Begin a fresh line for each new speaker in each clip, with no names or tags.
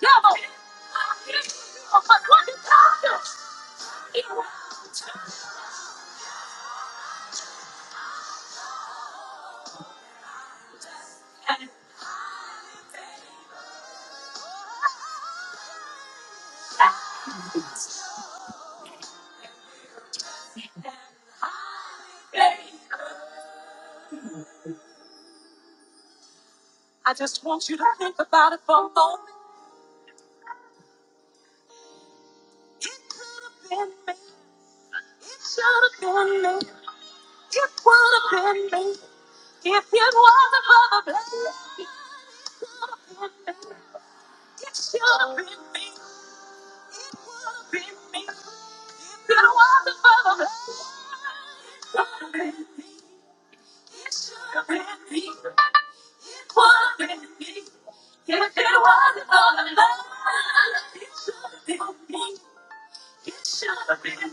I just want you to think about it for a moment. It could have been me. It should have been me. It would have been me. If it wasn't for blood, been me, been me. If it wasn't for the blood, been me, been me. Yeah, it should have been me. It should have been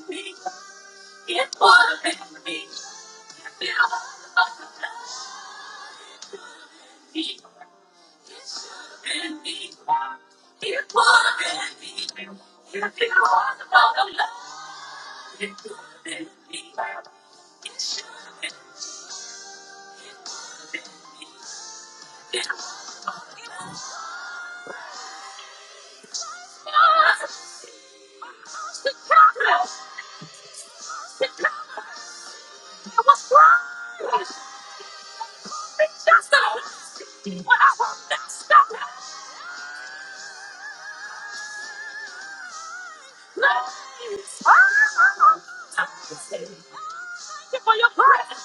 chocolate. It was wrong. It's just a mistake. When I want that stuff, please. Thank you for your prayer.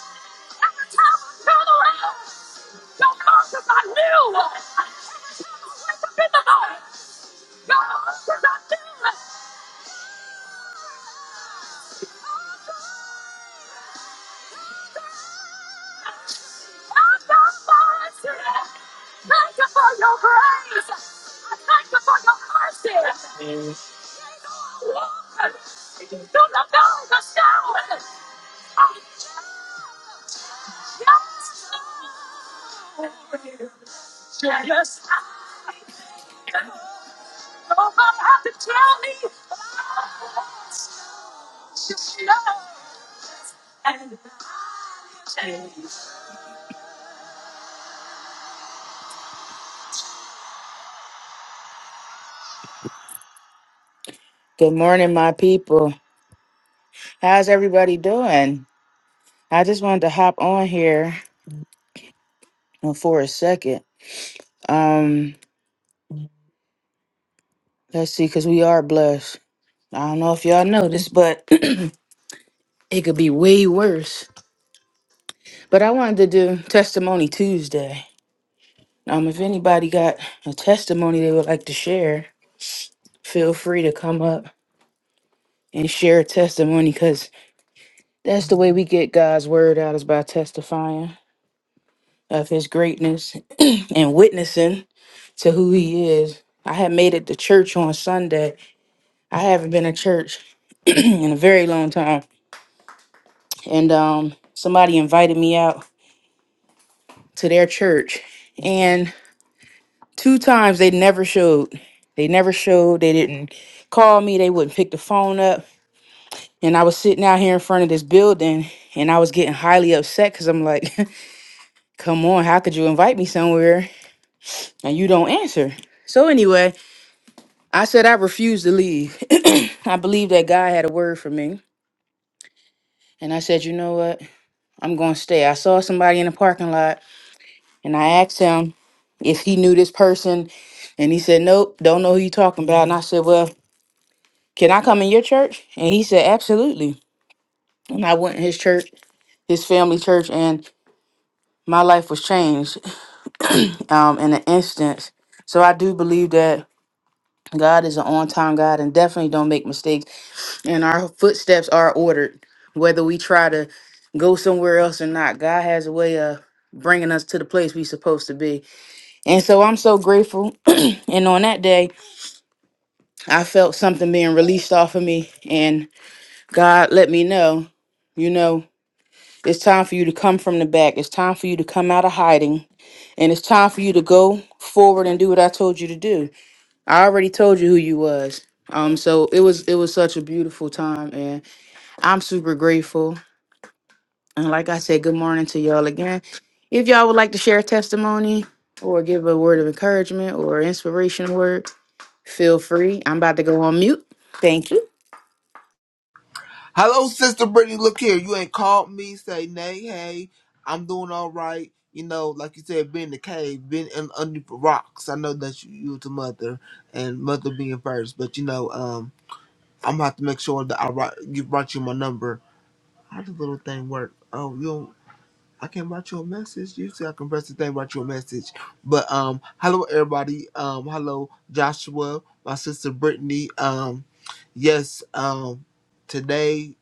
Yes, I have to tell me. Just know and change. Good morning, my people. How's everybody doing? I just wanted to hop on here uh, for a second. Um, let's see, because we are blessed. I don't know if y'all noticed, but it could be way worse. But I wanted to do Testimony Tuesday. Um, if anybody got a testimony they would like to share, feel free to come up and share a testimony because that's the way we get God's word out is by testifying of his greatness and witnessing to who he is. I had made it to church on Sunday I haven't been to church in a very long time. And um, somebody invited me out to their church. And two times they never showed. They never showed. They didn't call me. They wouldn't pick the phone up. And I was sitting out here in front of this building and I was getting highly upset because I'm like, come on, how could you invite me somewhere and you don't answer? So, anyway, I said I refused to leave. I believe that God had a word for me. And I said, you know what? I'm going to stay. I saw somebody in the parking lot and I asked him if he knew this person. And he said, Nope, don't know who you talking about. And I said, Well, can I come in your church? And he said, Absolutely. And I went in his church, his family church, and my life was changed um, in an instant. So I do believe that God is an on time God and definitely don't make mistakes. And our footsteps are ordered, whether we try to go somewhere else or not. God has a way of bringing us to the place we're supposed to be. And so I'm so grateful. and on that day, I felt something being released off of me. And God let me know, you know, it's time for you to come from the back. It's time for you to come out of hiding. And it's time for you to go forward and do what I told you to do. I already told you who you was. Um, so it was it was such a beautiful time and I'm super grateful. And like I said, good morning to y'all again. If y'all would like to share a testimony or give a word of encouragement or inspirational word, Feel free. I'm about to go on mute. Thank you.
Hello, Sister Brittany. Look here. You ain't called me. Say nay. Hey, I'm doing all right. You know, like you said, been in the cave, been in, under the rocks. I know that you, you the mother and mother being first, but you know, um, I'm gonna have to make sure that I write, you write you my number. How does the little thing work? Oh, you. I can write you a message. Usually I can press the thing, write you a message. But um, hello everybody. Um, hello Joshua, my sister Brittany. Um, yes. Um, today,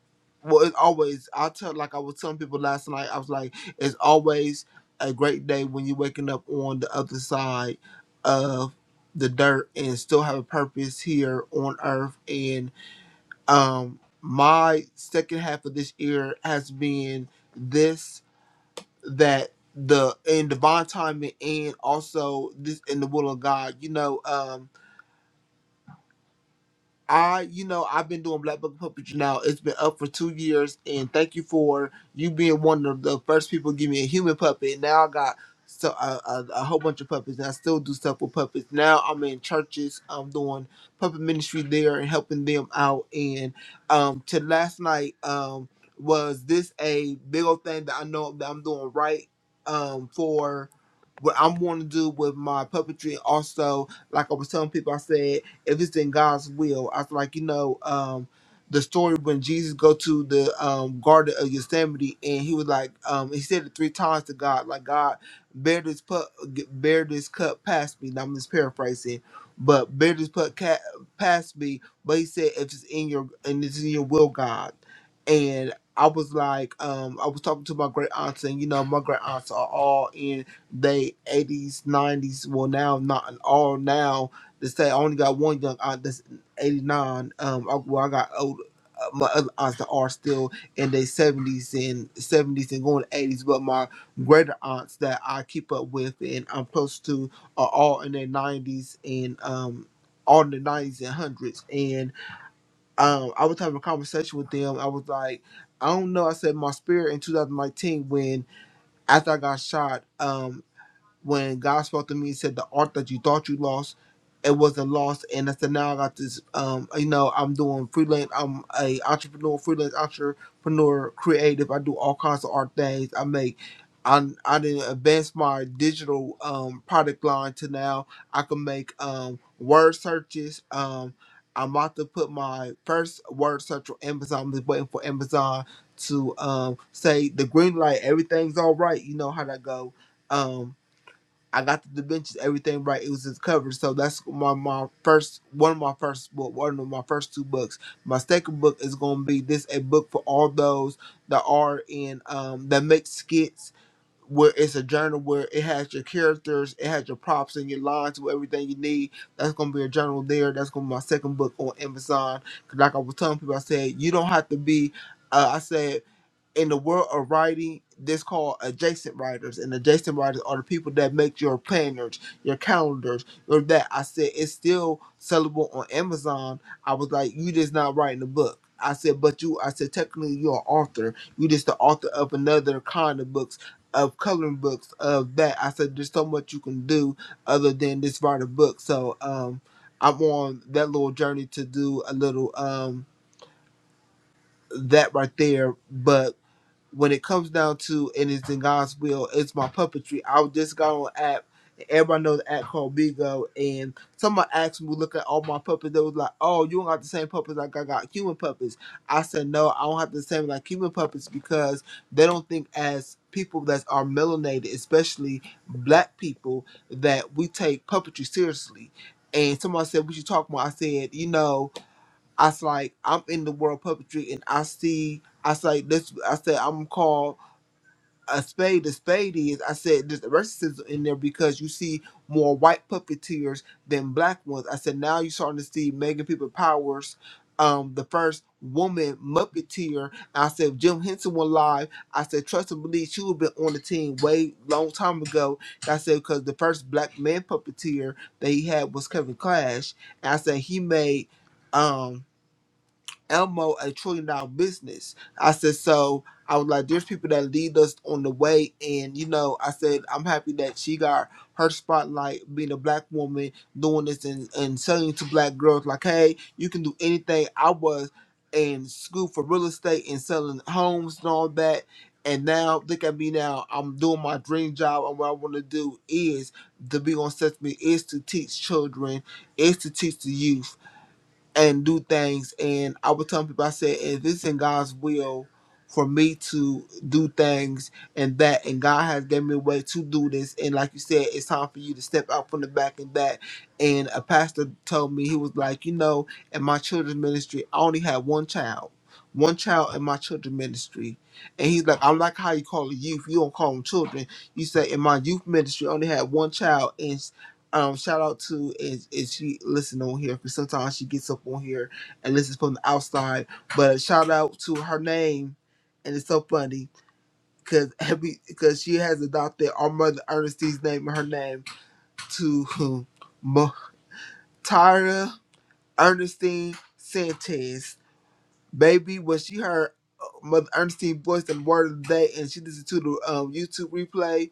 well, it's always. I tell like I was telling people last night. I was like, it's always a great day when you're waking up on the other side of the dirt and still have a purpose here on Earth. And um, my second half of this year has been this that the in divine timing and also this in the will of God. You know, um I, you know, I've been doing Black Book of Puppetry now. It's been up for two years, and thank you for you being one of the first people to give me a human puppet. Now I got so a, a, a whole bunch of puppets, and I still do stuff with puppets. Now I'm in churches. I'm doing puppet ministry there and helping them out. And um, to last night, um, was this a big old thing that I know that I'm doing right um, for what I'm wanting to do with my puppetry? Also, like I was telling people, I said if it's in God's will. I was like, you know, um, the story when Jesus go to the um, Garden of Gethsemane and he was like, um, he said it three times to God, like God, bear this put, bear this cup past me. Now I'm just paraphrasing, but bear this put ca- past me. But he said, if it's in your and it's in your will, God. And I was like, um, I was talking to my great aunts, and you know, my great aunts are all in they 80s, 90s. Well, now not all now, they say I only got one young aunt that's 89. Um, I, well, I got old. uh, My other aunts that are still in their 70s and 70s and going to 80s, but my greater aunts that I keep up with and I'm close to are all in their 90s and um all in the 90s and hundreds. And um, I was having a conversation with them. I was like, I don't know. I said my spirit in 2019 when after I got shot. Um, when God spoke to me and said the art that you thought you lost, it wasn't lost. And I said now I got this. Um, you know, I'm doing freelance. I'm a entrepreneur, freelance entrepreneur, creative. I do all kinds of art things. I make. I I didn't advance my digital um product line to now I can make um word searches. Um, I'm about to put my first word search on Amazon. I'm just waiting for Amazon to um say the green light. Everything's all right. You know how that go. Um, I got the dimensions, everything right. It was just covered. So that's my my first one of my first book, one of my first two books. My second book is gonna be this a book for all those that are in um that make skits where it's a journal where it has your characters, it has your props and your lines with everything you need. That's gonna be a journal there. That's gonna be my second book on Amazon. 'Cause like I was telling people, I said you don't have to be. Uh, I said in the world of writing this called adjacent writers and adjacent writers are the people that make your planners your calendars or that i said it's still sellable on amazon i was like you just not writing a book i said but you i said technically you're an author you just the author of another kind of books of coloring books of that i said there's so much you can do other than this write a book so um i'm on that little journey to do a little um that right there but when it comes down to and it's in God's will, it's my puppetry. I just got on an app. Everybody knows the app called Bigo, and somebody asked me, look at all my puppets. They was like, "Oh, you don't got the same puppets like I got human puppets." I said, "No, I don't have the same like human puppets because they don't think as people that are melanated, especially black people, that we take puppetry seriously." And somebody said, "What you talking about?" I said, "You know." I was like, I'm in the world of puppetry and I see, I say, this, I said, I'm called a spade. A spade is, I said, there's racism in there because you see more white puppeteers than black ones. I said, now you're starting to see Megan People Powers, um, the first woman muppeteer. I said, if Jim Henson was alive, I said, trust and believe she would have been on the team way long time ago. I said, because the first black man puppeteer that he had was Kevin Clash. And I said, he made. Um, Elmo a trillion dollar business. I said, so I was like, there's people that lead us on the way. And, you know, I said, I'm happy that she got her spotlight being a black woman doing this and, and selling to black girls like, hey, you can do anything. I was in school for real estate and selling homes and all that. And now look at me now. I'm doing my dream job and what I want to do is to be on Sesame is to teach children, is to teach the youth and do things. And I was telling people, I said, if it's in God's will for me to do things and that, and God has given me a way to do this, and like you said, it's time for you to step out from the back and that. And a pastor told me, he was like, you know, in my children's ministry, I only had one child. One child in my children's ministry. And he's like, I'm like how you call the youth. You don't call them children. You say in my youth ministry I only had one child and." Um, shout out to is is she listen on here because sometimes she gets up on here and listens from the outside. But shout out to her name, and it's so funny because every because she has adopted our mother Ernestine's name and her name to Mo- Tyra Ernestine Sanchez. Baby, when she heard uh, Mother Ernestine's voice and word of the day, and she listened to the um, YouTube replay,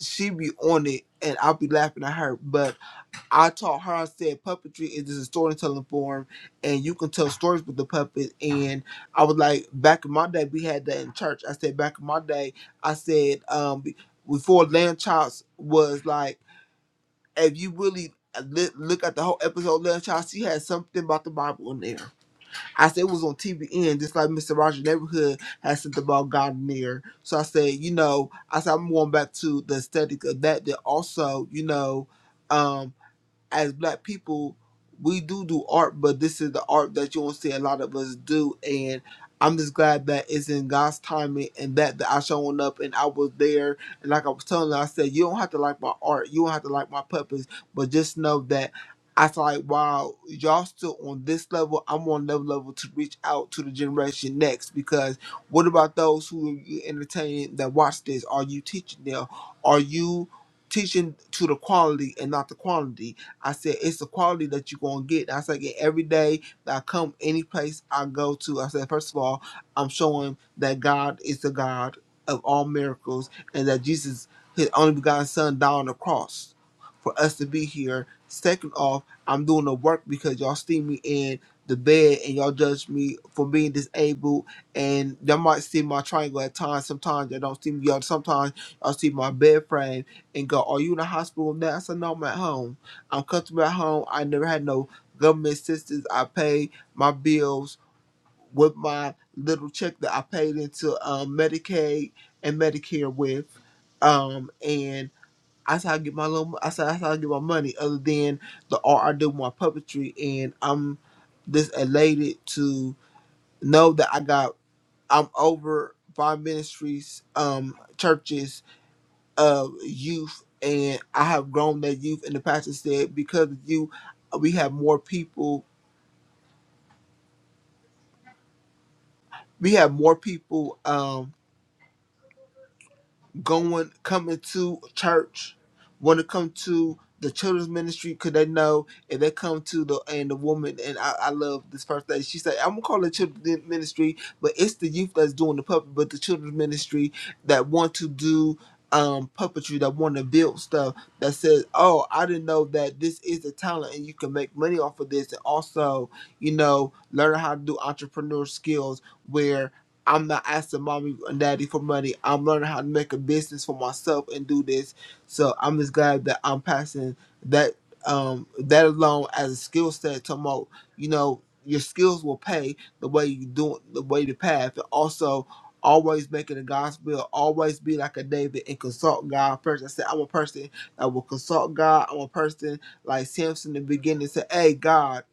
she be on it, and I'll be laughing at her. But I taught her, I said, puppetry is just a storytelling form, and you can tell stories with the puppet. And I was like, back in my day, we had that in church. I said, back in my day, I said, um, be- before Land Childs was like, if you really li- look at the whole episode, Land Child, she had something about the Bible in there. I said, it was on TVN, just like Mr. Rogers' Neighborhood had something about God in there. So I said, you know, I said, I'm going back to the aesthetic of that, that also, you know, um, as black people, we do do art, but this is the art that you won't see a lot of us do. And I'm just glad that it's in God's timing and that, that I shown up and I was there. And like I was telling her, I said, you don't have to like my art. You don't have to like my puppets, but just know that I feel like, wow, y'all still on this level. I'm on another level to reach out to the generation next because what about those who you entertain that watch this? Are you teaching them? Are you teaching to the quality and not the quantity? I said, it's the quality that you're going to get. I said, "Yeah, every day that I come, any place I go to, I said, first of all, I'm showing that God is the God of all miracles and that Jesus, his only begotten son, died on the cross for us to be here. Second off, I'm doing the work because y'all see me in the bed and y'all judge me for being disabled and y'all might see my triangle at times. Sometimes y'all don't see me. Y'all sometimes y'all see my bed frame and go, "Are you in the hospital now?" I said, "No, I'm at home." I'm comfortable at home. I never had no government assistance. I pay my bills with my little check that I paid into um, Medicaid and Medicare with. Um, and I how I get my little. I said how I get my money. Other than the art I do, with my puppetry, and I'm just elated to know that I got. I'm over five ministries, um, churches of youth, and I have grown that youth. And the pastor said, because of you, we have more people. We have more people. Um, going coming to church want to come to the children's ministry because they know if they come to the and the woman and I, I love this first thing she said I'm gonna call it children's ministry but it's the youth that's doing the puppet but the children's ministry that want to do um puppetry that want to build stuff that says oh I didn't know that this is a talent and you can make money off of this and also you know learn how to do entrepreneur skills where I'm not asking mommy and daddy for money. I'm learning how to make a business for myself and do this. So I'm just glad that I'm passing that um that alone as a skill set to mo you know, your skills will pay the way you do the way the path. And also always making the gospel, always be like a David and consult God first. I said I'm a person that will consult God. I'm a person like Samson in the beginning said, Hey God,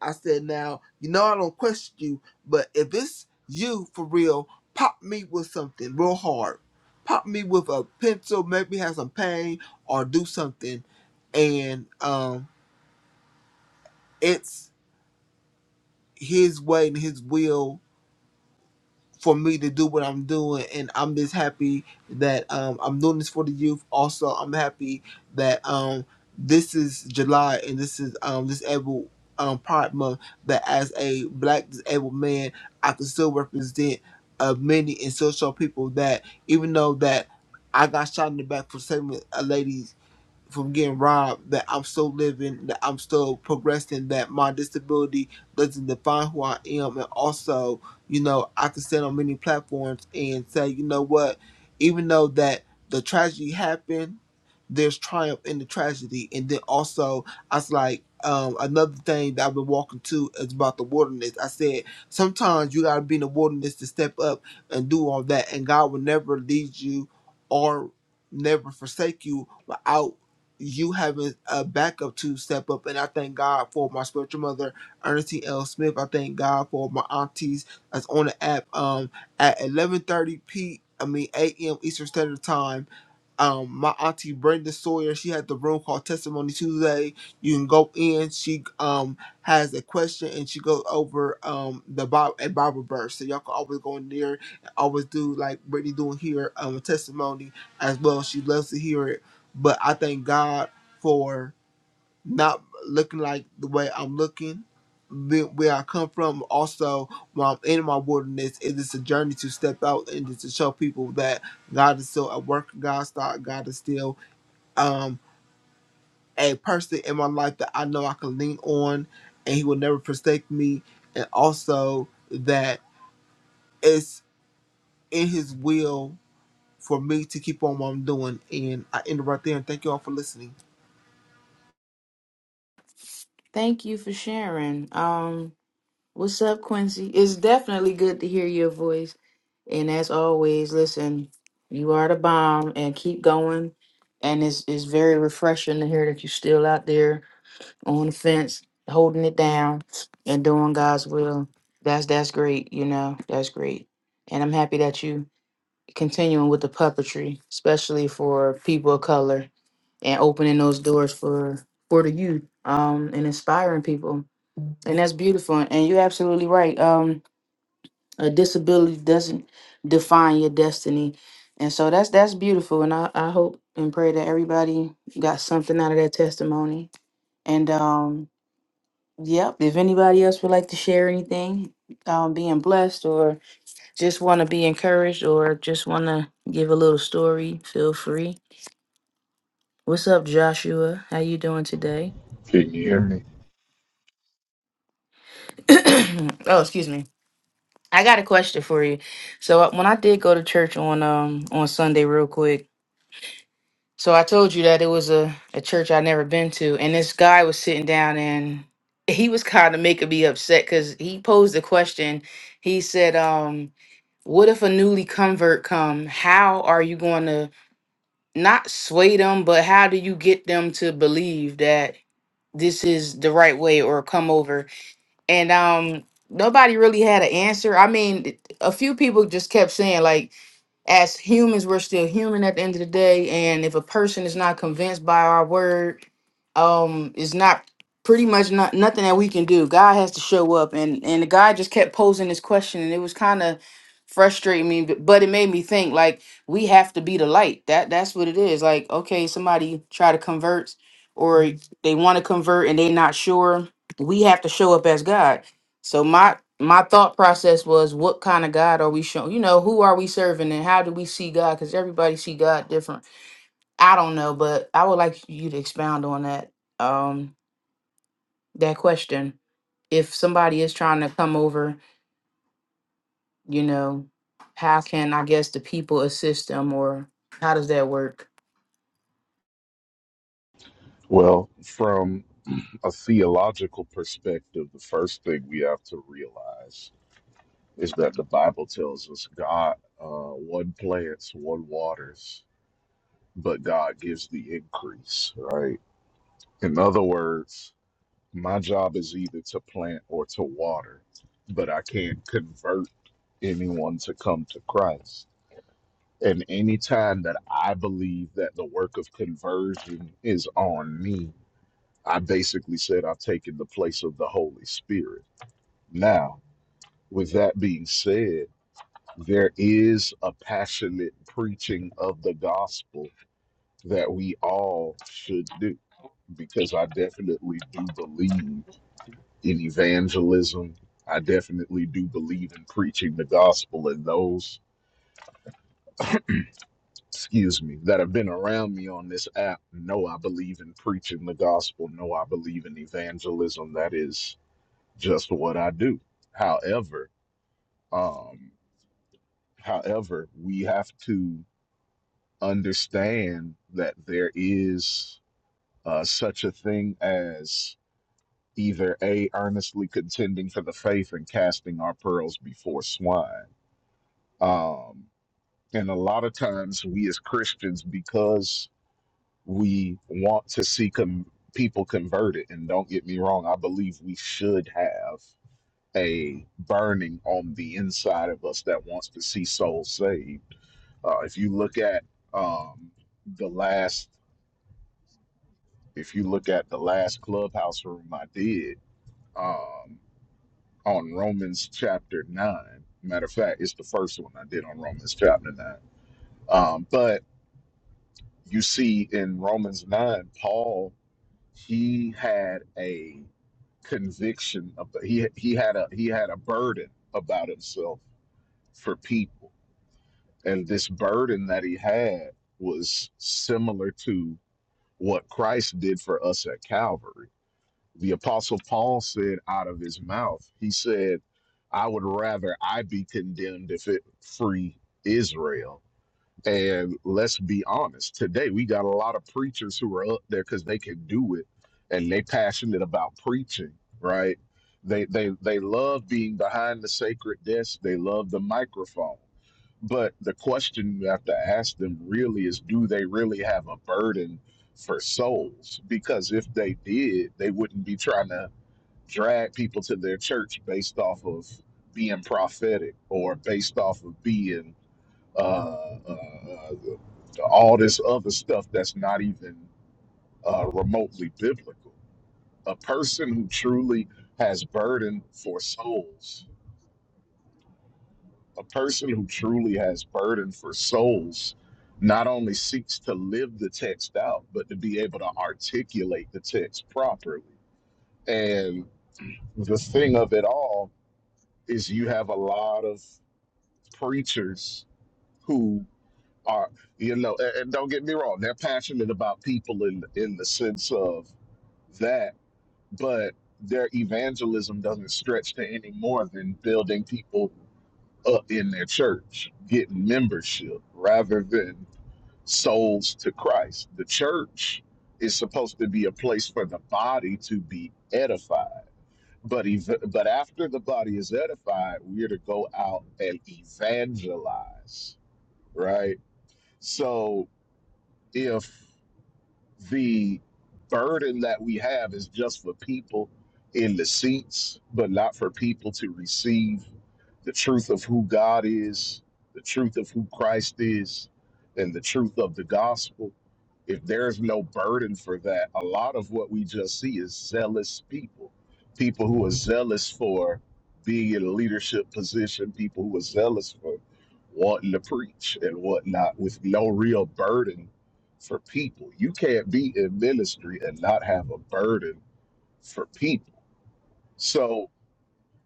I said now, you know I don't question you, but if it's you for real pop me with something real hard. Pop me with a pencil, maybe have some pain or do something. And um it's his way and his will for me to do what I'm doing, and I'm just happy that um, I'm doing this for the youth. Also, I'm happy that um, this is July and this is um, disabled um, Pride Month. That as a Black disabled man, I can still represent uh, many and still show people that even though that I got shot in the back for saving a lady from getting robbed, that I'm still living, that I'm still progressing, that my disability doesn't define who I am. And also, you know, I can stand on many platforms and say, you know what, even though that the tragedy happened, there's triumph in the tragedy. And then also, I was like, um, another thing that I've been walking to is about the wilderness. I said, sometimes you got to be in the wilderness to step up and do all that. And God will never lead you or never forsake you without you having a backup to step up. And I thank God for my spiritual mother, Ernestine L. Smith. I thank God for my aunties that's on the app um, at 11.30 p. I mean, 8 a.m. Eastern Standard Time um my auntie Brenda Sawyer, she had the room called Testimony Tuesday. You can go in. She um has a question and she goes over um the Bible a Bible verse. So y'all can always go in there and always do like Brittany doing here um a testimony as well. She loves to hear it. But I thank God for not looking like the way I'm looking, the- where I come from. Also, when I'm in my wilderness, it is a journey to step out and just to show people that God is still at work. God, start, God is still um, a person in my life that I know I can lean on, and He will never forsake me. And also that it's in His will for me to keep on what I'm doing. And I end it right there. And thank you all for listening.
Thank you for sharing. Um, what's up, Quincy? It's definitely good to hear your voice. And as always, listen, you are the bomb and keep going. And it's it's very refreshing to hear that you're still out there on the fence, holding it down and doing God's will. That's that's great, you know, that's great. And I'm happy that you continuing with the puppetry, especially for people of color and opening those doors for for the youth um, and inspiring people. And that's beautiful. And you're absolutely right. Um, a disability doesn't define your destiny. And so that's that's beautiful. And I, I hope and pray that everybody got something out of that testimony. And um, yep, if anybody else would like to share anything, um, being blessed or just want to be encouraged or just want to give a little story, feel free. What's up, Joshua? How you doing today?
Can you hear me?
oh, excuse me. I got a question for you. So uh, when I did go to church on um on Sunday, real quick. So I told you that it was a a church I'd never been to, and this guy was sitting down and he was kind of making me upset because he posed a question. He said, um, "What if a newly convert come? How are you going to?" not sway them, but how do you get them to believe that this is the right way or come over? And um nobody really had an answer. I mean, a few people just kept saying like as humans, we're still human at the end of the day. And if a person is not convinced by our word, um, it's not pretty much not nothing that we can do. God has to show up. And and the guy just kept posing this question, and it was kind of frustrating me, but, but it made me think like we have to be the light. That that's what it is. Like, okay, somebody try to convert or Mhm. they want to convert and they're not sure. We have to show up as God so my my thought process was, what kind of God are we showing? You know, who are we serving, and how do we see God? Because everybody see God different. I don't know, but I would like you to expound on that um that question. If somebody is trying to come over, you know, how can I guess the people assist them, or how does that work?
Well, from a theological perspective, the first thing we have to realize is that the Bible tells us God uh, one plants, one waters, but God gives the increase, right? In other words, my job is either to plant or to water, but I can't convert anyone to come to Christ. And anytime that I believe that the work of conversion is on me, I basically said I've taken the place of the Holy Spirit. Now, with that being said, there is a passionate preaching of the gospel that we all should do because I definitely do believe in evangelism. I definitely do believe in preaching the gospel, and those, excuse me, that have been around me on this app know I believe in preaching the gospel, know I believe in evangelism. That is just for what I do. However, um, however, we have to understand that there is uh, such a thing as either a earnestly contending for the faith and casting our pearls before swine. Um, and a lot of times, we as Christians, because we want to see com- people converted, and don't get me wrong, I believe we should have. a burning on the inside of us that wants to see souls saved. Uh, if you look at um, the last, if you look at the last clubhouse room I did um, on Romans chapter nine. Matter of fact, it's the first one I did on Romans chapter nine. Um, but you see in Romans nine, Paul he had a conviction of he he had a he had a burden about himself for people And this burden that he had was similar to what Christ did for us at Calvary. The Apostle Paul said out of his mouth, he said, I would rather I be condemned if it free Israel. And let's be honest, today we got a lot of preachers who are up there because they can do it and they passionate about preaching, right? They they they love being behind the sacred desk. They love the microphone but the question you have to ask them really is do they really have a burden for souls? Because if they did, they wouldn't be trying to drag people to their church based off of being prophetic or based off of being uh, uh, uh, all this other stuff that's not even uh, remotely biblical. A person who truly has burden for souls A person who truly has burden for souls not only seeks to live the text out, but to be able to articulate the text properly. And the thing of it all is you have a lot of preachers who are, you know, and, and don't get me wrong, they're passionate about people in in the sense of that, but their evangelism doesn't stretch to any more than building people up in their church getting membership rather than souls to Christ. The church is supposed to be a place for the body to be edified. But ev- but after the body is edified, we're to go out and evangelize, right? So if the burden that we have is just for people in the seats, but not for people to receive the truth of who God is, the truth of who Christ is, and the truth of the gospel if there's no burden for that, a lot of what we just see is zealous people, people who are zealous for being in a leadership position, people who are zealous for wanting to preach and whatnot with no real burden for people. You can't be in ministry and not have a burden for people. So,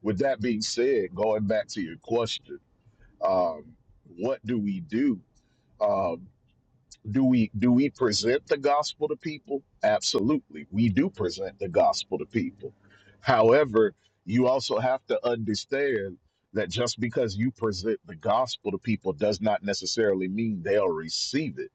with that being said, going back to your question, um, what do we do? Um, do we do we present the gospel to people absolutely we do present the gospel to people however you also have to understand that just because you present the gospel to people does not necessarily mean they'll receive it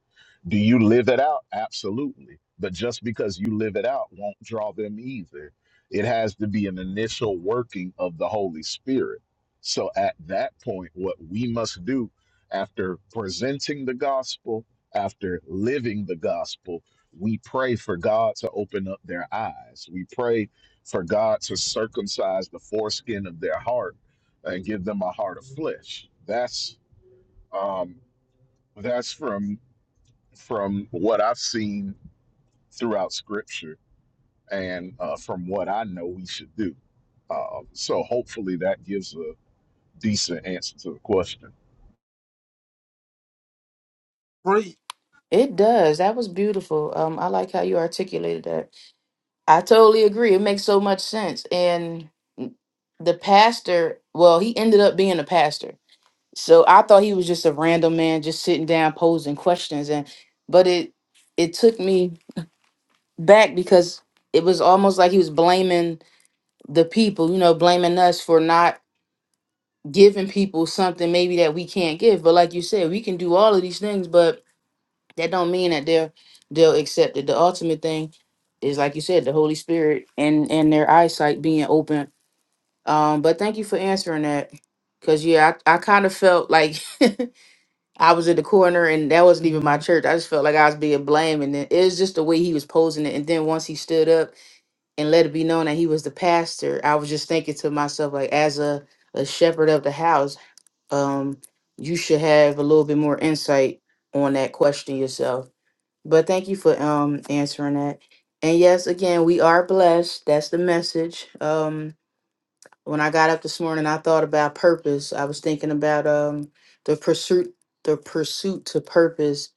do you live it out absolutely but just because you live it out won't draw them either it has to be an initial working of the holy spirit so at that point what we must do after presenting the gospel after living the gospel, we pray for God to open up their eyes. We pray for God to circumcise the foreskin of their heart and give them a heart of flesh. That's um, that's from from what I've seen throughout Scripture and uh, from what I know we should do. Uh, so hopefully that gives a decent answer to the question.
Free.
It does. That was beautiful. Um, I like how you articulated that. I totally agree. It makes so much sense, and the pastor well he ended up being a pastor So I thought he was just a random man just sitting down posing questions and but it it took me back because it was almost like he was blaming the people, you know, blaming us for not giving people something maybe that we can't give. But like you said, we can do all of these things, but that don't mean that they're they'll accept it. The ultimate thing is like you said, the Holy Spirit and and their eyesight being open. Um, but thank you for answering that. Cause yeah, I, I kind of felt like I was at the corner and that wasn't even my church. I just felt like I was being blamed. And then it was just the way he was posing it. And then once he stood up and let it be known that he was the pastor, I was just thinking to myself, like, as a, a shepherd of the house, um, you should have a little bit more insight on that question yourself. But thank you for um answering that. And yes, again, we are blessed. That's the message. Um, when I got up this morning, I thought about purpose. I was thinking about um the pursuit the pursuit to purpose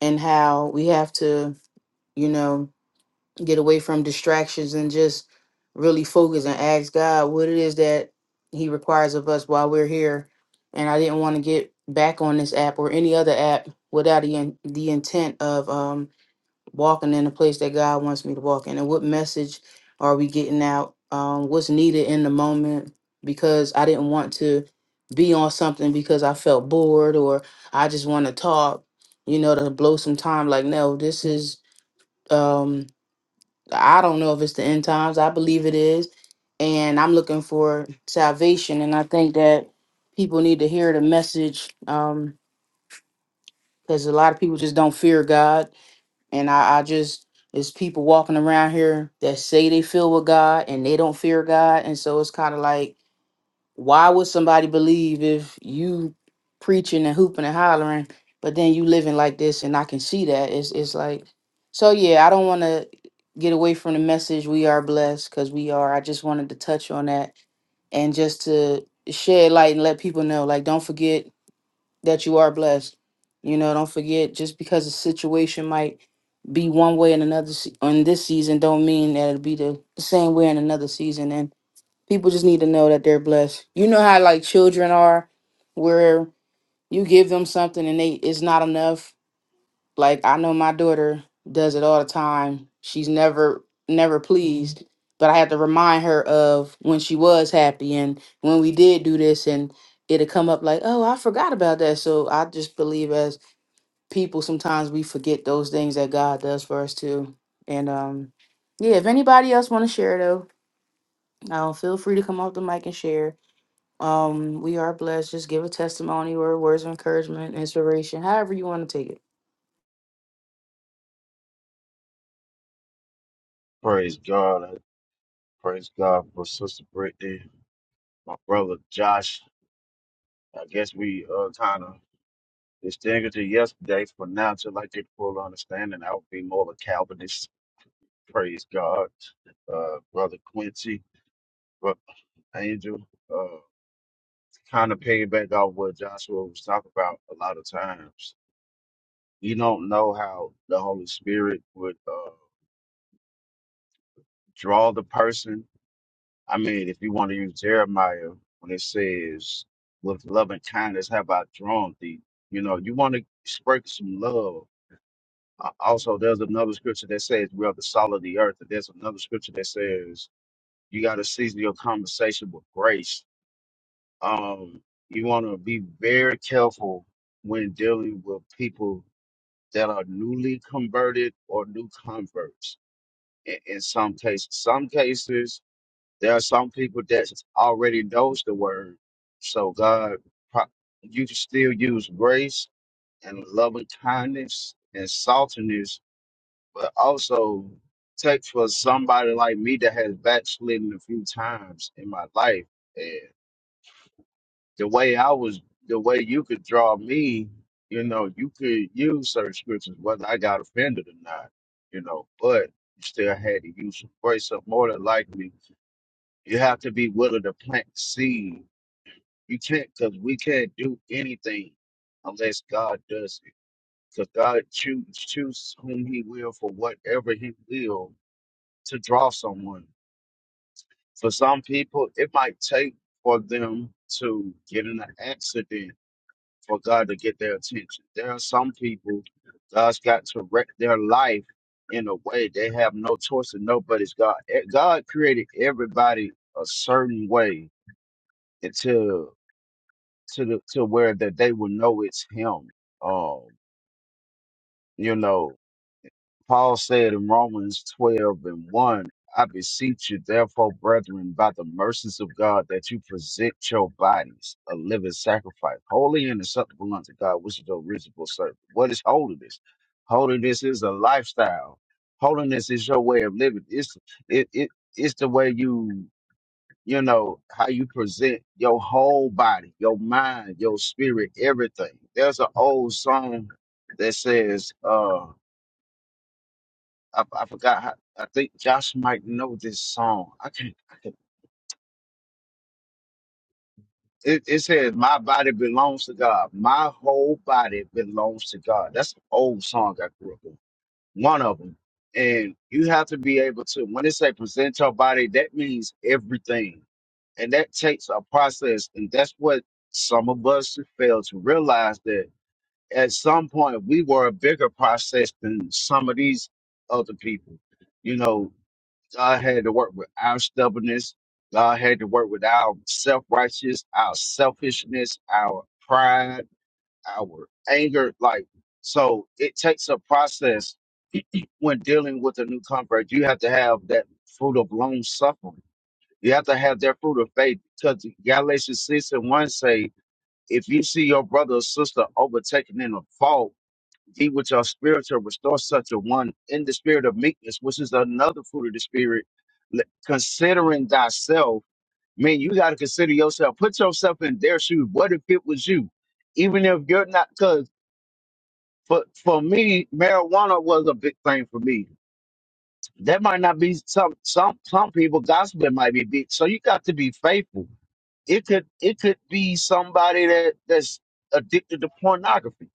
and how we have to, you know, get away from distractions and just really focus and ask God what it is that he requires of us while we're here. And I didn't want to get back on this app or any other app without the in, the intent of um walking in the place that God wants me to walk in, and what message are we getting out? Um, what's needed in the moment? Because I didn't want to be on something because I felt bored or I just want to talk, you know, to blow some time. Like, no, this is. Um, I don't know if it's the end times. I believe it is, and I'm looking for salvation. And I think that people need to hear the message because a lot of people just don't fear God and I, I just, it's people walking around here that say they feel with God and they don't fear God. And so it's kind of like, why would somebody believe if you preaching and hooping and hollering, but then you living like this? And I can see that. It's, it's like, so yeah, I don't want to get away from the message. We are blessed because we are. I just wanted to touch on that and just to shed light and let people know, like, don't forget that you are blessed. You know, don't forget just because a situation might be one way in another se- on this season, don't mean that it'll be the, the same way in another season. And people just need to know that they're blessed. You know how like children are, where you give them something and they it's not enough like I know my daughter does it all the time. She's never never pleased, but I have to remind her of when she was happy and when we did do this and it'll come up like, "Oh, I forgot about that." So I just believe as people sometimes we forget those things that God does for us too. And um yeah, if anybody else want to share though, um, feel free to come off the mic and share. Um, we are blessed. Just give a testimony or words of encouragement, inspiration, however you want to take it.
Praise God. I Praise God for Sister Brittany, my brother Josh. I guess we uh, kind of distinguished it yesterday, but now to like get full understanding, I would be more of a Calvinist. Praise God. Uh, brother Quincy, brother Angel, uh, kind of piggyback off what Joshua was talking about a lot of times. You don't know how the Holy Spirit would uh, draw the person I mean, if you want to use Jeremiah when it says, "With love and kindness have I drawn thee," you know, you want to sprinkle some love. Uh, Also, there's another scripture that says, "We are the salt of the earth," and there's another scripture that says, "You got to season your conversation with grace." Um, you want to be very careful when dealing with people that are newly converted or new converts. In, in some cases, some cases there are some people that already knows the word, so God, pro- you can still use grace and loving kindness and saltiness, but also take for somebody like me that has backslidden a few times in my life. And the way I was, the way you could draw me, you know, you could use certain scriptures, whether I got offended or not, you know, but you still had to use some grace up more than likely you have to be willing to plant seed. You can't, because we can't do anything unless God does it. Because God choose, choose whom He will for whatever He will to draw someone. For some people, it might take for them to get in an accident for God to get their attention. There are some people God's got to wreck their life in a way they have no choice and nobody's God. Eh, God created everybody a certain way until to the to where that they will know it's him. Um, you know, Paul said in Romans twelve and one, I beseech you, therefore, brethren, by the mercies of God, that you present your bodies a living sacrifice, holy and acceptable unto God, which is the reasonable service. What is holiness? Holiness is a lifestyle. Holiness is your way of living. It's it it it's the way you you know, how you present your whole body, your mind, your spirit, everything. There's an old song that says, uh, I, I forgot, how, I think Josh might know this song. I can't, I can't it, it says, My body belongs to God. My whole body belongs to God. That's an old song I grew up with. one of them. And you have to be able to, when they say present your body, that means everything. And that takes a process. And that's what some of us fail to realize that at some point we were a bigger process than some of these other people. You know, God had to work with our stubbornness. God had to work with our self righteous, our selfishness, our pride, our anger. Like, so it takes a process when dealing with a new convert, you have to have that fruit of long suffering. You have to have that fruit of faith because Galatians 6 and 1 say, if you see your brother or sister overtaken in a fault, ye with your spirit to restore such a one in the spirit of meekness, which is another fruit of the spirit, L- considering thyself. Man, you got to consider yourself. Put yourself in their shoes. What if it was you? Even if you're not, because for, for me, marijuana was a big thing for me That might not be some some some people gospel might be big. So you got to be faithful. It could it could be somebody that that's addicted to pornography.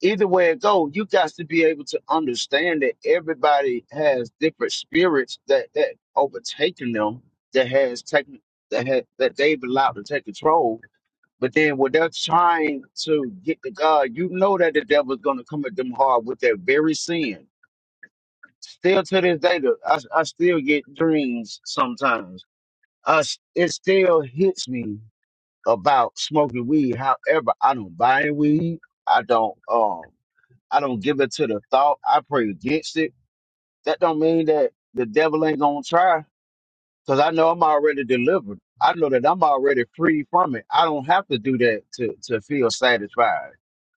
Either way it go, you got to be able to understand that everybody has different spirits that that overtaken them that has taken that ha that they've allowed to take control. But then when they're trying to get to God, you know that the devil's gonna come at them hard with their very sin Still to this day, though, I, I still get dreams sometimes. I, s- it still hits me about smoking weed. However, I don't buy any weed. I don't um I don't give it to the thought. I pray against it. That don't mean that the devil ain't gonna try because I know I'm already delivered. I know that I'm already free from it. I don't have to do that to to feel satisfied.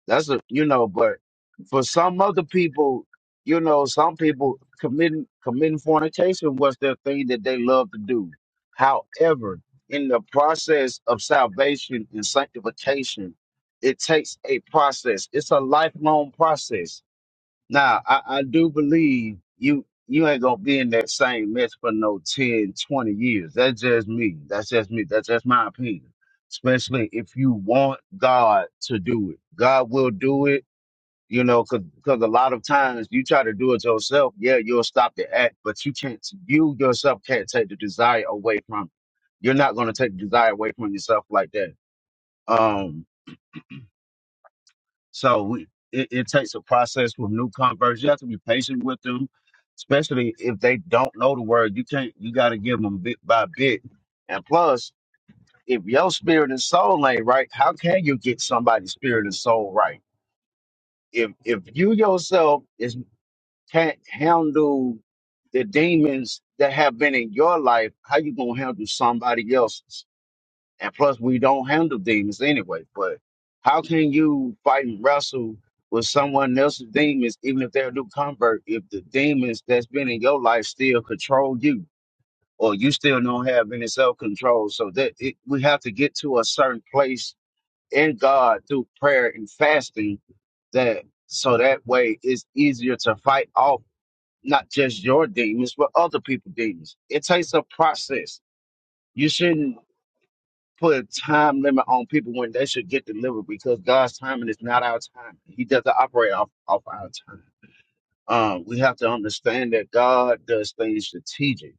That's a you know, but for some other people, you know, some people committing committing fornication was their thing that they love to do. However, in the process of salvation and sanctification, it takes a process. It's a lifelong process now, I, I do believe you you ain't gonna be in that same mess for no 10 20 years. That's just me. That's just me. That's just my opinion. Especially if you want God to do it. God will do it, you know, cause, 'cause a lot of times you try to do it yourself, yeah, you'll stop the act, but you can't you yourself can't take the desire away from it. You're not gonna take the desire away from yourself like that. Um, so we, it, it takes a process with new converts. You have to be patient with them, especially if they don't know the word. You can't. You got to give them bit by bit. And plus, if your spirit and soul ain't right, how can you get somebody's spirit and soul right? If if you yourself is can't handle the demons that have been in your life, how you gonna handle somebody else's? And plus, we don't handle demons anyway. But how can you fight and wrestle with someone else's demons, even if they're a new convert, if the demons that's been in your life still control you, or you still don't have any self control? So that it, we have to get to a certain place in God through prayer and fasting. That so that way it's easier to fight off not just your demons, but other people's demons. It takes a process. You shouldn't put a time limit on people when they should get delivered because God's timing is not our time. He doesn't operate off, off our time. Um, we have to understand that God does things strategic.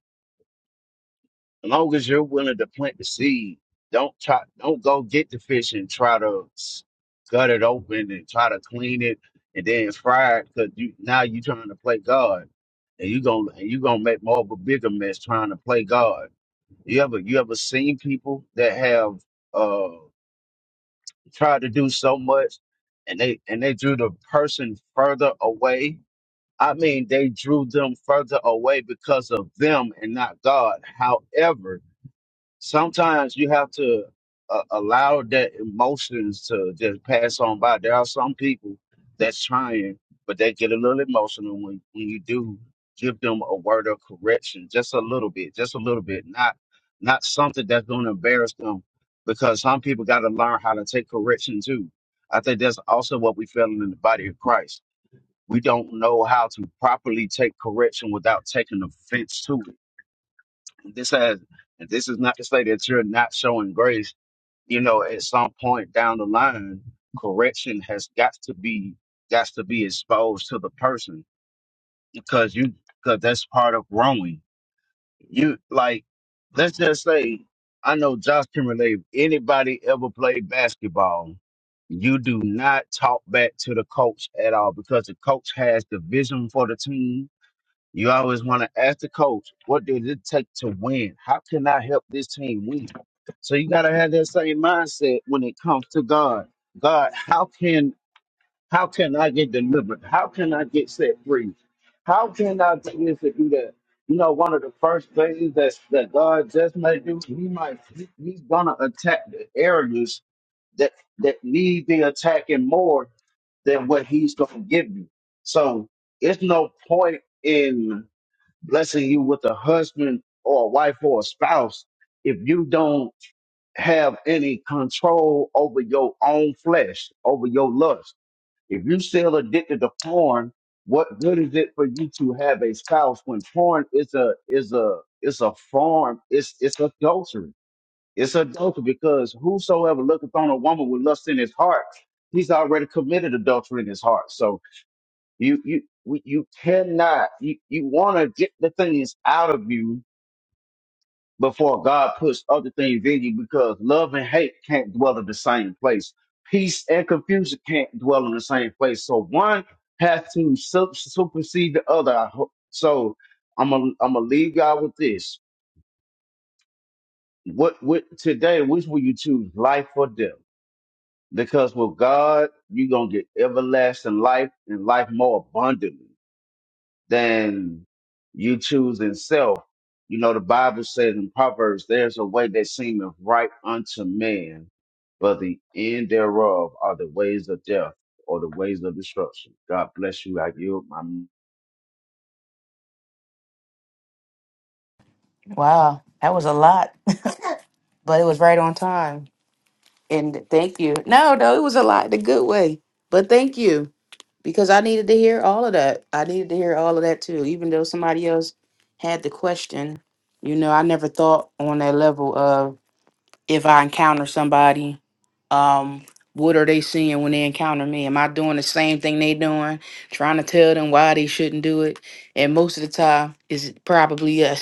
As long as you're willing to plant the seed, don't try, don't go get the fish and try to s- gut it open and try to clean it and then fry it because you now you're trying to play God and you gonna and you gonna make more of a bigger mess trying to play God. You ever you ever seen people that have uh, tried to do so much and they and they drew the person further away i mean they drew them further away because of them and not god however sometimes you have to uh, allow that emotions to just pass on by. There are some people that's trying, but they get a little emotional when, when you do give them a word of correction, just a little bit, just a little bit, not not something that's going to embarrass them, because some people got to learn how to take correction too. I think that's also what we feel in the body of Christ. We don't know how to properly take correction without taking offense to it this has this is not to say that you're not showing grace you know at some point down the line correction has got to be got to be exposed to the person because you because that's part of growing you like let's just say i know josh can relate anybody ever played basketball you do not talk back to the coach at all because the coach has the vision for the team you always want to ask the coach, what did it take to win? How can I help this team win? So you gotta have that same mindset when it comes to God. God, how can how can I get delivered? How can I get set free? How can I do this and do that? You know, one of the first things that, that God just may do, he might he- he's gonna attack the areas that that need the attacking more than what he's gonna give you. So it's no point in blessing you with a husband or a wife or a spouse if you don't have any control over your own flesh, over your lust. If you still addicted to porn, what good is it for you to have a spouse when porn is a is a is a form, it's it's adultery. It's adultery because whosoever looketh on a woman with lust in his heart, he's already committed adultery in his heart. So you you we- you cannot. You you want to get the things out of you before God puts other things in you because love and hate can't dwell in the same place. Peace and confusion can't dwell in the same place. So one has to sup- supersede the other. I ho- So I'm a, I'm gonna leave y'all with this. What what today? Which will you choose, life or death? Because with God, you're gonna get everlasting life and life more abundantly. than you choosing self. You know, the Bible says in Proverbs, there's a way that seemeth right unto man, but the end thereof are the ways of death or the ways of destruction. God bless you. I yield my
Wow, that was a lot. but it was right on time. And thank you. No, no, it was a lot the good way. But thank you because I needed to hear all of that. I needed to hear all of that too, even though somebody else had the question. You know, I never thought on that level of if I encounter somebody, um, what are they seeing when they encounter me? Am I doing the same thing they doing, trying to tell them why they shouldn't do it? And most of the time, it's probably us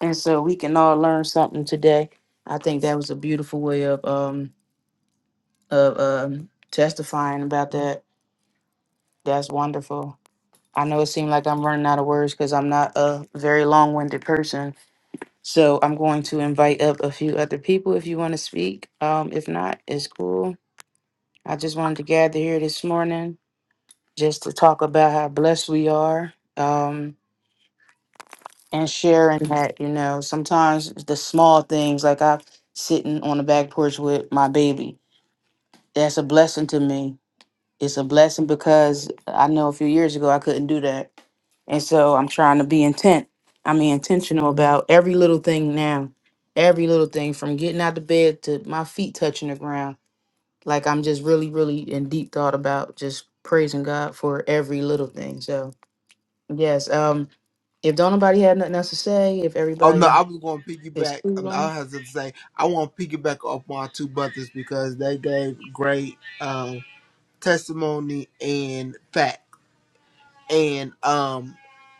and so we can all learn something today. I think that was a beautiful way of um of um testifying about that. That's wonderful. I know it seemed like I'm running out of words because I'm not a very long-winded person. So I'm going to invite up a few other people if you want to speak. Um, if not, it's cool. I just wanted to gather here this morning just to talk about how blessed we are. Um, and sharing that, you know, sometimes the small things like I sitting on the back porch with my baby, that's a blessing to me. It's a blessing because I know a few years ago I couldn't do that. And so I'm trying to be intent. I mean intentional about every little thing now. Every little thing from getting out of bed to my feet touching the ground. Like I'm just really, really in deep thought about just praising God for every little thing. So yes, um, if don't nobody have nothing else to say, if
Oh no, I
everybody
was going to
Miss
piggyback. and
Elam.
I have to say, I want to piggyback off my two brothers because they gave great um, testimony and fact. And um,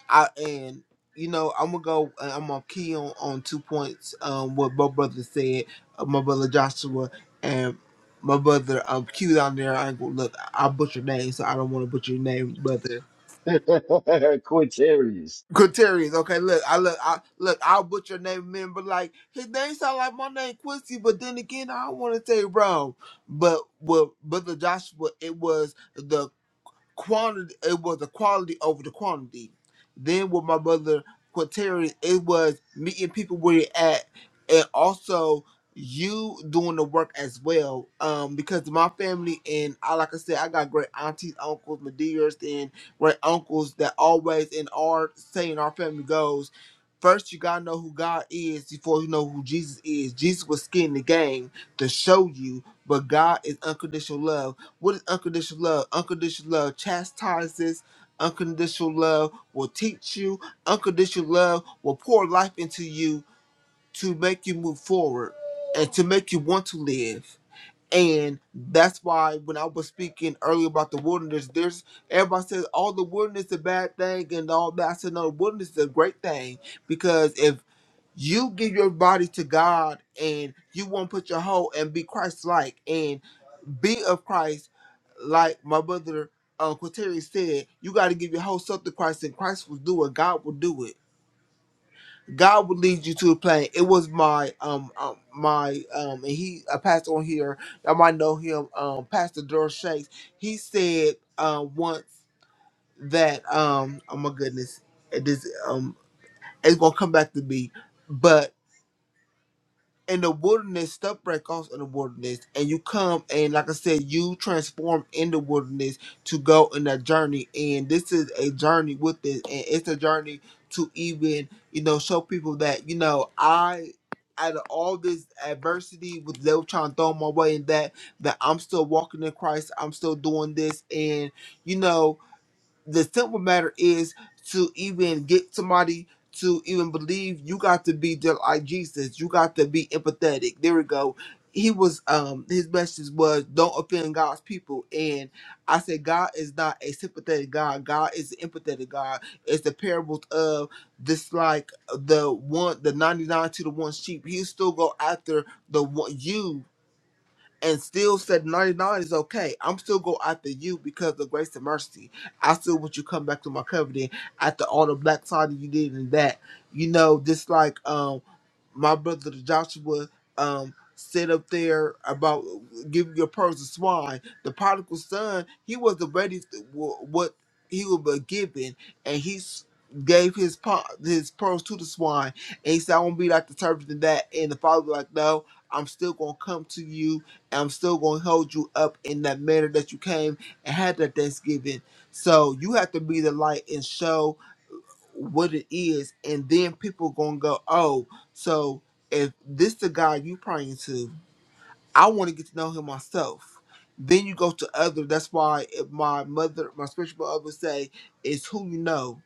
I and you know I'm gonna go. uh, I'm gonna key on on two points. Um, what my brother said, uh, my brother Joshua and my brother um Q down there. I ain't gonna look. I butcher name, so I don't want to butcher your name, brother.
Quinterius.
Quinterius. Okay, look, I look, I look, I'll put your name in, but like his name sound like my name Quincy, but then again, I don't want to say it wrong. But with Brother Joshua, it was the quantity it was the quality over the quantity. Then with my brother Quateri, it was meeting people where they at and also you doing the work as well. Um, because my family and I like I said, I got great aunties, uncles, my dears, and great uncles that always in our saying our family goes. First, you gotta know who God is before you know who Jesus is. Jesus was skin the game to show you, but God is unconditional love. What is unconditional love? Unconditional love chastises. Unconditional love will teach you. Unconditional love will pour life into you to make you move forward and to make you want to live. And that's why when I was speaking earlier about the wilderness, there's everybody says, all the wilderness is a bad thing and all that. I said, no, the wilderness is a great thing because if you give your body to God and you want to put your whole and be Christ like. Be of Christ, like my brother uh, Quateri said, you got to give your whole self to Christ, and Christ will do it. God will do it. God will lead you to a plan. It was my um, um my um and he a pastor on here. Y'all might know him, um Pastor Daryl Shanks. He said uh, once that um oh my goodness, it is um it's gonna come back to me, but in the wilderness, stuff break off in the wilderness, and you come and like I said, you transform in the wilderness to go in a journey, and this is a journey with this, and it's a journey to even you know show people that you know I. Out of all this adversity, with they were trying to throw my way, and that that I'm still walking in Christ, I'm still doing this, and you know the simple matter is to even get somebody to even believe you got to be just like Jesus. You got to be empathetic. There we go. He was um his message was don't offend God's people. And I said God is not a sympathetic God. God is an empathetic God. It's the parables of this like the one the ninety nine to the one sheep. He still go after the one you and still said 99 is okay. I'm still go after you because of grace and mercy. I still want you to come back to my covenant after all the black side you did and that. You know, just like um my brother Joshua um sit up there about giving your pearls to swine. The prodigal son, he wasn't ready to, wh- what he would be given and he s- gave his po- his pearls to the swine and he said I won't be like the servant in that and the father was like no I'm still gonna come to you I'm still going to hold you up in that manner that you came and had that Thanksgiving. So you have to be the light and show what it is, and then people going to go, oh, so if this the God you praying to, I want to get to know him myself. Then you go to other. That's why if my mother, my spiritual mother would say, it's who you know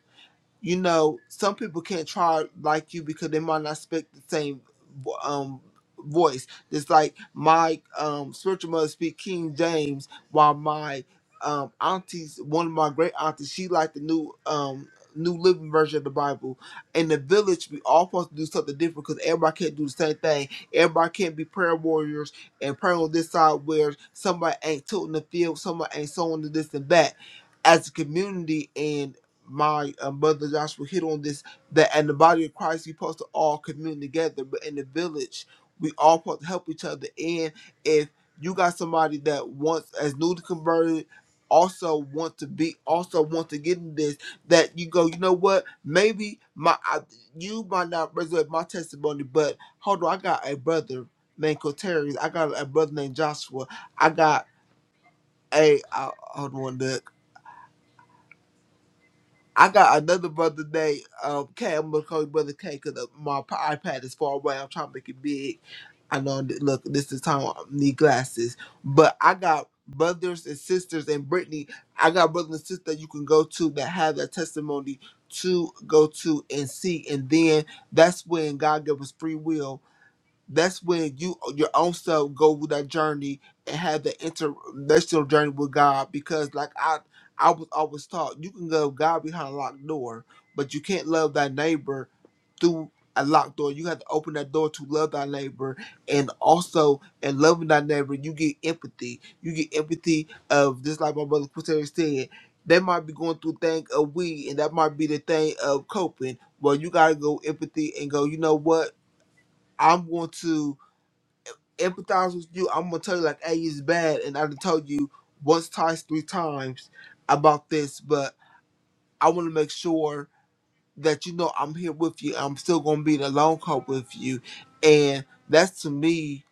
you know, some people can't try like you because they might not speak the same vo- um voice. It's like my um spiritual mother speak King James, while my um aunties, one of my great aunties, she liked the new um New Living Version of the Bible. In the village, we all supposed to do something different because everybody can't do the same thing. Everybody can't be prayer warriors and praying on this side where somebody ain't tilting the field, somebody ain't sowing the this and that. As a community my uh, brother Joshua hit on this that in the body of Christ, we supposed to all commune together, but in the village, we all supposed to help each other. And if you got somebody that wants as newly converted, also want to be, also want to get in this, that you go, you know what? Maybe my I, you might not resurrect my testimony, but hold on, I got a brother named Coterius. I got a brother named Joshua. I got a I, hold on. I got another brother named um, K. I'm gonna call him brother K because my p- iPad is far away. I'm trying to make it big. I know. that- Look, this is time I need glasses. But I got brothers and sisters and Brittany. I got brothers and sisters you can go to that have that testimony to go to and see, and then that's when God gave us free will that's when you your own self go through that journey and have the interrelational journey with God. Because like I I was always taught, you can love God behind a locked door, but you can't love thy neighbor through a locked door. You have to open that door to love thy neighbor, and also in loving thy neighbor, you get empathy. You get empathy of just like my brother Quintero said. They might be going through thing of we, and that might be the thing of coping. Well, you gotta go empathy and go. You know what? I'm going to empathize with you. I'm gonna tell you like, hey, it's bad, and I done told you once, twice, three times about this, but I want to make sure that you know I'm here with you. I'm still gonna be in a long haul with you, and that's to me,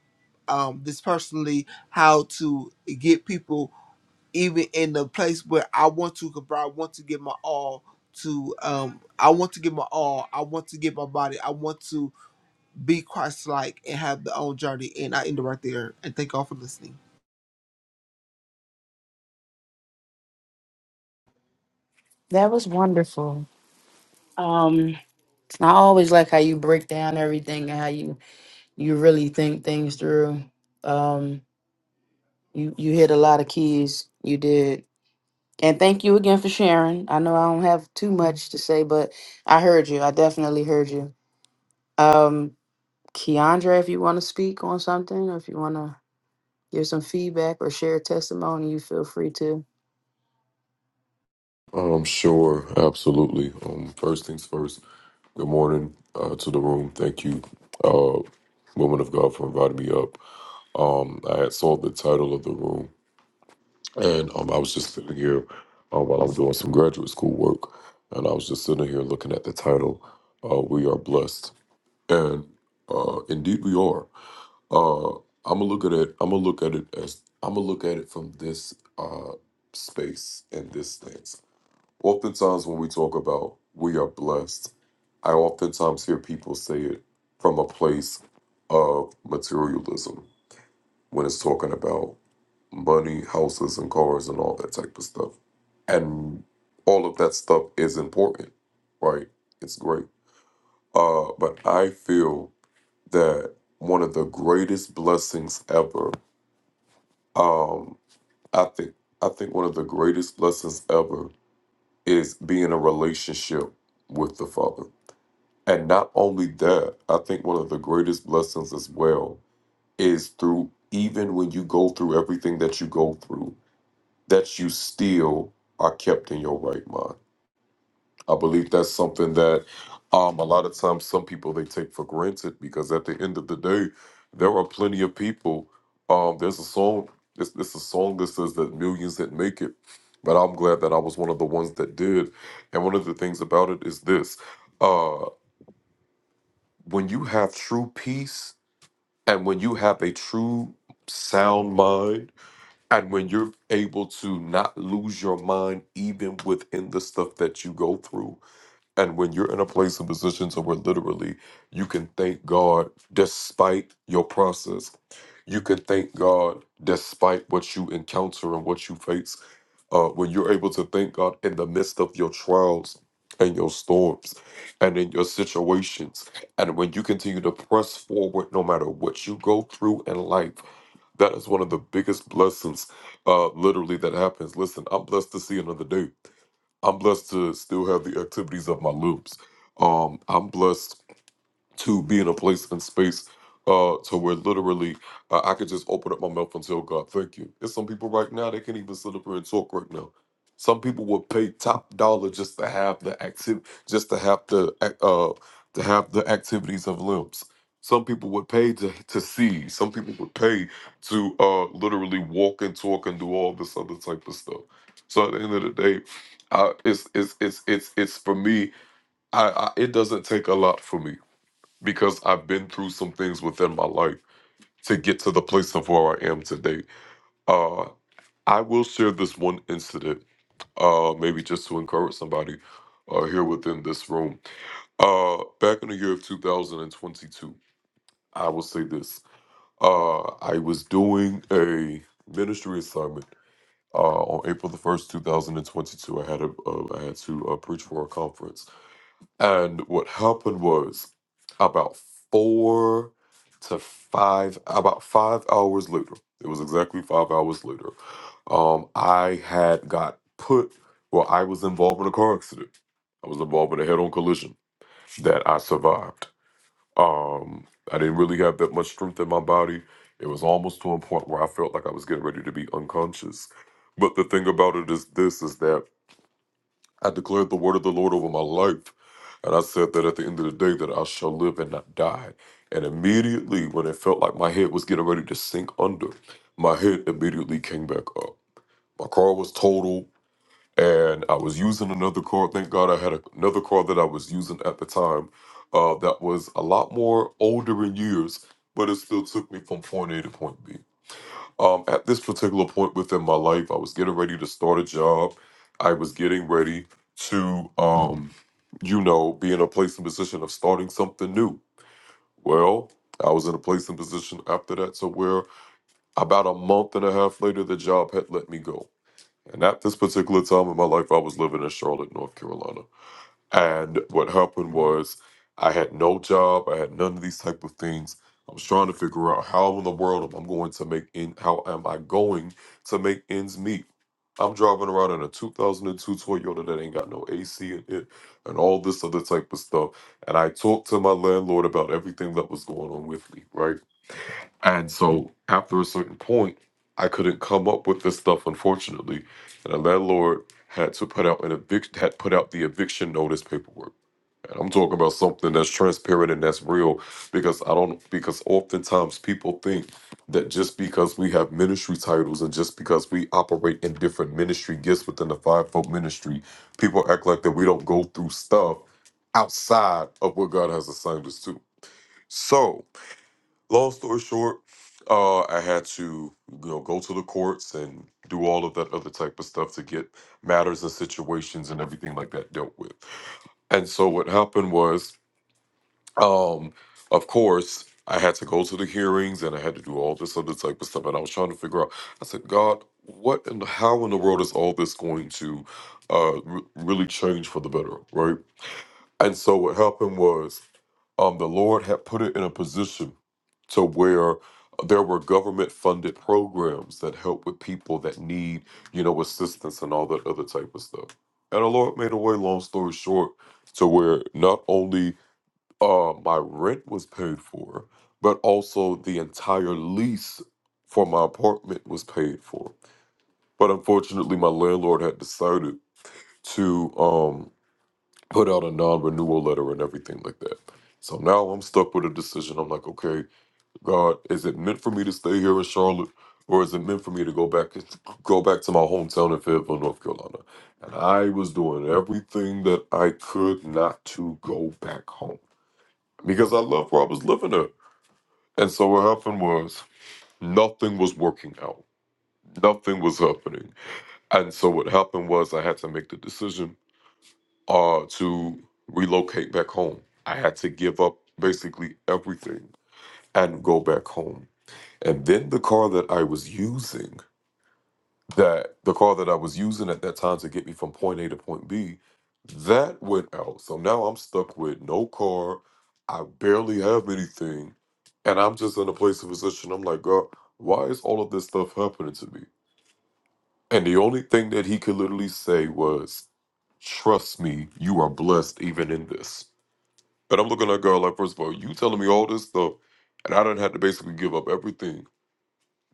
um, this personally, how to get people even in the place where I want to, but I want to give my all to um I want to give my all. I want to give my body. I want to be Christ like and have the own journey. And I end it right there. And thank y'all for listening.
That was wonderful. Um, I always like how you break down everything and how you you really think things through. Um, you you hit a lot of keys. You did, and thank you again for sharing. I know I don't have too much to say, but I heard you. I definitely heard you. Um, Keandra, if you want to speak on something, or if you want to give some feedback or share a testimony, you feel free to.
Um, sure, absolutely. Um, first things first. Good morning uh, to the room. Thank you, uh, woman of God, for inviting me up. Um, I had saw the title of the room, and um, I was just sitting here uh, while I was doing some graduate school work, and I was just sitting here looking at the title. Uh, we are blessed, and uh, indeed we are. Uh, I'm gonna look at it. I'm gonna look at it as I'm gonna look at it from this uh, space and this thing. Oftentimes, when we talk about we are blessed, I oftentimes hear people say it from a place of materialism when it's talking about money, houses, and cars, and all that type of stuff. And all of that stuff is important, right? It's great. Uh, but I feel that one of the greatest blessings ever, um, I think, I think one of the greatest blessings ever is being in a relationship with the Father And not only that, I think one of the greatest blessings as well is through even when you go through everything that you go through, that you still are kept in your right mind. I believe that's something that um, a lot of times some people they take for granted because at the end of the day, there are plenty of people. Um, there's a song. This this a song that says that millions that make it, but I'm glad that I was one of the ones that did. And one of the things about it is this. uh, when you have true peace and when you have a true sound mind and when you're able to not lose your mind even within the stuff that you go through and when you're in a place and position to where literally you can thank god despite your process you can thank god despite what you encounter and what you face uh, when you're able to thank God in the midst of your trials and your storms and in your situations, and when you continue to press forward no matter what you go through in life, that is one of the biggest blessings, uh, literally, that happens. Listen, I'm blessed to see another day. I'm blessed to still have the activities of my limbs. Um, I'm blessed to be in a place and space uh to where literally uh, I could just open up my mouth and tell God, thank you. There's some people right now they can't even sit up here and talk right now. Some people would pay top dollar just to have the activity, just to have the ac- uh to have the activities of limbs. Some people would pay to, to see. Some people would pay to uh literally walk and talk and do all this other type of stuff. So at the end of the day, I, it's it's it's it's it's for me. I, I it doesn't take a lot for me because I've been through some things within my life to get to the place of where I am today. Uh, I will share this one incident, uh, maybe just to encourage somebody uh, here within this room. Uh, back in the year of 2022, I will say this uh, I was doing a ministry assignment. Uh, on April the first, two thousand and twenty-two, I had a, uh, I had to uh, preach for a conference, And what happened was about four to five, about five hours later, it was exactly five hours later, um, I had got put, well, I was involved in a car accident. I was involved in a head on collision that I survived. Um, I didn't really have that much strength in my body. It was almost to a point where I felt like I was getting ready to be unconscious. But the thing about it is this is that I declared the word of the Lord over my life. And I said that at the end of the day that I shall live and not die. And immediately when it felt like my head was getting ready to sink under, my head immediately came back up. My car was totaled, and I was using another car. Thank God I had a- another car that I was using at the time uh, that was a lot more older in years, but it still took me from point A to point B. Um, at this particular point within my life, I was getting ready to start a job. I was getting ready to, um, you know, be in a place and position of starting something new. Well, I was in a place and position after that to where about a month and a half later, the job had let me go. And at this particular time in my life, I was living in Charlotte, North Carolina. And what happened was I had no job. I had none of these type of things. I was trying to figure out how in the world am I going to make in how am I going to make ends meet. I'm driving around in a 2002 Toyota that ain't got no AC in it and all this other type of stuff. And I talked to my landlord about everything that was going on with me, right? And so after a certain point, I couldn't come up with this stuff, unfortunately. And the landlord had to put out an evict had put out the eviction notice paperwork. And I'm talking about something that's transparent and that's real because I don't because oftentimes people think that just because we have ministry titles and just because we operate in different ministry gifts within the fivefold ministry, people act like that we don't go through stuff outside of what God has assigned us to. So, long story short, uh, I had to you know go to the courts and do all of that other type of stuff to get matters and situations and everything like that dealt with. And so what happened was um, of course, I had to go to the hearings and I had to do all this other type of stuff. And I was trying to figure out, I said, God, what and how in the world is all this going to uh, re- really change for the better, right? And so what happened was um, the Lord had put it in a position to where there were government funded programs that help with people that need, you know, assistance and all that other type of stuff. And the Lord made a way, long story short, to where not only uh, my rent was paid for, but also the entire lease for my apartment was paid for. But unfortunately, my landlord had decided to um, put out a non renewal letter and everything like that. So now I'm stuck with a decision. I'm like, okay, God, is it meant for me to stay here in Charlotte? Or is it meant for me to go back go back to my hometown in Fayetteville, North Carolina? And I was doing everything that I could not to go back home because I loved where I was living at. And so what happened was nothing was working out. Nothing was happening. And so what happened was I had to make the decision uh to relocate back home. I had to give up basically everything and go back home. And then the car that I was using that the car that I was using at that time to get me from point A to point B, that went out. So now I'm stuck with no car. I barely have anything. And I'm just in a place of position. I'm like, God, why is all of this stuff happening to me? And the only thing that he could literally say was, Trust me, you are blessed even in this. And I'm looking at God like, first of all, you telling me all this stuff, and I done had to basically give up everything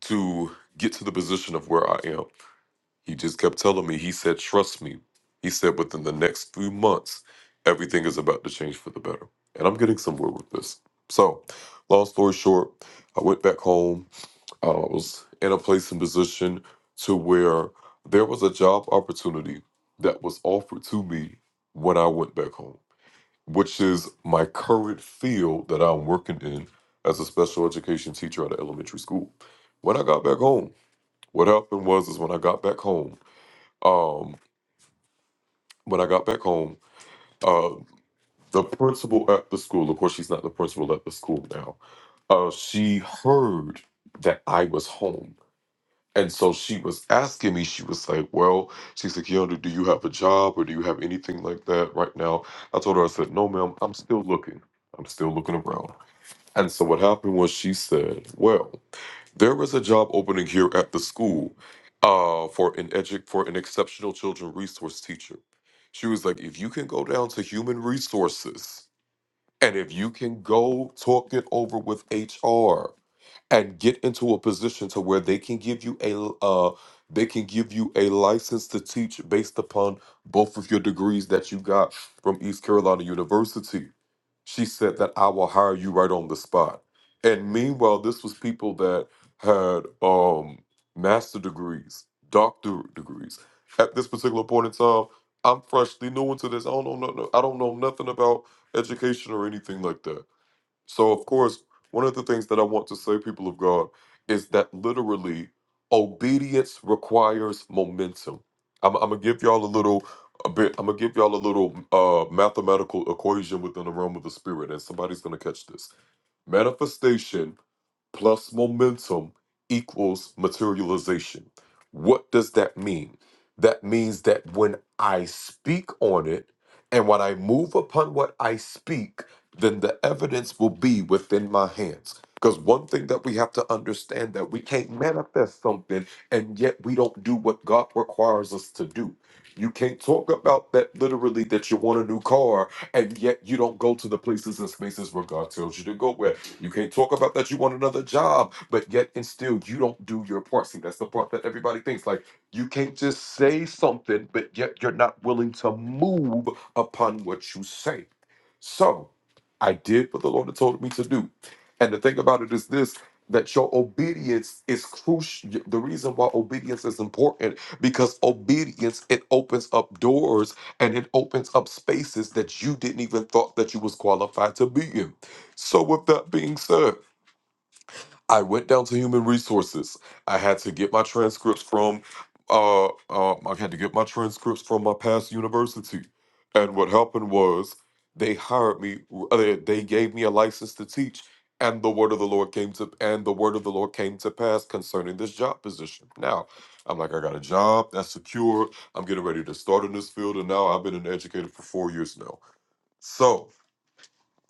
to get to the position of where I am. He just kept telling me, he said, trust me. He said, within the next few months, everything is about to change for the better. And I'm getting somewhere with this. So, long story short, I went back home. Uh, I was in a place and position to where there was a job opportunity that was offered to me when I went back home, which is my current field that I'm working in as a special education teacher at an elementary school. When I got back home, what happened was is when I got back home, um, when I got back home, uh, the principal at the school, of course, she's not the principal at the school now, uh, she heard that I was home. And so she was asking me, she was like, Well, she's like, Keanu, do you have a job or do you have anything like that right now? I told her, I said, No, ma'am, I'm still looking. I'm still looking around. And so what happened was she said, Well, There is a job opening here at the school uh, for an edu- for an exceptional children resource teacher. She was like, if you can go down to human resources and if you can go talk it over with HR and get into a position to where they can give you a l- uh, they can give you a license to teach based upon both of your degrees that you got from East Carolina University she said that I will hire you right on the spot. And meanwhile, this was people that had um master degrees, doctor degrees. At this particular point in time, I'm freshly new into this. I don't know, no, no- I don't know nothing about education or anything like that. So, of course, one of the things that I want to say, people of God, is that literally obedience requires momentum. I'm, I'm gonna give y'all a little, a bit. I'm gonna give y'all a little uh, mathematical equation within the realm of the spirit, and somebody's gonna catch this. Manifestation plus momentum equals materialization. What does that mean? That means that when I speak on it and when I move upon what I speak, then the evidence will be within my hands. Because one thing that we have to understand that we can't manifest something and yet we don't do what God requires us to do. You can't talk about that literally that you want a new car and yet you don't go to the places and spaces where God tells you to go. Where you can't talk about that you want another job, but yet and still you don't do your part. See, that's the part that everybody thinks. Like you can't just say something, but yet you're not willing to move upon what you say. So I did what the Lord had told me to do. And the thing about it is this that your obedience is crucial. The reason why obedience is important because obedience it opens up doors and it opens up spaces that you didn't even thought that you was qualified to be in. So, with that being said, I went down to human resources. I had to get my transcripts from, uh, uh, I had to get my transcripts from my past university. And what happened was they hired me. uh, They they gave me a license to teach, and the word of the Lord came to, and the word of the Lord came to pass concerning this job position. Now, I'm like, I got a job that's secure. I'm getting ready to start in this field, and now I've been an educator for four years now. So,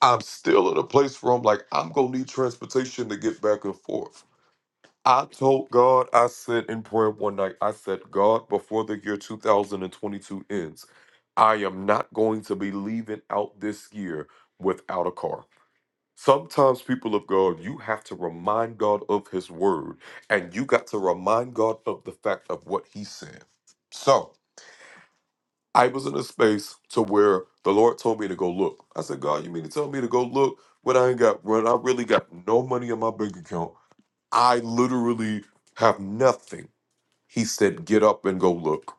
I'm still at a place where I'm like, I'm gonna need transportation to get back and forth. I told God, I said in prayer one night, I said, God, before the year 2022 ends, I am not going to be leaving out this year without a car. Sometimes, people of God, you have to remind God of His word, and you got to remind God of the fact of what He said. So, I was in a space to where the Lord told me to go look. I said, God, you mean to tell me to go look when I ain't got when I really got no money in my bank account? I literally have nothing. He said, get up and go look.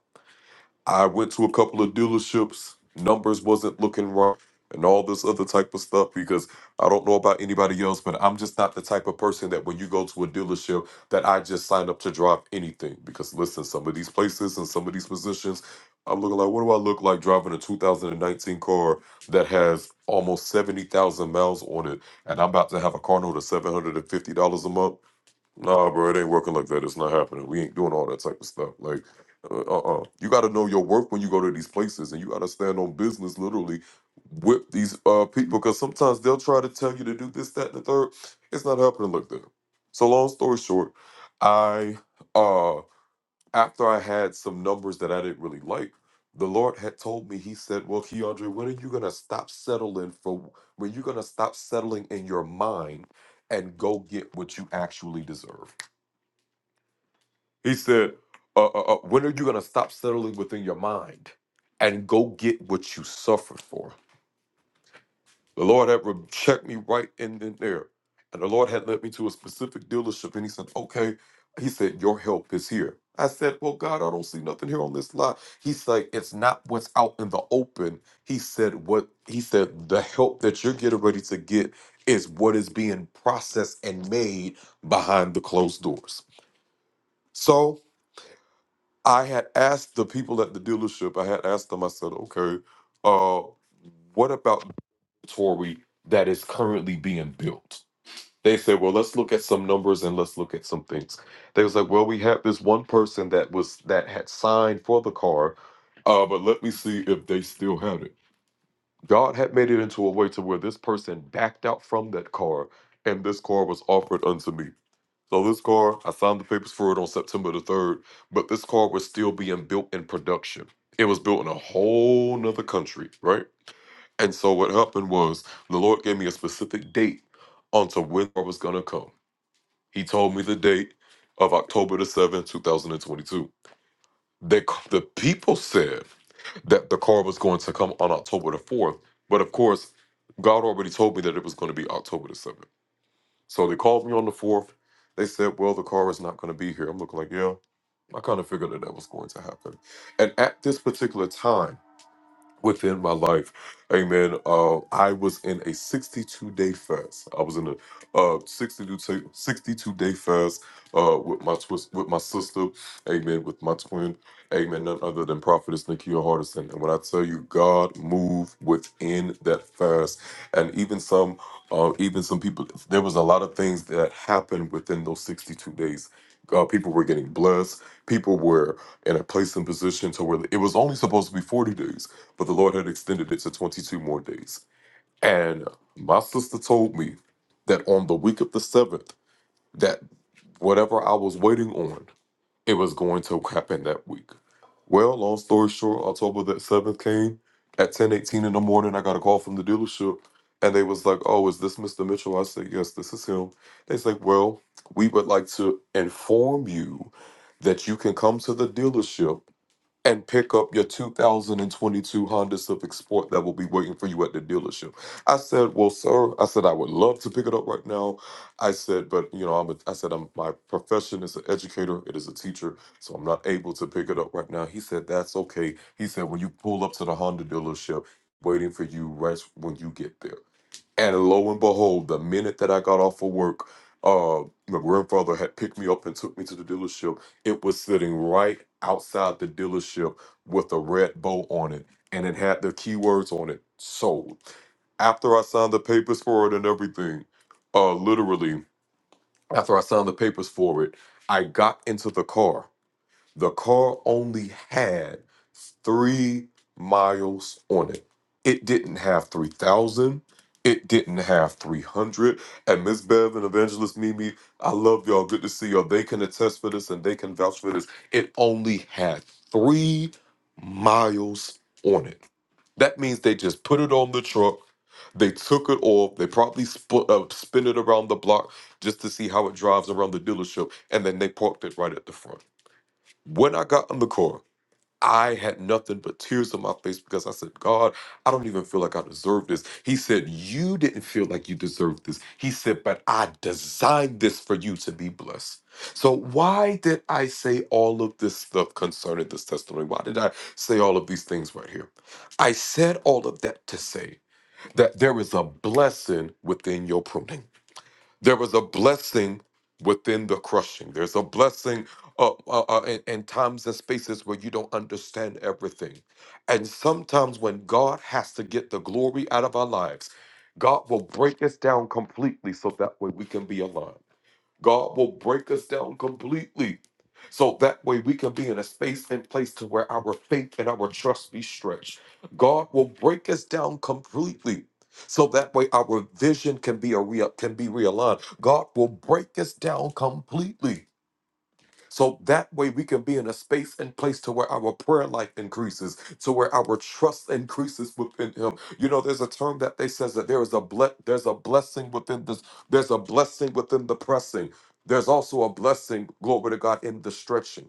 I went to a couple of dealerships, numbers wasn't looking right, and all this other type of stuff because I don't know about anybody else, but I'm just not the type of person that when you go to a dealership that I just sign up to drive anything. Because listen, some of these places and some of these positions, I'm looking like, what do I look like driving a 2019 car that has almost 70,000 miles on it, and I'm about to have a car note of $750 a month? Nah, bro, it ain't working like that. It's not happening. We ain't doing all that type of stuff. Like, uh, uh-uh. You got to know your worth when you go to these places, and you got to stand on business literally with these uh people because sometimes they'll try to tell you to do this, that, and the third. It's not happening like that. So, long story short, I uh after I had some numbers that I didn't really like, the Lord had told me. He said, "Well, Keandre, when are you gonna stop settling for? When you gonna stop settling in your mind?" And go get what you actually deserve. He said, uh, uh, uh, when are you going to stop settling within your mind and go get what you suffered for? The Lord had re- checked me right in and there. And the Lord had led me to a specific dealership and he said, okay. He said, your help is here. I said, well, God, I don't see nothing here on this lot. He's like, it's not what's out in the open. He said, what he said, the help that you're getting ready to get is what is being processed and made behind the closed doors. So. I had asked the people at the dealership, I had asked them, I said, okay, uh, what about inventory that is currently being built? They said, well, let's look at some numbers and let's look at some things. They was like, well, we have this one person that was that had signed for the car, uh, but let me see if they still had it. God had made it into a way to where this person backed out from that car and this car was offered unto me. So this car, I signed the papers for it on September the third, but this car was still being built in production. It was built in a whole nother country, right? And so what happened was the Lord gave me a specific date onto when I was gonna come. He told me the date of October the seventh, two thousand and twenty-two. The the people said that the car was going to come on October the fourth, but of course, God already told me that it was going to be October the seventh. So they called me on the fourth. They said, "Well, the car is not going to be here." I'm looking like, "Yeah, I kind of figured that that was going to happen." And at this particular time within my life. Amen. Uh, I was in a 62 day fast. I was in a uh, 62 ta- 62 day fast uh, with my twist with my sister. Amen. With my twin. Amen. None other than Prophetess Nikia Hardison. And when I tell you, God moved within that fast, and even some, uh, even some people. There was a lot of things that happened within those 62 days. Uh, people were getting blessed. People were in a place and position to where it was only supposed to be 40 days but the Lord had extended it to 22 more days. And my sister told me that on the week of the seventh, that whatever I was waiting on, it was going to happen that week. Well, long story short, October the seventh came at 10:18 in the morning. I got a call from the dealership, and they was like, "Oh, is this Mr. Mitchell?" I said, "Yes, this is him." They said, "Well, we would like to inform you that you can come to the dealership." and pick up your 2022 Honda Civic Sport that will be waiting for you at the dealership. I said, "Well, sir," I said, "I would love to pick it up right now." I said, "But you know, I'm a, I said I'm my profession is an educator. It is a teacher, so I'm not able to pick it up right now." He said, "That's okay." He said, "When you pull up to the Honda dealership, waiting for you right when you get there." And lo and behold, the minute that I got off of work, uh, my grandfather had picked me up and took me to the dealership. It was sitting right outside the dealership with a red bow on it, and it had the keywords on it sold. After I signed the papers for it and everything, uh, literally, after I signed the papers for it, I got into the car the car only had three miles on it. It didn't have 3,000. It didn't have 300. And Miss Bev and Evangelist Mimi, I love y'all. Good to see y'all. They can attest for this and they can vouch for this. It only had three miles on it. That means they just put it on the truck. They took it off. They probably sp- uh, spin it around the block just to see how it drives around the dealership. And then they parked it right at the front. When I got on the court, I had nothing but tears on my face because I said, God, I don't even feel like I deserve this. He said, You didn't feel like you deserved this. He said, But I designed this for you to be blessed. So, why did I say all of this stuff concerning this testimony? Why did I say all of these things right here? I said all of that to say that there is a blessing within your pruning there was a blessing within the crushing. There's a blessing uh, uh, uh, in, in times and spaces where you don't understand everything. And sometimes when God has to get the glory out of our lives, God will break us down completely so that way we can be aligned. God will break us down completely. So that way we can be in a space and place to where our faith and our trust be stretched. God will break us down completely. So that way our vision can be a real can be realigned. God will break us down completely. So that way we can be in a space and place to where our prayer life increases, to where our trust increases within him. You know, there's a term that they says that there is a ble- there's a blessing within this, there's a blessing within the pressing. There's also a blessing, glory to God, in the stretching.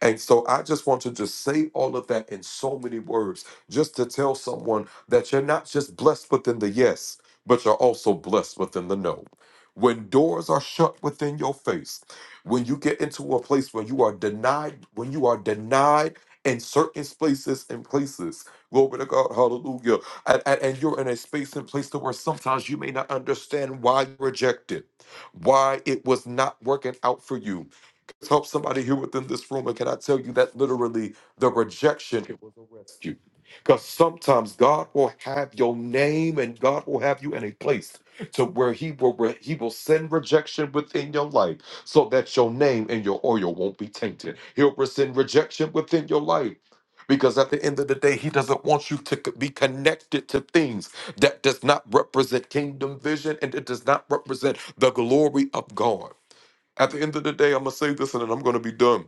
And so I just want to just say all of that in so many words, just to tell someone that you're not just blessed within the yes, but you're also blessed within the no. When doors are shut within your face, when you get into a place where you are denied, when you are denied in certain spaces and places, glory to God, hallelujah. And, and, and you're in a space and place to where sometimes you may not understand why you rejected, why it was not working out for you help somebody here within this room. And can I tell you that literally the rejection it was a rescue. Because sometimes God will have your name and God will have you in a place to where He will re- He will send rejection within your life so that your name and your oil won't be tainted. He'll send rejection within your life. Because at the end of the day, he doesn't want you to c- be connected to things that does not represent kingdom vision and it does not represent the glory of God. At the end of the day, I'm going to say this and then I'm going to be done.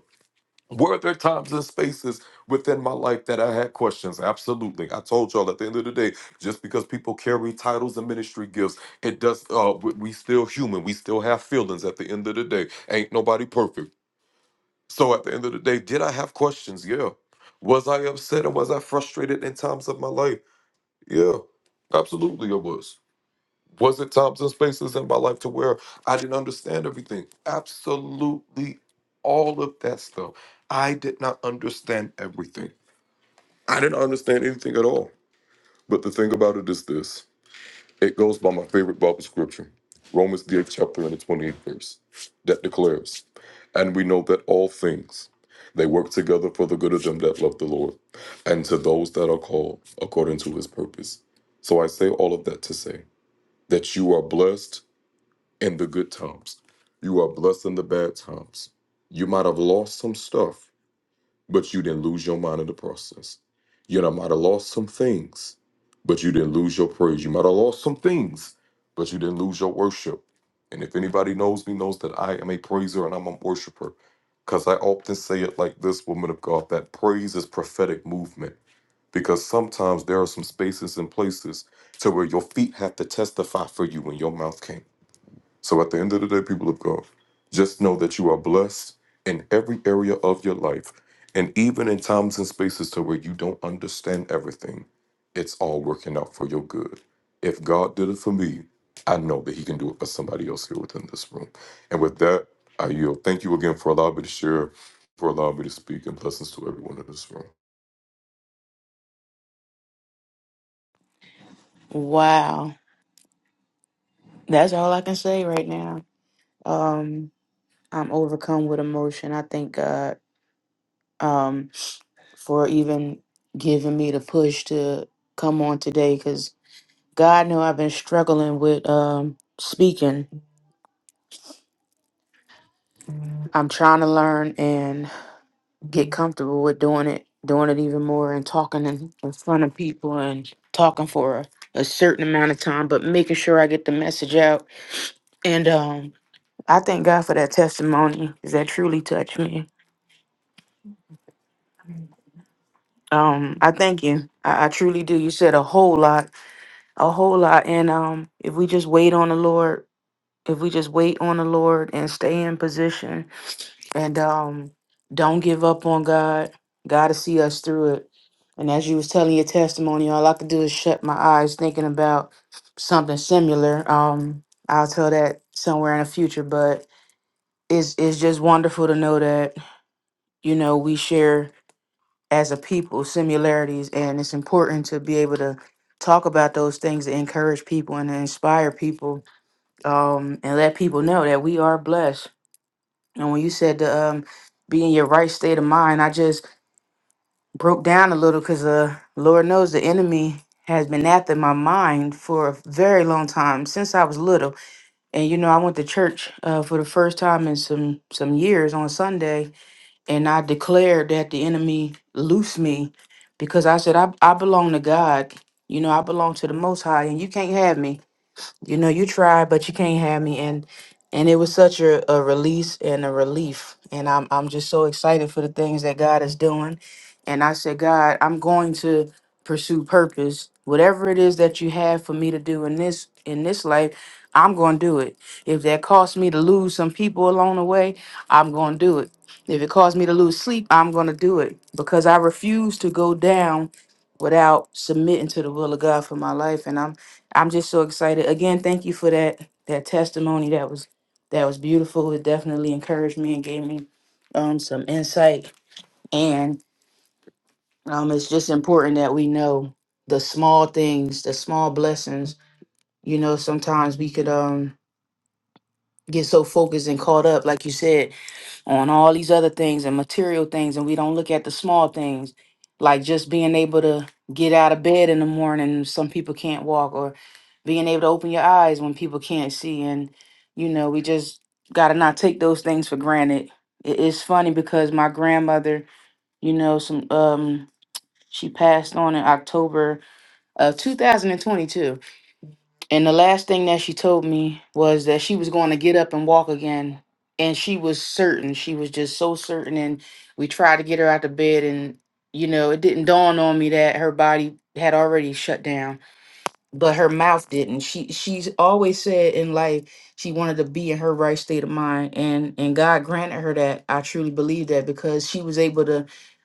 Were there times and spaces within my life that I had questions? Absolutely. I told y'all at the end of the day, just because people carry titles and ministry gifts, it does, uh, we we still human. We still have feelings at the end of the day. Ain't nobody perfect. So at the end of the day, did I have questions? Yeah. Was I upset and was I frustrated in times of my life? Yeah, absolutely I was. Was it times and spaces in my life to where I didn't understand everything? Absolutely all of that stuff. I did not understand everything. I didn't understand anything at all. But the thing about it is this it goes by my favorite Bible scripture, Romans, the eighth chapter and the 28th verse, that declares, And we know that all things they work together for the good of them that love the Lord and to those that are called according to his purpose. So I say all of that to say that you are blessed in the good times. You are blessed in the bad times. You might have lost some stuff, but you didn't lose your mind in the process. You know, might have lost some things, but you didn't lose your praise. You might have lost some things, but you didn't lose your worship. And if anybody knows me, knows that I am a praiser and I'm a worshiper. Because I often say it like this, woman of God, that praise is prophetic movement. Because sometimes there are some spaces and places to where your feet have to testify for you when your mouth can't. So at the end of the day, people of God, just know that you are blessed in every area of your life. And even in times and spaces to where you don't understand everything, it's all working out for your good. If God did it for me, I know that He can do it for somebody else here within this room. And with that, I yield. Thank you again for allowing me to share, for allowing me to speak, and blessings to everyone in this room.
Wow, that's all I can say right now. Um, I'm overcome with emotion. I thank God um, for even giving me the push to come on today because God knew I've been struggling with um, speaking. I'm trying to learn and get comfortable with doing it, doing it even more and talking in, in front of people and talking for a, a certain amount of time, but making sure I get the message out. And um, I thank God for that testimony 'cause that truly touched me. Um, I thank you. I, I truly do. You said a whole lot, a whole lot. And um, if we just wait on the Lord, if we just wait on the Lord and stay in position and um, don't give up on God, God to see us through it. And as you was telling your testimony, all I could do is shut my eyes thinking about something similar. Um, I'll tell that somewhere in the future, but it's it's just wonderful to know that, you know, we share as a people, similarities, and it's important to be able to talk about those things to encourage people and to inspire people, um, and let people know that we are blessed. And when you said to um, be in your right state of mind, I just broke down a little because uh, Lord knows the enemy has been after my mind for a very long time since I was little. And you know, I went to church uh, for the first time in some some years on Sunday, and I declared that the enemy loose me because I said, I, I belong to God. You know, I belong to the Most High, and you can't have me you know you tried but you can't have me and and it was such a, a release and a relief and I'm, I'm just so excited for the things that god is doing and i said god i'm going to pursue purpose whatever it is that you have for me to do in this in this life i'm going to do it if that costs me to lose some people along the way i'm going to do it if it costs me to lose sleep i'm going to do it because i refuse to go down without submitting to the will of god for my life and i'm I'm just so excited. Again, thank you for that that testimony. That was that was beautiful. It definitely encouraged me and gave me um some insight. And um it's just important that we know the small things, the small blessings. You know, sometimes we could um get so focused and caught up, like you said, on all these other things and material things, and we don't look at the small things, like just being able to get out of bed in the morning. Some people can't walk, or being able to open your eyes when people can't see. And you know, we just got to not take those things for granted. It- It's funny because my grandmother, you know, some um, she passed on in October of 2022 and the last thing that she told me was that she was going to get up and walk again. And she was certain. She was just so certain. And we tried to get her out of bed. And, you know, it didn't dawn on me that her body had already shut down, but her mouth didn't. She she's always said in life she wanted to be in her right state of mind. And and God granted her that. I truly believe that because she was able to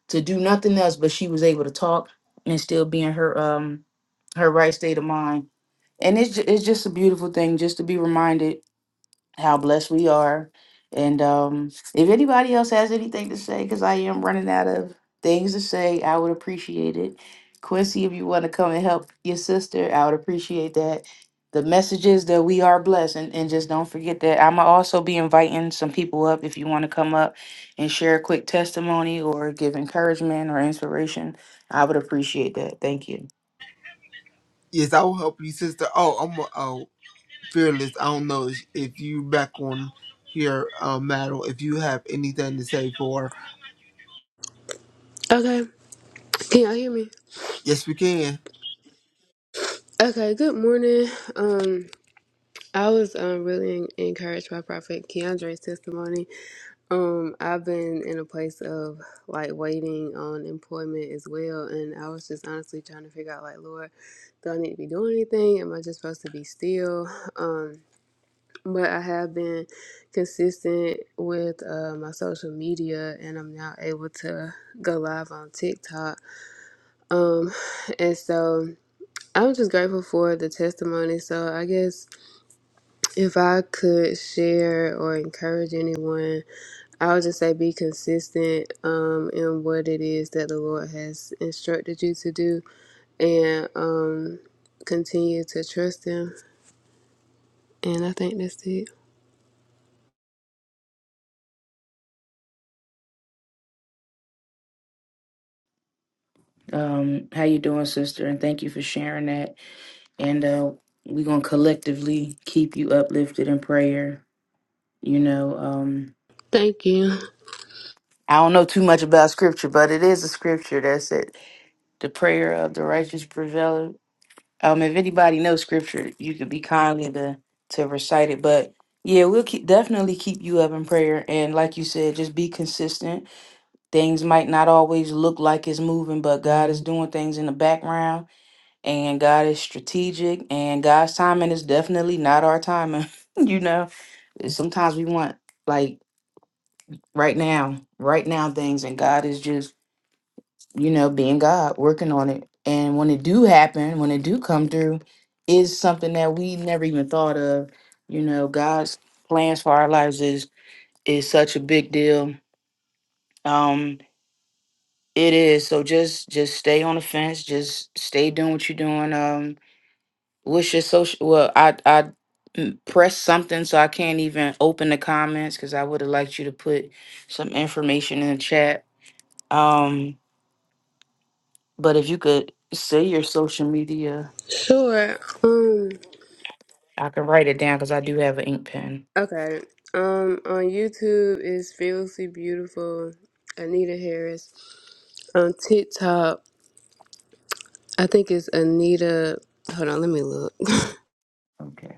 to do nothing else, but she was able to talk and still be in her um her right state of mind and it's ju- it's just a beautiful thing just to be reminded how blessed we are. And um, if anybody else has anything to say, because I am running out of things to say, I would appreciate it. Quincy, if you want to come and help your sister, I would appreciate that. The message is that we are blessed, and, and just don't forget that. I'm gonna also be inviting some people up if you want to come up and share a quick testimony or give encouragement or inspiration. I would appreciate that. Thank you.
Yes, I will help you, sister. Oh, I'm uh, fearless. I don't know if if you back on here, um, madam. If you have anything to say for,
Okay. Can y'all hear me?
yes, we can.
Okay, good morning. Um I was um really en- encouraged by Prophet Keandre's testimony. Um I've been in a place of like waiting on employment as well and I was just honestly trying to figure out like Lord, do I need to be doing anything? Am I just supposed to be still? Um but I have been consistent with uh, my social media and I'm now able to go live on TikTok. Um and so I'm just grateful for the testimony. So I guess if I could share or encourage anyone, I would just say be consistent um, in what it is that the Lord has instructed you to do, and um, continue to trust Him. And I think that's it.
Um, how you doing, sister? And thank you for sharing that. And uh, we're gonna collectively keep you uplifted in prayer. You know, um,
Thank you.
I don't know too much about scripture, but it is a scripture that said the prayer of the righteous prevail Um, if anybody knows scripture, you could be kindly to to recite it. But yeah, we'll keep definitely keep you up in prayer. And like you said, just be consistent. Things might not always look like it's moving, but God is doing things in the background, and God is strategic, and God's timing is definitely not our timing. you know, sometimes we want like right now, right now things, and God is just you know, being God, working on it. And when it do happen, when it do come through, is something that we never even thought of. You know, God's plans for our lives is is such a big deal. Um, it is. So just just stay on the fence. Just stay doing what you're doing. Um, what's your social? Well, I I mm, pressed something, so I can't even open the comments because I would have liked you to put some information in the chat. Um, but if you could say your social media
Sure. Um.
I can write it down because I do have an ink pen.
Okay. Um. On YouTube is fearlessly beautiful. Anita Harris. On TikTok, I think it's Anita. Hold on, let me look.
Okay.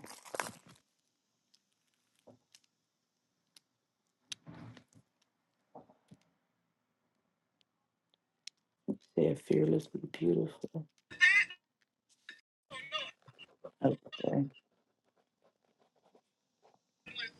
they fearlessly beautiful. Okay.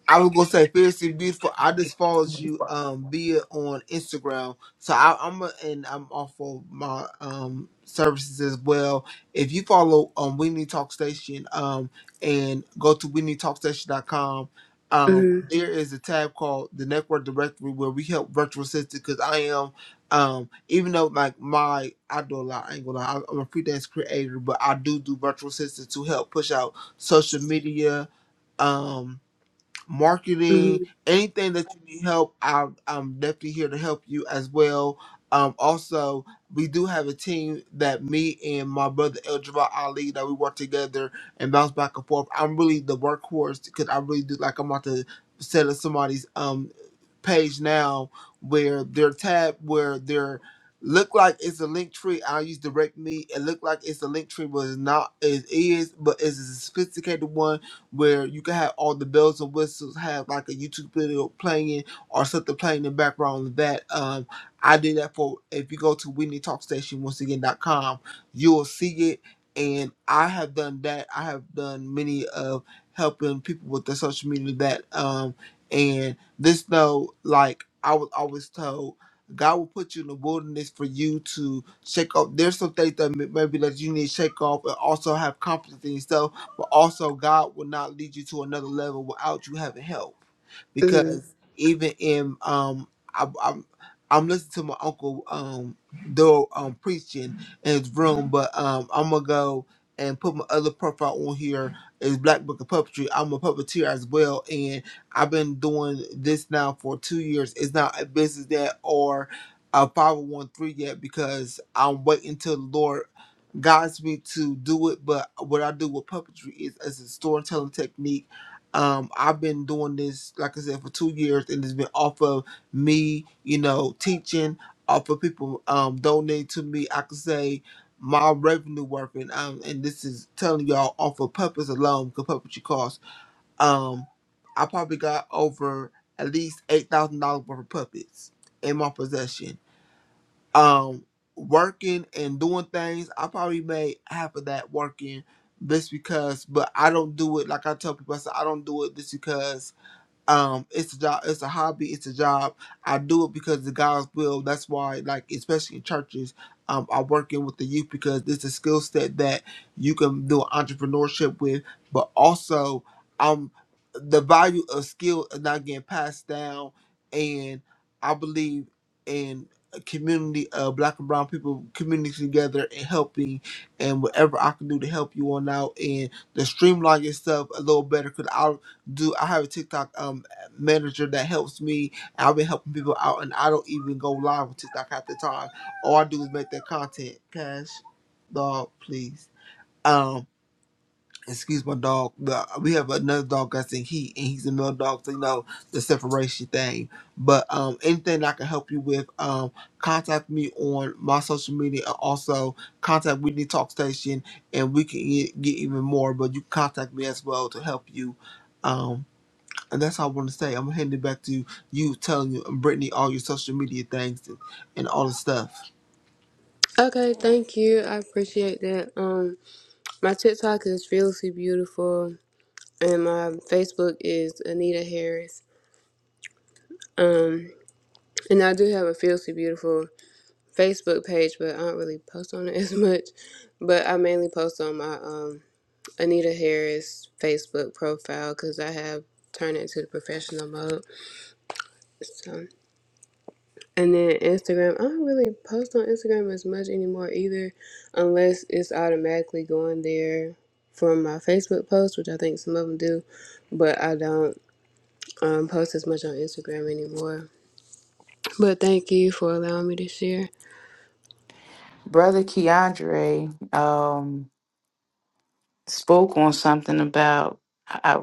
I was gonna say fiercely beautiful. I just followed you um via on Instagram, so I, I'm a, and I'm off of my um services as well. If you follow um We Need Talk Station um and go to We Need Talk Station.com, um
Mhm,
there is a tab called the Network Directory where we help virtual assistants because I am um even though like my I do a lot I ain't gonna lie I'm a freelance creator but I do do virtual assistants to help push out social media um marketing,
mhm,
anything that you need help, I'm, I'm definitely here to help you as well. Um, also, we do have a team that me and my brother El Jabbar Ali that we work together and bounce back and forth. I'm really the workhorse because I really do like I'm about to settle somebody's um page now where their tab where their look like it's a link tree. I'll use direct me. It look like it's a link tree, but it's not it is, but it's a sophisticated one where you can have all the bells and whistles, have like a YouTube video playing or something playing in the background of that. Um I did that for if you go to Whitney Talk Station once again.com, you will see it. And I have done that. I have done many of helping people with their social media that um and. This though, like I was always told, God will put you in the wilderness for you to shake off. There's some things that may- maybe that you need to shake off and also have confidence in yourself, but also God will not lead you to another level without you having help.
mhm.
Because even in um, I, I'm I'm listening to my uncle um do um preaching in his room, but um I'm gonna go and put my other profile on here is Black Book of Puppetry. I'm a puppeteer as well, and I've been doing this now for two years. It's not a business yet or a 501 yet because I'm waiting till the Lord guides me to do it. But what I do with puppetry is as a storytelling technique. Um, I've been doing this, like I said, for two years, and it's been off of me, you know, teaching, off of people um, donating to me. I could say my revenue working, um, and this is telling y'all off of puppets alone, because puppetry costs. Um, I probably got over at least eight thousand dollars worth of puppets in my possession. Um, working and doing things, I probably made half of that working just because. But I don't do it like I tell people. I said I don't do it just because um it's a job it's a hobby it's a job i do it because the god's will that's why like especially in churches um i'm working with the youth because it's a skill set that you can do entrepreneurship with but also um the value of skill is not getting passed down and i believe in a community of black and brown people community together and helping and whatever i can do to help you on out and to streamline yourself a little better do I have a TikTok um manager that helps me. I've been helping people out, and I don't even go live with TikTok half the time. All I do is make that content. Cash, dog, please. Um, excuse my dog. but We have another dog that's in heat, and he's a male dog, so you know the separation thing. But um, anything I can help you with, um, contact me on my social media, and also contact Whitney Talk Station, and we can get, get even more. But you can contact me as well to help you. Um, and that's all I want to say. I'm gonna hand it back to you, you telling you and Brittany all your social media things and, and all the stuff.
Okay, thank you. I appreciate that. Um, my TikTok is fearlessly beautiful, and my Facebook is Anita Harris. Um, and I do have a fearlessly beautiful Facebook page, but I don't really post on it as much. But I mainly post on my um Anita Harris Facebook profile because I have turned it into the professional mode. so. And then Instagram, I don't really post on Instagram as much anymore either, unless it's automatically going there from my Facebook post, which I think some of them do, but I don't um, post as much on Instagram anymore. But thank you for allowing me to share.
Brother Keandre um, spoke on something about, I,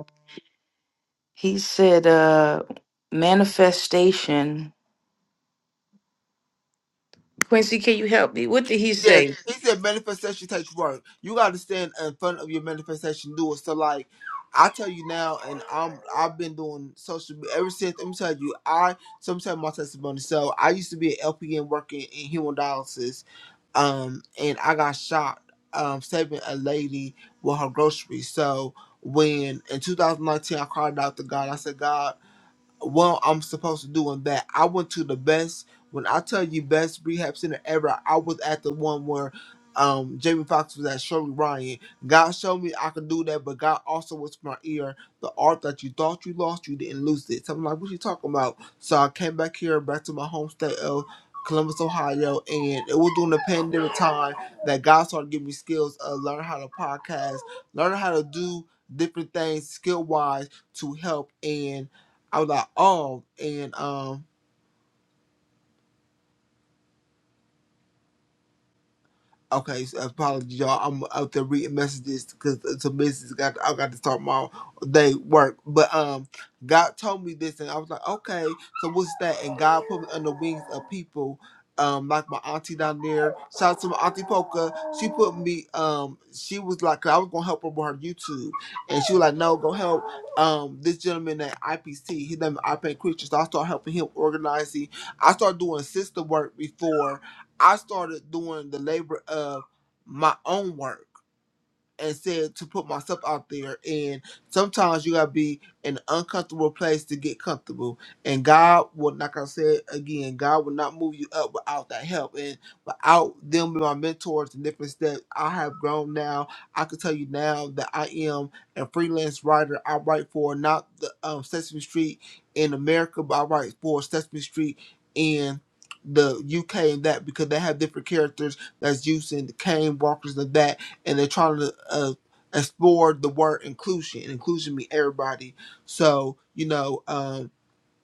he said, uh, manifestation. Quincy, can you help me? What did he
Yes,
say?
he said manifestation takes work. You gotta stand in front of your manifestation, do it. So like I tell you now, and I'm I've been doing social media ever since. Let me tell you, I sometimes my testimony. So I used to be an LPN working in hemodialysis, um, and I got shot um, saving a lady with her groceries. So when in 2019 I cried out to God, I said, God. what I'm supposed to do on that. I went to the best. When I tell you best rehab center ever, I was at the one where um Jamie Foxx was at Shirley Ryan. God showed me I could do that, but God also was in my ear. The art that you thought you lost, you didn't lose it. So I'm like, what you talking about? So I came back here, back to my home state of Columbus, Ohio, and it was during the pandemic time that God started giving me skills of learning how to podcast, learning how to do different things skill wise to help. and. I was like, oh, and um, okay, so apologies, y'all. I'm out there reading messages because some messages got I got to start my day work. But um, God told me this, and I was like, okay, so what's that? And God put me under wings of people. Um, like my auntie down there, shout out to my auntie Polka. She put me. Um, she was like, 'cause I was gonna help her with her YouTube, and she was like, "No, go help." Um, this gentleman at IPC, his name is IPC Creature, so I started helping him organizing I started doing sister work before, I started doing the labor of my own work and said to put myself out there. And sometimes you gotta be in an uncomfortable place to get comfortable. And God will, like I said again, God will not move you up without that help and without them being my mentors and different steps. I have grown now. I can tell you now that I am a freelance writer. I write for not the um, Sesame Street in America, but I write for Sesame Street in the UK and that because they have different characters that's using the cane walkers and that and they're trying to uh, explore the word inclusion. And inclusion mean everybody. So you know, um,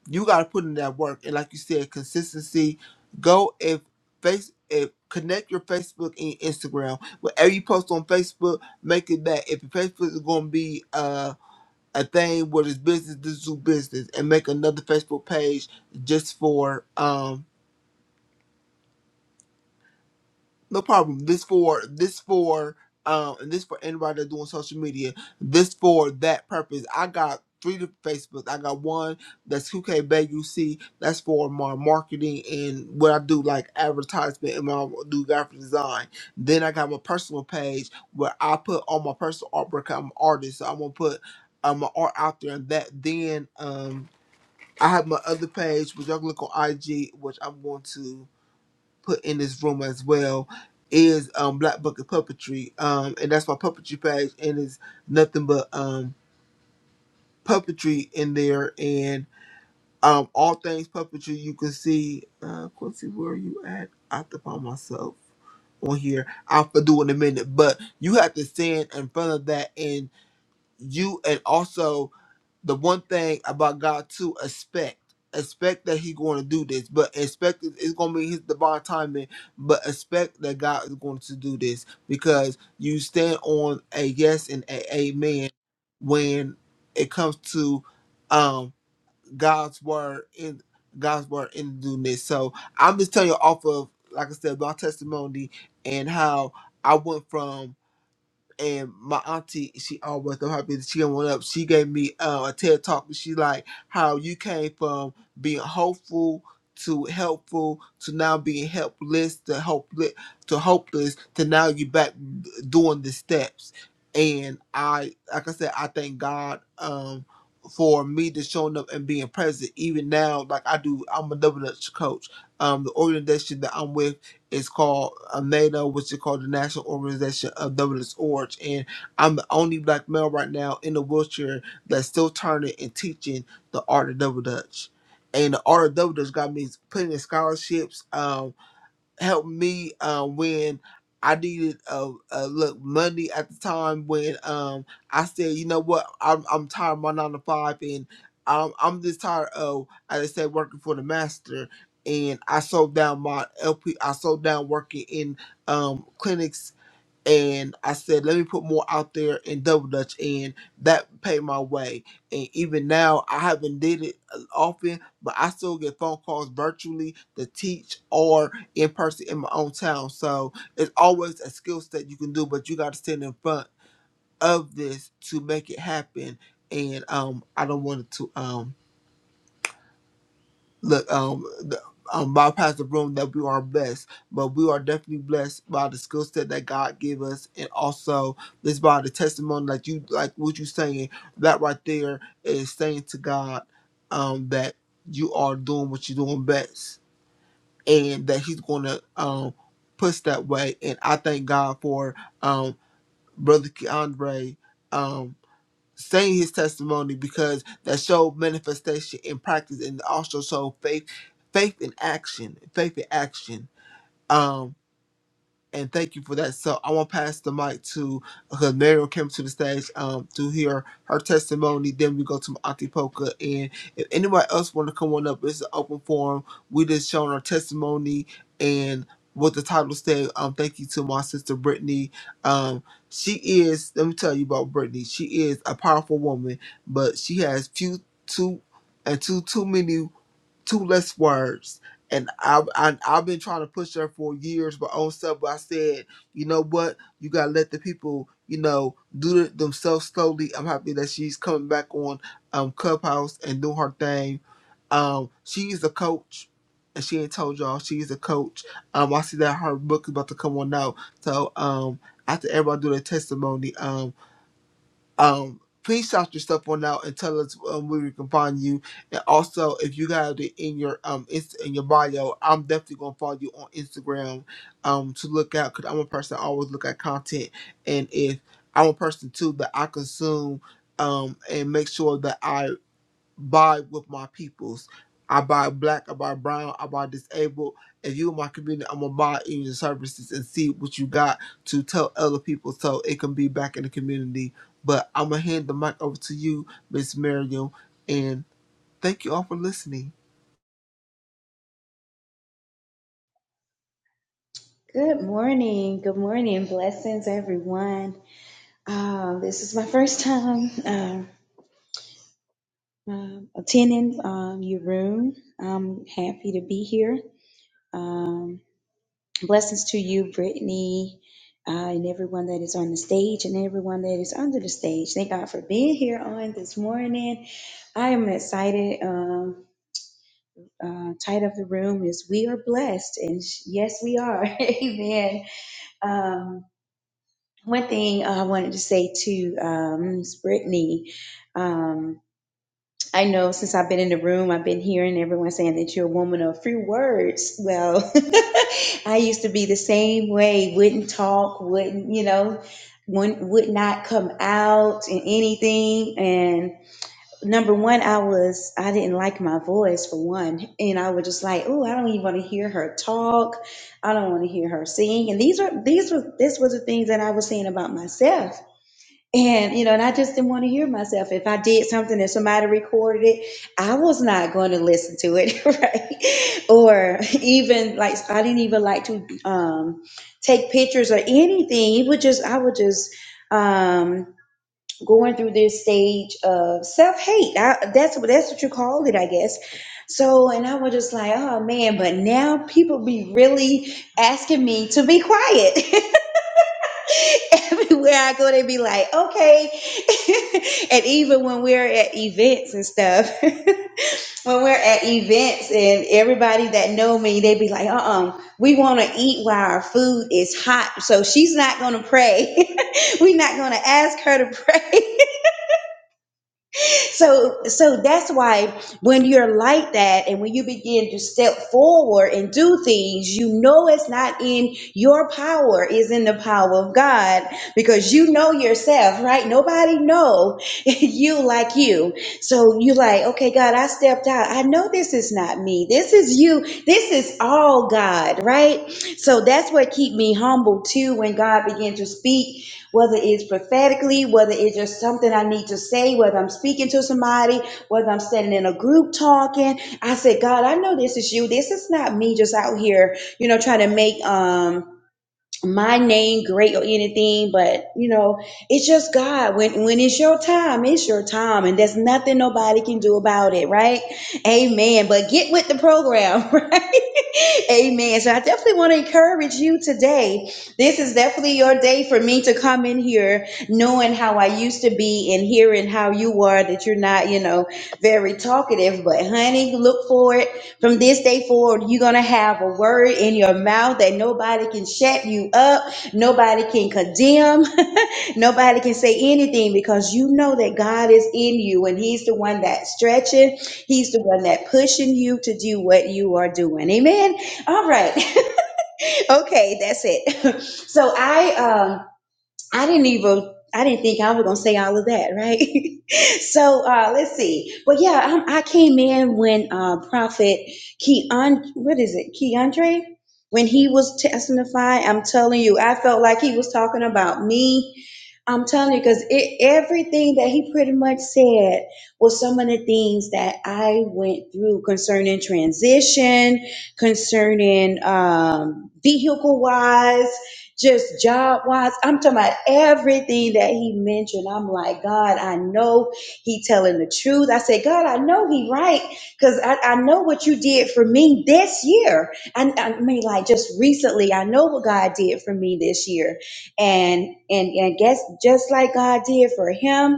you got to put in that work. And like you said, consistency. Go if face if connect your Facebook and Instagram. Whatever you post on Facebook, make it that. If your Facebook is going to be uh, a thing where it's business, this do business, and make another Facebook page just for um No problem. This for this for um and this for anybody that's doing social media. This for that purpose. I got three different Facebooks. I got one that's who k Bay UC. That's for my marketing and what I do like advertisement and my do graphic design. Then I got my personal page where I put all my personal artwork. I'm an artist, so I'm gonna put um my art out there and that then um I have my other page which y'all can look on IG which I'm going to put in this room as well is um Black Bucket Puppetry. Um and that's my puppetry page and it's nothing but um puppetry in there and um all things puppetry you can see uh Quincy where are you at? I have to find myself on here. I'll have to do in a minute. But you have to stand in front of that and you and also the one thing about God to expect. Expect that He going to do this, but expect it- it's going to be His divine timing. But expect that God is going to do this because you stand on a yes and a amen when it comes to um God's word in God's word in doing this. So I'm just telling you off of like I said my testimony and how I went from and my auntie, she always so happy that she got one up. She gave me uh, a TED talk. and She like how you came from being hopeful to helpful to now being helpless to hopeless to hopeless to now you back doing the steps. And I, like I said, I thank God um, for me to showing up and being present. Even now, like I do, I'm a double Dutch coach. Um, the organization that I'm with it's called uh, NATO, which is called the National Organization of Dominance Orange. And I'm the only black male right now in a wheelchair that's still turning and teaching the art of double dutch. And the art of double dutch got me plenty of scholarships. Um, helped me uh, when I needed uh, uh, look money at the time when um I said you know what I'm I'm tired of my nine to five and I'm I'm just tired of as I said working for the master and I sold down my LP I sold down working in um clinics and I said, let me put more out there in Double Dutch, and that paid my way. And even now, I haven't did it uh, often, but I still get phone calls virtually to teach or in person in my own town. So it's always a skill set you can do, but you got to stand in front of this to make it happen. And um, I don't want it to. Um, look, um, the, um, bypass the room that we are blessed, but we are definitely blessed by the skill set that God gave us, and also this by the testimony, like you, like what you saying, that right there is saying to God, um, that you are doing what you're doing best, and that He's gonna um push that way, and I thank God for um brother Keandre, um saying his testimony because that showed manifestation in practice and also showed faith faith in action faith in action Um, and thank you for that. So I want to pass the mic to because Mariel came to the stage um, to hear her testimony. Then we go to Auntie Polka, and if anybody else want to come on up, it's an open forum. We just showing our testimony and what the title said. Um, thank you to my sister Brittany. Um, she is. Let me tell you about Brittany. She is a powerful woman, but she has few too and too too many two less words. And I, I I've been trying to push her for years, but on stuff. But I said, you know what? You gotta let the people, you know, do it themselves slowly. I'm happy that she's coming back on um Clubhouse and doing her thing. Um, she's a coach, and she ain't told y'all she's a coach. Um, I see that her book is about to come on out. So um, after everybody do their testimony, um, um, please shout your stuff on out and tell us um, where we can find you. And also, if you got it in your um inst- in your bio, I'm definitely gonna follow you on Instagram um to look out because I'm a person that always look at content, and if I'm a person too that I consume um and make sure that I buy with my peoples. I buy black, I buy brown, I buy disabled. If you in my community, I'm gonna buy even your services and see what you got to tell other people so it can be back in the community. But I'm gonna hand the mic over to you, Miss Miriam, and thank you all for listening.
Good morning. Good morning. Blessings, everyone. Uh, this is my first time uh, uh, attending um, your room. I'm happy to be here. Um, blessings to you, Brittany, uh, and everyone that is on the stage and everyone that is under the stage. Thank God for being here on this morning. I am excited. Um, uh, title of the room is "We Are Blessed," and sh- yes, we are. Amen. Um, One thing I wanted to say to um, Ms. Brittany, um, I know since I've been in the room, I've been hearing everyone saying that you're a woman of few words. Well, I used to be the same way, wouldn't talk, wouldn't, you know, wouldn't, would not come out in anything. And number one, I was, I didn't like my voice for one. And I was just like, oh, I don't even want to hear her talk. I don't want to hear her sing. And these are, these were, this was the things that I was saying about myself and, you know, and I just didn't want to hear myself. If I did something and somebody recorded it, I was not going to listen to it, right? Or even like, I didn't even like to um, take pictures or anything. It would just, I would just, um, going through this stage of self hate. That's what, that's what you call it, I guess. So, and I was just like, oh man, but now people be really asking me to be quiet. everywhere I go, they be like, okay. and even when we're at events and stuff, when we're at events and everybody that know me, they be like, uh-uh, we want to eat while our food is hot. So she's not going to pray. we're not going to ask her to pray so so that's why when you're like that and when you begin to step forward and do things you know it's not in your power is in the power of god because you know yourself right nobody know you like you so you like okay god i stepped out i know this is not me this is you this is all god right so that's what keep me humble too when god began to speak whether it's prophetically, whether it's just something I need to say, whether I'm speaking to somebody, whether I'm standing in a group talking. I said, God, I know this is you. This is not me just out here, you know, trying to make um my name great or anything, but you know, it's just God. When when it's your time, it's your time, and there's nothing nobody can do about it, right? Amen. But get with the program, right? Amen. So I definitely want to encourage you today. This is definitely your day for me to come in here knowing how I used to be and hearing how you are, that you're not, you know, very talkative, but honey, look for it from this day forward, you're going to have a word in your mouth that nobody can shut you up. Nobody can condemn. Nobody can say anything because you know that God is in you and He's the one that's stretching. He's the one that pushing you to do what you are doing. Amen. All right. okay. That's it. so I, um, I didn't even I didn't think I was gonna say all of that, right? so uh, let's see. But yeah, i I came in when uh, Prophet Keon, what is it, Keandre? When he was testifying, I'm telling you, I felt like he was talking about me. I'm telling you, because it, everything that he pretty much said was some of the things that I went through concerning transition, concerning um, vehicle wise just job wise. I'm talking about everything that he mentioned. I'm like, God, I know he telling the truth. I said, God, I know he right because I, I know what you did for me this year. I, I mean, like just recently, I know what God did for me this year, and and and guess just like God did for him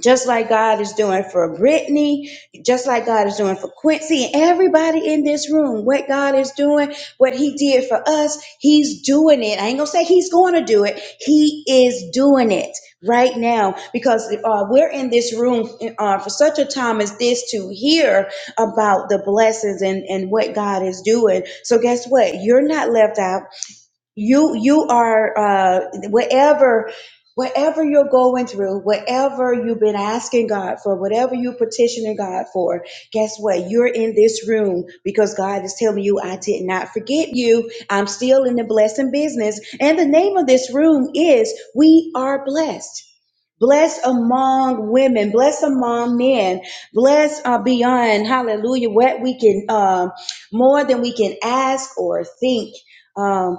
just like God is doing for Brittany, just like God is doing for Quincy and everybody in this room. What God is doing, what He did for us, He's doing it. I ain't gonna say He's going to do it. He is doing it right now because uh, we're in this room uh, for such a time as this to hear about the blessings and and what God is doing. So guess what? You're not left out you you are uh wherever wherever you're going through whatever you've been asking god for whatever you're petitioning god for guess what you're in this room because god is telling you i did not forget you i'm still in the blessing business and the name of this room is we are blessed Blessed among women, blessed among men, blessed uh, beyond, hallelujah, what we can, um, more than we can ask or think. Um,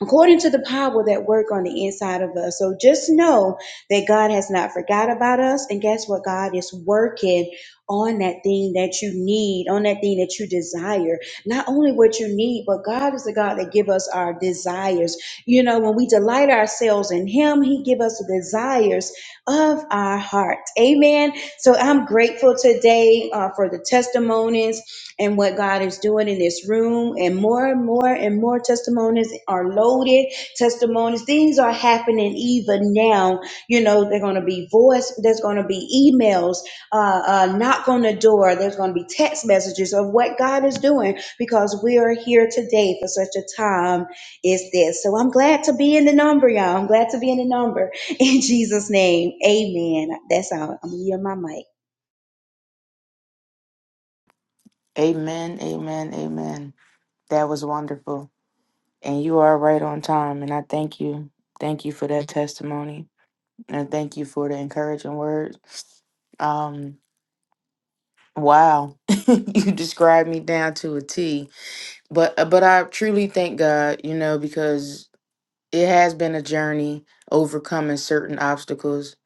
according to the power that work on the inside of us. So just know that God has not forgot about us. And guess what? God is working on that thing that you need, on that thing that you desire. Not only what you need, but God is the God that give us our desires. You know, when we delight ourselves in him, he give us the desires of our heart. Amen. So I'm grateful today uh, for the testimonies and what God is doing in this room. And more and more and more testimonies are loaded, testimonies, things are happening even now. You know, they're going to be voice, there's going to be emails, uh, uh, knock on the door, there's going to be text messages of what God is doing because we are here today for such a time as this. So I'm glad to be in the number, y'all. I'm glad to be in the number. In Jesus' name, amen. That's all. I'm going to yield my mic.
Amen, amen, amen. That was wonderful. And you are right on time. And I thank you. Thank you for that testimony. And thank you for the encouraging words. Um. Wow, you described me down to a T. But uh, but I truly thank God, you know, because it has been a journey overcoming certain obstacles.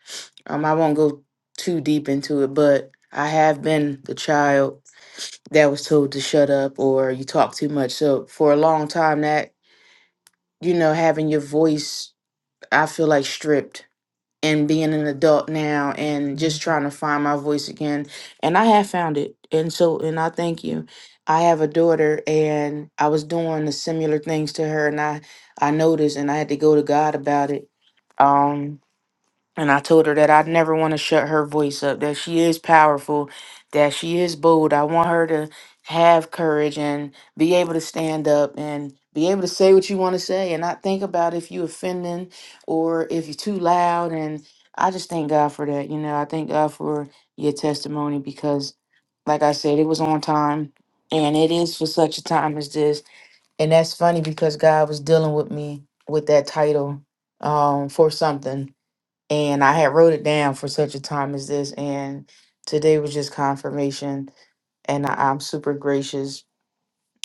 Um, I won't go too deep into it, but I have been the child that was told to shut up or you talk too much. So for a long time, that you know, having your voice, I feel like stripped and being an adult now and just trying to find my voice again. And I have found it. And so, and I thank you. I have a daughter and I was doing the similar things to her and I, I noticed and I had to go to God about it. Um, and I told her that I never want to shut her voice up, that she is powerful, that she is bold. I want her to have courage and be able to stand up and be able to say what you want to say and not think about if you offending or if you're too loud. And I just thank God for that. You know, I thank God for your testimony because, like I said, it was on time and it is for such a time as this. And that's funny because God was dealing with me with that title um, for something and I had wrote it down for such a time as this. And today was just confirmation, and I, I'm super gracious.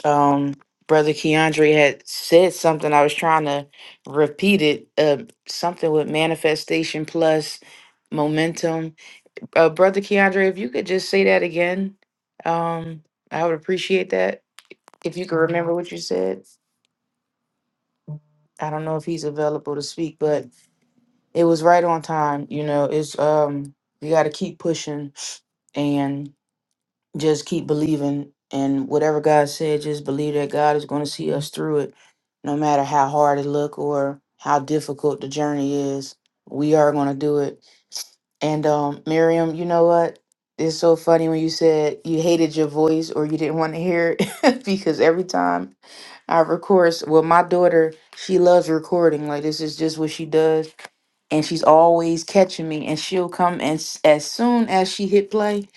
Um, Brother Keandre had said something. I was trying to repeat it. Uh, something with manifestation plus momentum. Uh, Brother Keandre, if you could just say that again, um, I would appreciate that. If you could remember what you said, I don't know if he's available to speak, but It was right on time. You know, it's um you got to keep pushing and just keep believing and whatever God said, just believe that God is going to see us through it no matter how hard it look or how difficult the journey is. We are going to do it. And um, Miriam, you know what? It's so funny when you said you hated your voice or you didn't want to hear it because every time I record, s- well, my daughter, she loves recording. Like, this is just what she does and she's always catching me and she'll come and s- as soon as she hit play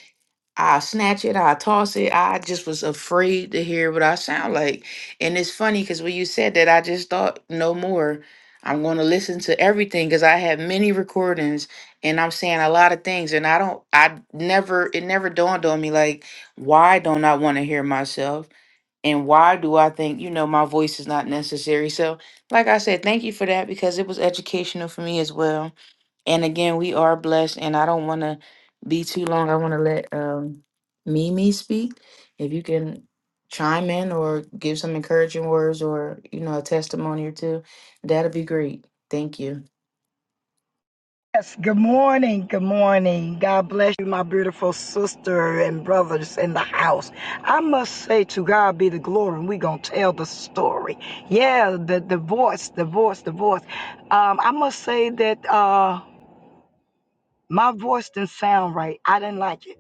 i snatch it i toss it i just was afraid to hear what i sound like and it's funny because when you said that i just thought no more i'm going to listen to everything because i have many recordings and i'm saying a lot of things and i don't i never it never dawned on me like why don't i want to hear myself and why do I think, you know, my voice is not necessary? So, like I said, thank you for that because it was educational for me as well. And again, we are blessed, and I don't want to be too long. I want to let um, Mimi speak. If you can chime in or give some encouraging words or, you know, a testimony or two, that'd be great. Thank you.
Yes, good morning. Good morning. God bless you, my beautiful sister and brothers in the house. I must say to God be the glory, and we're going to tell the story. Yeah, the, the voice, the voice, the voice. Um, I must say that uh, my voice didn't sound right. I didn't like it.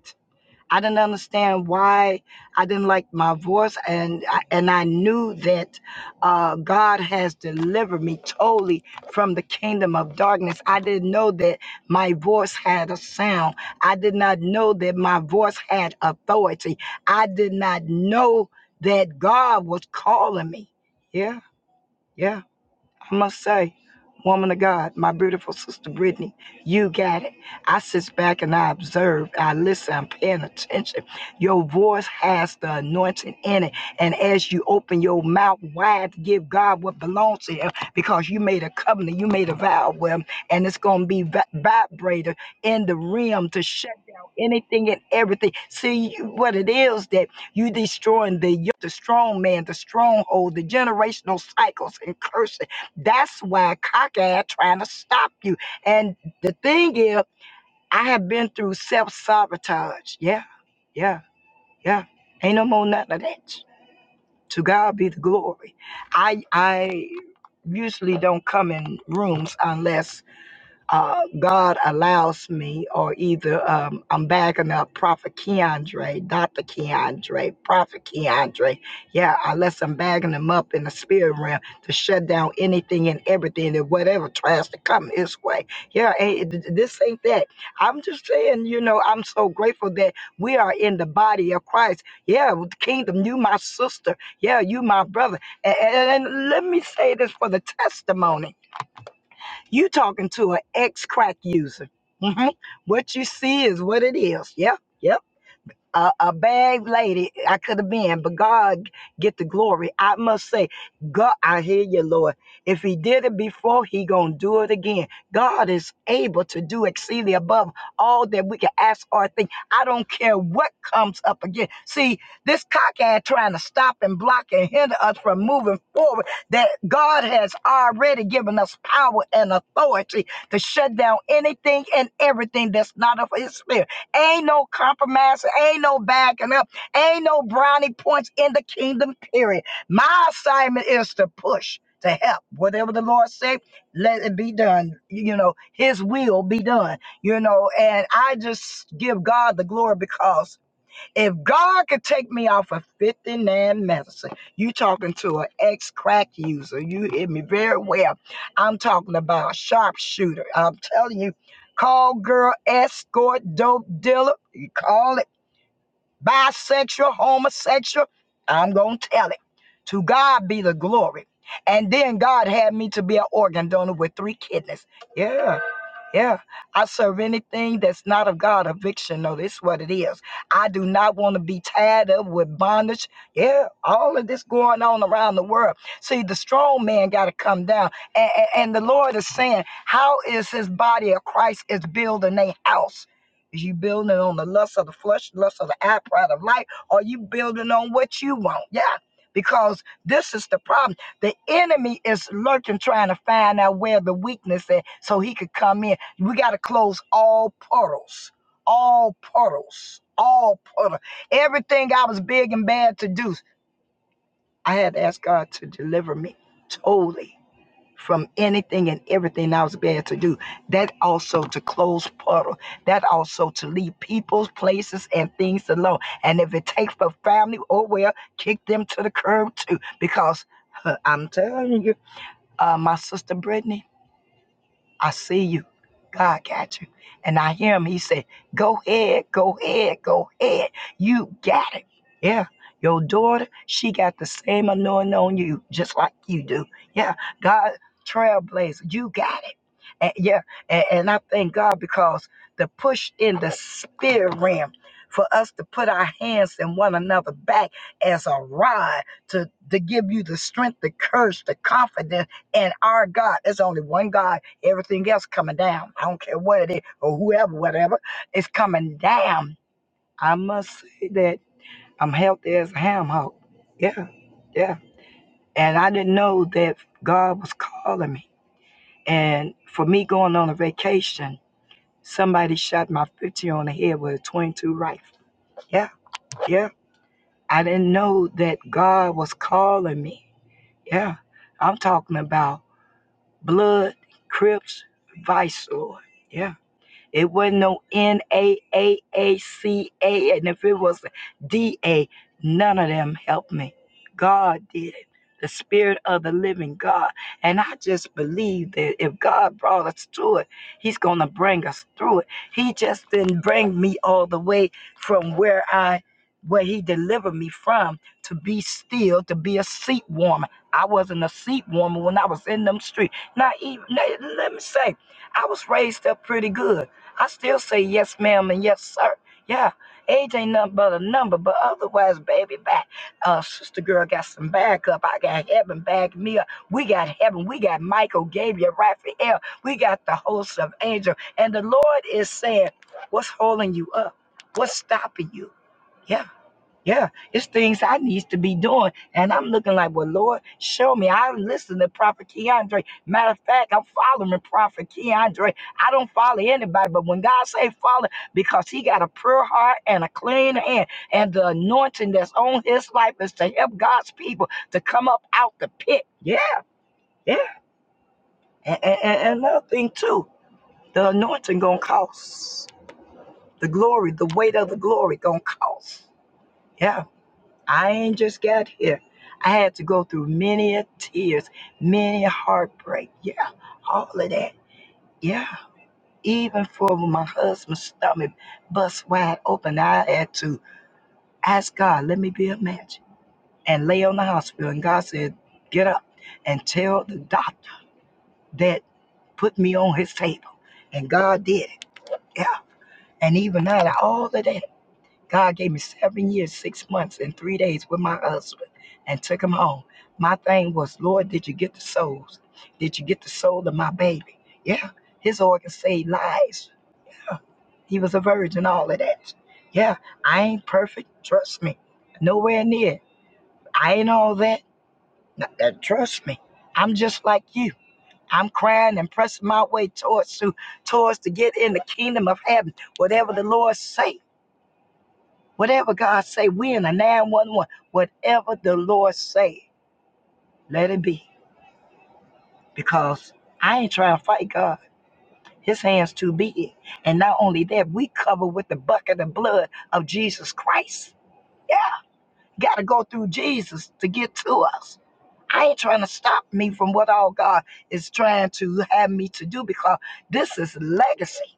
I didn't understand why I didn't like my voice, and I- and I knew that uh, God has delivered me totally from the kingdom of darkness. I didn't know that my voice had a sound. I did not know that my voice had authority. I did not know that God was calling me. Yeah, yeah. I must say, woman of God, my beautiful sister Brittany, you got it. I sit back and I observe, I listen, I'm paying attention. Your voice has the anointing in it. And as you open your mouth wide to give God what belongs to him, because you made a covenant, you made a vow with him, and it's going to be va- vibrator in the rim to shut down anything and everything. See you- what it is that you destroying the yoke, the strong man, the stronghold, the generational cycles and curses that's why cockeyed trying to stop you. And the thing is, I have been through self sabotage. Yeah, yeah, yeah. Ain't no more nothing of that. To God be the glory. I I usually don't come in rooms unless uh, God allows me, or either um, I'm bagging up Prophet Keandre, Dr. Keandre, Prophet Keandre. Yeah, unless I'm bagging them up in the spirit realm to shut down anything and everything and whatever tries to come his way. Yeah, ain't, th- this ain't that. I'm just saying, you know, I'm so grateful that we are in the body of Christ. Yeah, with the kingdom, you my sister. Yeah, you my brother. A- a- and let me say this for the testimony. You talking to an ex crack user. hmm What you see is what it is. Yep. Yep a, a bad lady I could have been, but God get the glory. I must say, God, I hear you, Lord. If He did it before, He gonna do it again. God is able to do exceedingly above all that we can ask or think. I don't care what comes up again. See, this cockhead trying to stop and block and hinder us from moving forward. That God has already given us power and authority to shut down anything and everything that's not of His spirit. Ain't no compromise. Ain't no backing up. Ain't no brownie points in the kingdom, period. My assignment is to push, to help. Whatever the Lord say, let it be done. You know, his will be done. You know, and I just give God the glory because if God could take me off of 59 medicine, you talking to an ex-crack user. You hit me very well. I'm talking about a sharpshooter. I'm telling you, call girl, escort, dope dealer, you call it bisexual, homosexual. I'm gonna tell it. To God be the glory. And then God had me to be an organ donor with three kidneys. Yeah. Yeah, I serve anything that's not of God. Eviction, no, this what it is. I do not want to be tied up with bondage. Yeah, all of this going on around the world. See, the strong man got to come down. And, and the Lord is saying, How is his body of Christ is building a house? Is you building on the lust of the flesh, lust of the eye, pride of life? Or you building on what you want? Yeah. Because this is the problem. The enemy is lurking, trying to find out where the weakness is so he could come in. We got to close all portals, all portals, all portals. Everything I was big and bad to do, I had to ask God to deliver me totally from anything and everything I was bad to do. That also to close portal. That also to leave people, places, and things alone. And if it takes for family, oh well, kick them to the curb too. Because huh, I'm telling you, uh, my sister Brittany. I see you. God got you. And I hear him. He said, Go ahead, go ahead, go ahead. You got it. Yeah. Your daughter, she got the same anointing on you, just like you do. Yeah. God trailblazer. You got it. And yeah, and, and I thank God because the push in the spirit realm for us to put our hands in one another back as a rod to, to give you the strength, the courage, the confidence in our God. There's only one God. Everything else coming down. I don't care what it is or whoever, whatever, it's coming down. I must say that I'm healthy as a ham hock. Yeah, yeah. And I didn't know that God was calling me. And for me going on a vacation, Somebody shot my 50 on the head with a 22 rifle. Yeah, yeah. I didn't know that God was calling me. Yeah, I'm talking about blood, crips, vice, Lord. Yeah. It wasn't no N A A A C A, and if it was D A, none of them helped me. God did it. The Spirit of the Living God. And I just believe that if God brought us to it, He's going to bring us through it. He just didn't bring me all the way from where I, where He delivered me from to be still, to be a seat warmer. I wasn't a seat warmer when I was in them streets. Not even, let let me say, I was raised up pretty good. I still say yes, ma'am, and yes, sir. Yeah, age ain't nothing but a number, but otherwise, baby, back. Uh, sister girl got some backup. I got heaven back me up. We got heaven. We got Michael, Gabriel, Raphael. We got the host of angels. And the Lord is saying, what's holding you up? What's stopping you? Yeah. Yeah, it's things I needs to be doing. And I'm looking like, well, Lord, show me. I listen to Prophet Keandre. Matter of fact, I'm following Prophet Keandre. I don't follow anybody, but when God say follow, because he got a pure heart and a clean hand, and the anointing that's on his life is to help God's people to come up out the pit. Yeah, yeah. And, and, and another thing too, the anointing gonna cost. The glory, the weight of the glory gonna cost. Yeah I ain't just got here. I had to go through many a tears, many a heartbreak. Yeah, all of that. Yeah, even for my husband's stomach bust wide open, I had to ask God, let me be a match, and lay on the hospital. And God said, get up and tell the doctor that put me on his table. And God did it. Yeah, and even out of all of that. God gave me seven years, six months, and three days with my husband and took him home. My thing was, Lord, did you get the souls? Did you get the soul of my baby? Yeah, his organs saved lives. He was a virgin, all of that. Yeah, I ain't perfect. Trust me. Nowhere near. I ain't all that. N- uh, Trust me. I'm just like you. I'm crying and pressing my way towards to towards to get in the kingdom of heaven. Whatever the Lord say. Whatever God say, we in a 911. Whatever the Lord say, let it be. Because I ain't trying to fight God. His hand's too big. And not only that, we cover with the bucket of blood of Jesus Christ. Yeah, gotta go through Jesus to get to us. I ain't trying to stop me from what all God is trying to have me to do because this is legacy.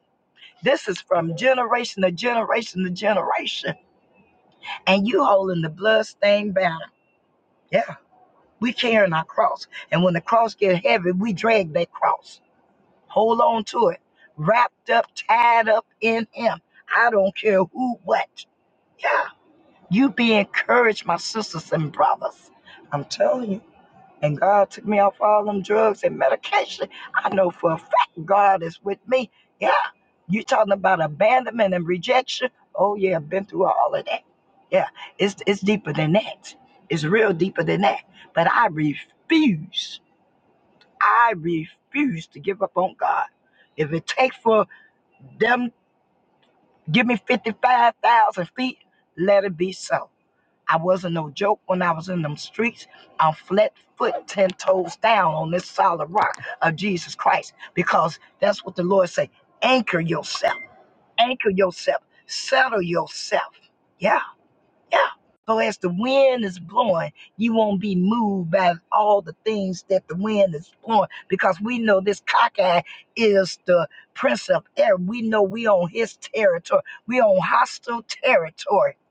This is from generation to generation to generation. And you holding the bloodstained banner. Yeah. We carrying our cross. And when the cross get heavy, we drag that cross. Hold on to it. Wrapped up, tied up in him. I don't care who what. Yeah. You be encouraged, my sisters and brothers. I'm telling you. And God took me off all them drugs and medication. I know for a fact God is with me. Yeah. You talking about abandonment and rejection? Oh yeah, I've been through all of that. Yeah. It's it's deeper than that. It's real deeper than that. But I refuse. I refuse to give up on God. If it takes for them give me fifty five thousand feet, let it be so. I wasn't no joke when I was in them streets. I'm flat foot, ten toes down on this solid rock of Jesus Christ, because that's what the Lord say. Anchor yourself, anchor yourself, settle yourself. Yeah, yeah. So as the wind is blowing, you won't be moved by all the things that the wind is blowing, because we know this cockeye is the prince of air. We know we on his territory. We on hostile territory. Yeah.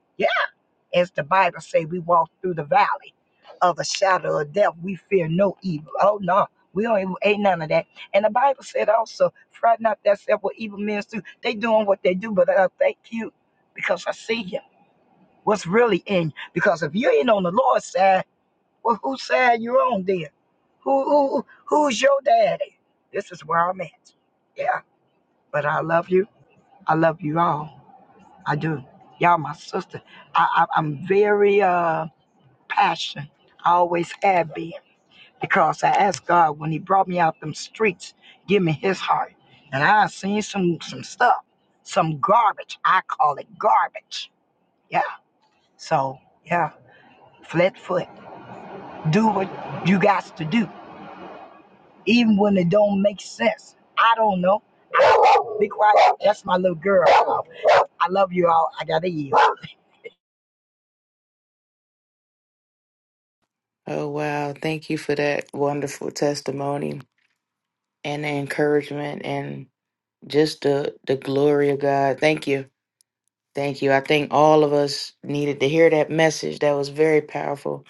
As the Bible say, we walk through the valley of the shadow of death. We fear no evil. Oh no, we don't even, ain't none of that. And the Bible said also, fret not thyself what evil men do. They doing what they do, but I thank you because I see you. What's really in you? Because if you ain't on the Lord's side, well, whose side you on then? Who, who who's your daddy? This is where I'm at. Yeah, but I love you. I love you all. I do. Y'all, my sister. I, I I'm very uh passion. I always have been because I asked God when He brought me out them streets, give me His heart. And I seen some some stuff, some garbage. I call it garbage. Yeah. So yeah, flat foot. Do what you got to do, even when it don't make sense. I don't know. Be quiet. That's my little girl. I love you all. I gotta yield.
Oh, wow. Thank you for that wonderful testimony and the encouragement and just the, the glory of God. Thank you Thank you. I think all of us needed to hear that message. That was very powerful,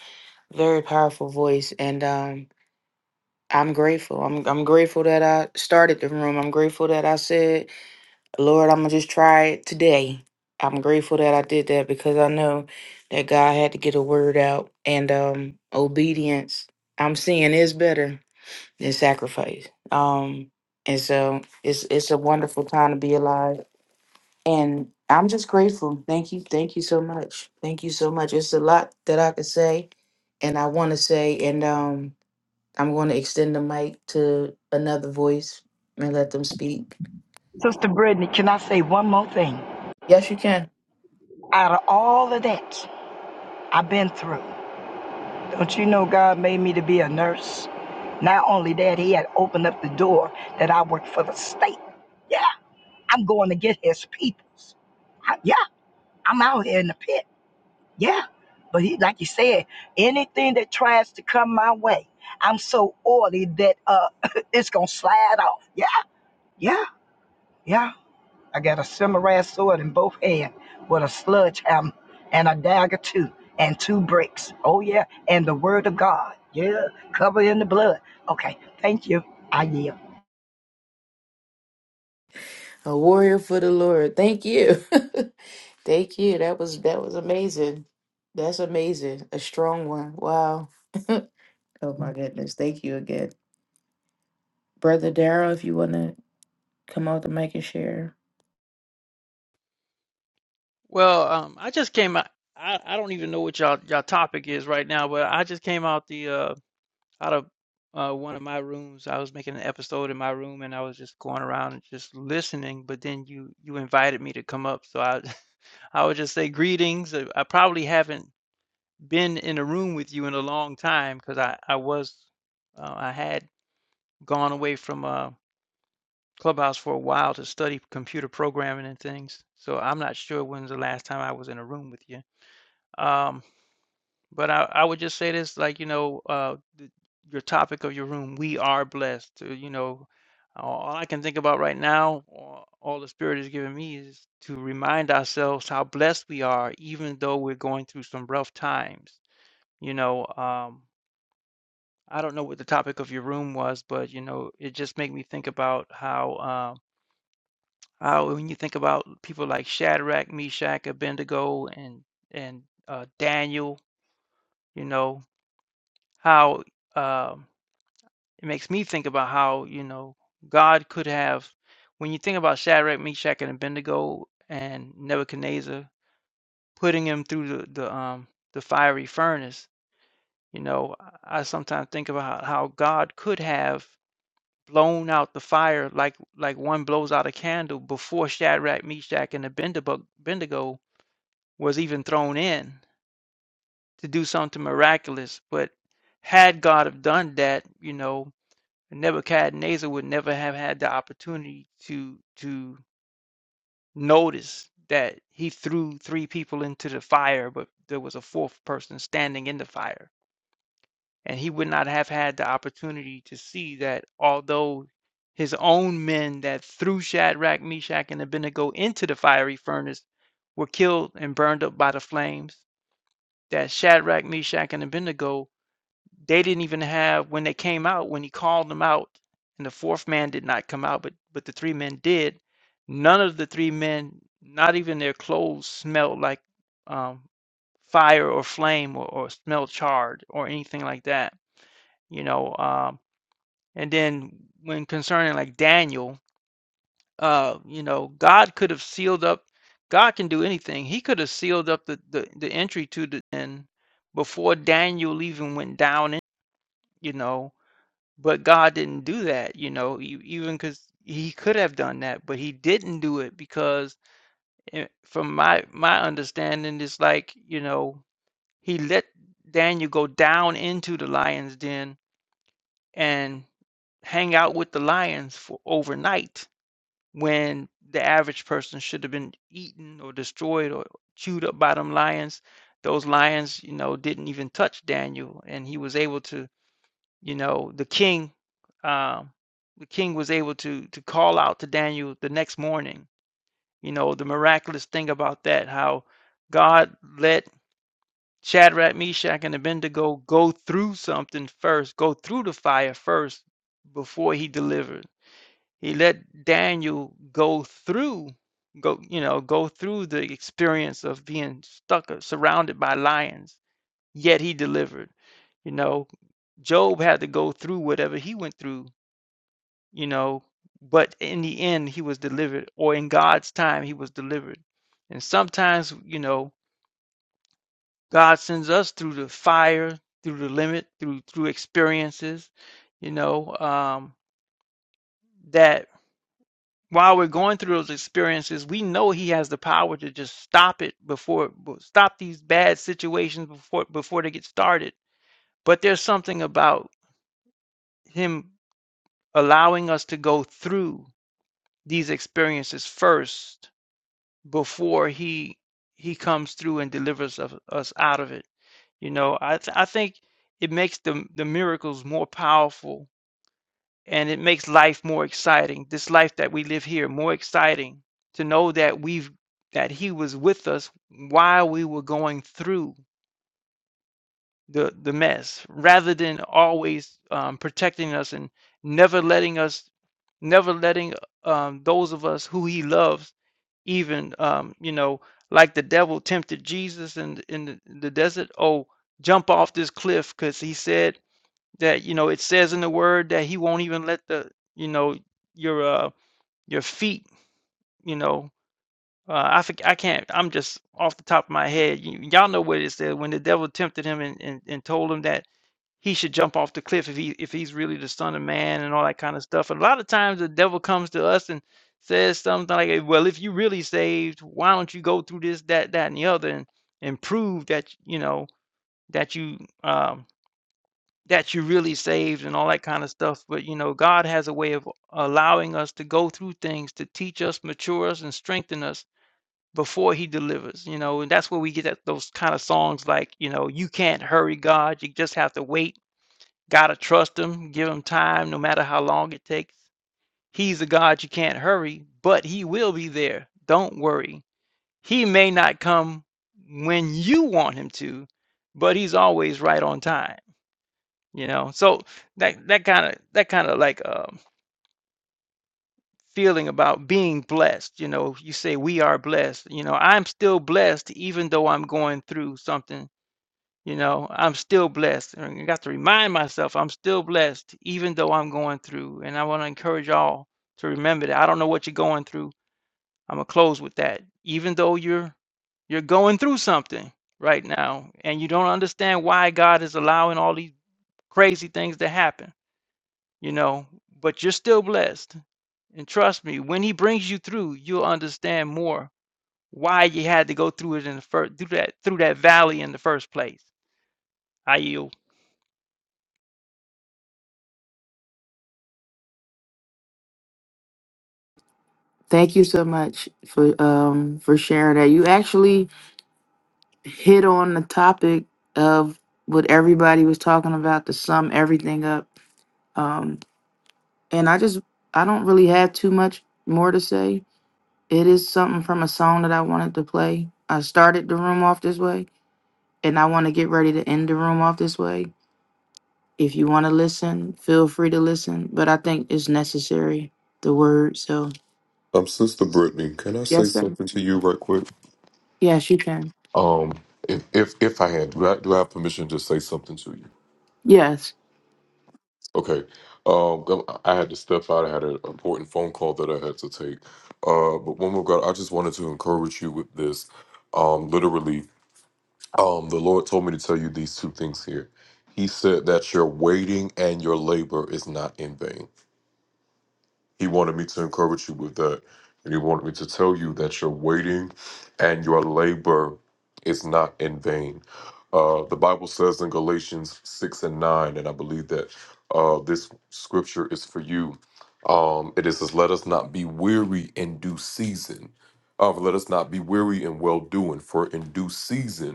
very powerful voice. And um, I'm grateful. I'm I'm grateful that I started the room. I'm grateful that I said, Lord, I'm gonna just try it today. I'm grateful that I did that because I know that God had to get a word out and um obedience I'm seeing is better than sacrifice. Um and so it's it's a wonderful time to be alive and I'm just grateful. Thank you. Thank you so much. Thank you so much. It's a lot that I could say and I want to say and um I'm going to extend the mic to another voice and let them speak.
Sister Brittany, can I say one more thing?
Yes, you can.
Out of all of that I've been through. Don't you know God made me to be a nurse? Not only that, He had opened up the door that I work for the state. Yeah, I'm going to get His peoples. I- yeah, I'm out here in the pit. Yeah. But he, like you said, anything that tries to come my way, I'm so oily that uh, it's going to slide off. Yeah, yeah, yeah. I got a samurai sword in both hands with a sludge hammer and a dagger too and two bricks. Oh yeah, and the word of God. Yeah, covered in the blood. Okay, thank you. I yield.
A warrior for the Lord. Thank you. Thank you. That was that was amazing. That's amazing. A strong one. Wow. Oh my goodness. Thank you again. Brother Darrell, if you want to come out the mic and share.
Well, um, I just came out. I, I don't even know what y'all y'all topic is right now, but I just came out the uh out of uh one of my rooms. I was making an episode in my room, and I was just going around and just listening. But then you you invited me to come up, so I I would just say greetings. Uh, I probably haven't been in a room with you in a long time because I I was uh, I had gone away from uh Clubhouse for a while to study computer programming and things. So I'm not sure when's the last time I was in a room with you. Um, But I, I would just say this, like, you know, uh, the, your topic of your room, we are blessed. uh, You know, all all I can think about right now, all, all the Spirit is giving me is to remind ourselves how blessed we are, even though we're going through some rough times. You know, um, I don't know what the topic of your room was, but, you know, it just made me think about how, um, how when you think about people like Shadrach, Meshach, Abednego, and, and uh, Daniel, you know, how. um It makes me think about how, you know, God could have when you think about Shadrach, Meshach, and Abednego and Nebuchadnezzar putting him through the, the um the fiery furnace, you know, I, I sometimes think about how, how God could have blown out the fire like like one blows out a candle before Shadrach, Meshach, and Abednego Abednego was even thrown in to do something miraculous. But had God have done that, you know, Nebuchadnezzar would never have had the opportunity to to notice that he threw three people into the fire, but there was a fourth person standing in the fire. And he would not have had the opportunity to see that although his own men that threw Shadrach, Meshach, and Abednego into the fiery furnace were killed and burned up by the flames, that Shadrach, Meshach, and Abednego they didn't even have when they came out when he called them out, and the fourth man did not come out, but but the three men did. None of the three men, not even their clothes, smelled like um, fire or flame or, or smell charred or anything like that you know um and then when concerning like daniel uh you know god could have sealed up god can do anything he could have sealed up the the, the entry to the end before daniel even went down in, you know but God didn't do that, you know, e even because he could have done that, but he didn't do it because eh, from my my understanding, it's like, you know, he let Daniel go down into the lion's den and hang out with the lions for overnight when the average person should have been eaten or destroyed or chewed up by them lions. Those lions, you know, didn't even touch Daniel, and he was able to, you know, the king. um, the king was able to to call out to Daniel the next morning. You know, the miraculous thing about that, how God let Shadrach, Meshach, and Abednego go through something first, go through the fire first before he delivered. He let Daniel go through, go, you know, go through the experience of being stuck or surrounded by lions, yet he delivered. You know, Job had to go through whatever he went through you know but in the end he was delivered or in god's time he was delivered and sometimes you know god sends us through the fire through the limit through through experiences you know um that while we're going through those experiences we know he has the power to just stop it before stop these bad situations before before they get started but there's something about him allowing us to go through these experiences first before he he comes through and delivers of, us out of it. You know, I th- I think it makes the the miracles more powerful and it makes life more exciting. This life that we live here more exciting to know that we've that he was with us while we were going through the the mess rather than always um, protecting us and never letting us never letting um, those of us who he loves even um, you know like the devil tempted jesus in, in the the desert oh jump off this cliff because he said that you know it says in the word that he won't even let the you know your uh your feet you know uh, I forg- I can't I'm just off the top of my head you, y'all know what it said when the devil tempted him and, and, and told him that he should jump off the cliff if he if he's really the son of man and all that kind of stuff. And a lot of times the devil comes to us and says something like, "Eh, "Well, if you really saved, why don't you go through this, that, that, and the other, and, and prove that you know that you um, that you really saved and all that kind of stuff." But you know, God has a way of allowing us to go through things to teach us, mature us, and strengthen us before he delivers you know and that's where we get that, those kind of songs like you know you can't hurry god you just have to wait Gotta trust him, give him time, no matter how long it takes. He's a God you can't hurry, but he will be there. Don't worry. He may not come when you want him to, but he's always right on time. You know, so that that kind of that kind of like um, feeling about being blessed. You know, you say we are blessed. You know, I'm still blessed even though I'm going through something You know, I'm still blessed. And I got to remind myself I'm still blessed, even though I'm going through. And I want to encourage all to remember that. I don't know what you're going through. I'm gonna close with that. Even though you're you're going through something right now, and you don't understand why God is allowing all these crazy things to happen, you know, but you're still blessed. And trust me, when He brings you through, you'll understand more why you had to go through it in the first through that through that valley in the first place. I yield.
Thank you so much for um for sharing that. You actually hit on the topic of what everybody was talking about to sum everything up. Um and I just I don't really have too much more to say. It is something from a song that I wanted to play. I started the room off this way and I want to get ready to end the room off this way. If you want to listen, feel free to listen, but I think it's necessary the word. So,
Um, Sister Brittany, can I say
yes sir.
something to you right quick?
Yes, you can.
Um, if if, if I had, do I, do I have permission to say something to you?
Yes.
Okay. Um, go- I had to step out. I had an important phone call that I had to take. Uh, but one more God, I just wanted to encourage you with this. Um, literally, um, the Lord told me to tell you these two things here. He said that your waiting and your labor is not in vain. He wanted me to encourage you with that. And he wanted me to tell you that your waiting and your labor is not in vain. Uh, the Bible says in Galatians 6 and 9, and I believe that uh, this scripture is for you. Um, it is, says, Let us not be weary in due season. Uh, let us not be weary in well doing, for in due season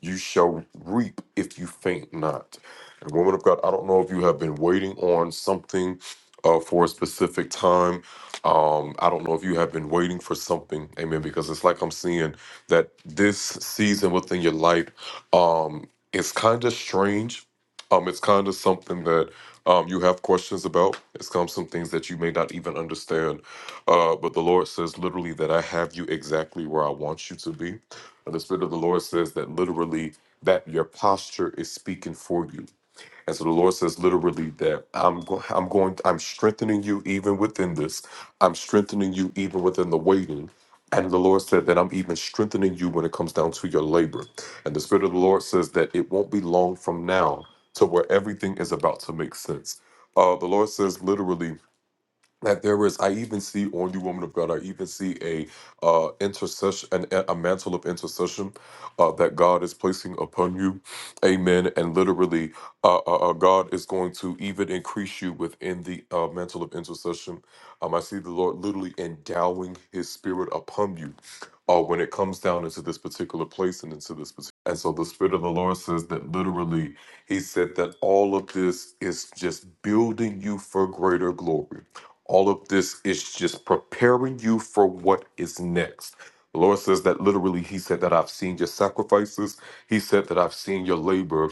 you shall reap if you faint not. And woman of God, I don't know if you have been waiting on something uh, for a specific time. Um, I don't know if you have been waiting for something, amen, because it's like I'm seeing that this season within your life um, is kind of strange. Um, it's kind of something that um, you have questions about. It's come some things that you may not even understand. Uh, but the Lord says literally that I have you exactly where I want you to be. And the Spirit of the Lord says that literally that your posture is speaking for you. And so the Lord says literally that I'm go- I'm going I'm strengthening you even within this. I'm strengthening you even within the waiting. And the Lord said that I'm even strengthening you when it comes down to your labor. And the Spirit of the Lord says that it won't be long from now to where everything is about to make sense. Uh, the Lord says literally that there is i even see on you woman of god i even see a uh intercession an, a mantle of intercession uh that god is placing upon you amen and literally uh, uh uh, god is going to even increase you within the uh mantle of intercession um i see the lord literally endowing his spirit upon you uh when it comes down into this particular place and into this particular and so the spirit of the lord says that literally he said that all of this is just building you for greater glory all of this is just preparing you for what is next. The Lord says that literally, He said that I've seen your sacrifices, He said that I've seen your labor.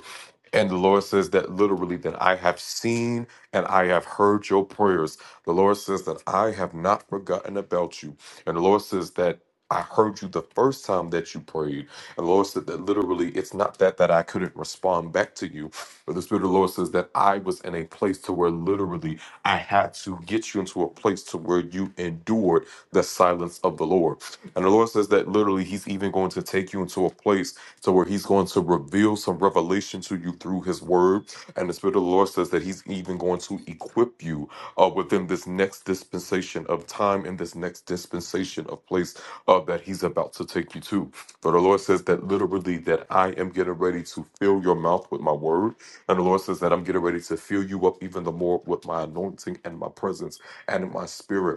And the Lord says that literally, that I have seen and I have heard your prayers. The Lord says that I have not forgotten about you. And the Lord says that I heard you the first time that you prayed. And the Lord said that literally, it's not that that I couldn't respond back to you, but the Spirit of the Lord says that I was in a place to where literally I had to get you into a place to where you endured the silence of the Lord. And the Lord says that literally He's even going to take you into a place to where He's going to reveal some revelation to you through His word. And the Spirit of the Lord says that He's even going to equip you uh, within this next dispensation of time and this next dispensation of place uh, that He's about to take you to. But the Lord says that literally that I am getting ready to fill your mouth with my word. And the Lord says that I'm getting ready to fill you up even the more with my anointing and my presence and my spirit.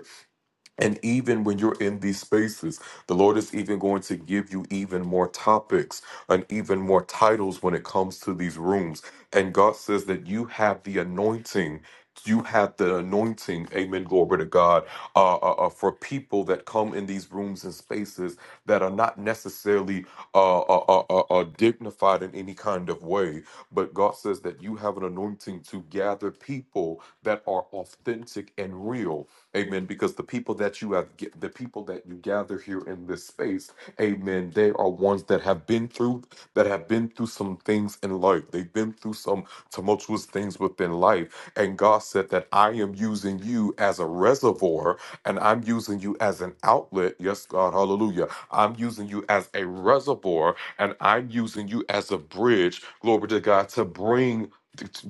And even when you're in these spaces, the Lord is even going to give you even more topics and even more titles when it comes to these rooms. And God says that you have the anointing. You have the anointing, amen, glory to God, uh, uh, uh, for people that come in these rooms and spaces that are not necessarily uh, uh, uh, uh, uh, dignified in any kind of way. But God says that you have an anointing to gather people that are authentic and real. Amen. Because the people that you have, the people that you gather here in this space, Amen. They are ones that have been through, that have been through some things in life. They've been through some tumultuous things within life, and God said that I am using you as a reservoir, and I'm using you as an outlet. Yes, God, Hallelujah. I'm using you as a reservoir, and I'm using you as a bridge. Glory to God to bring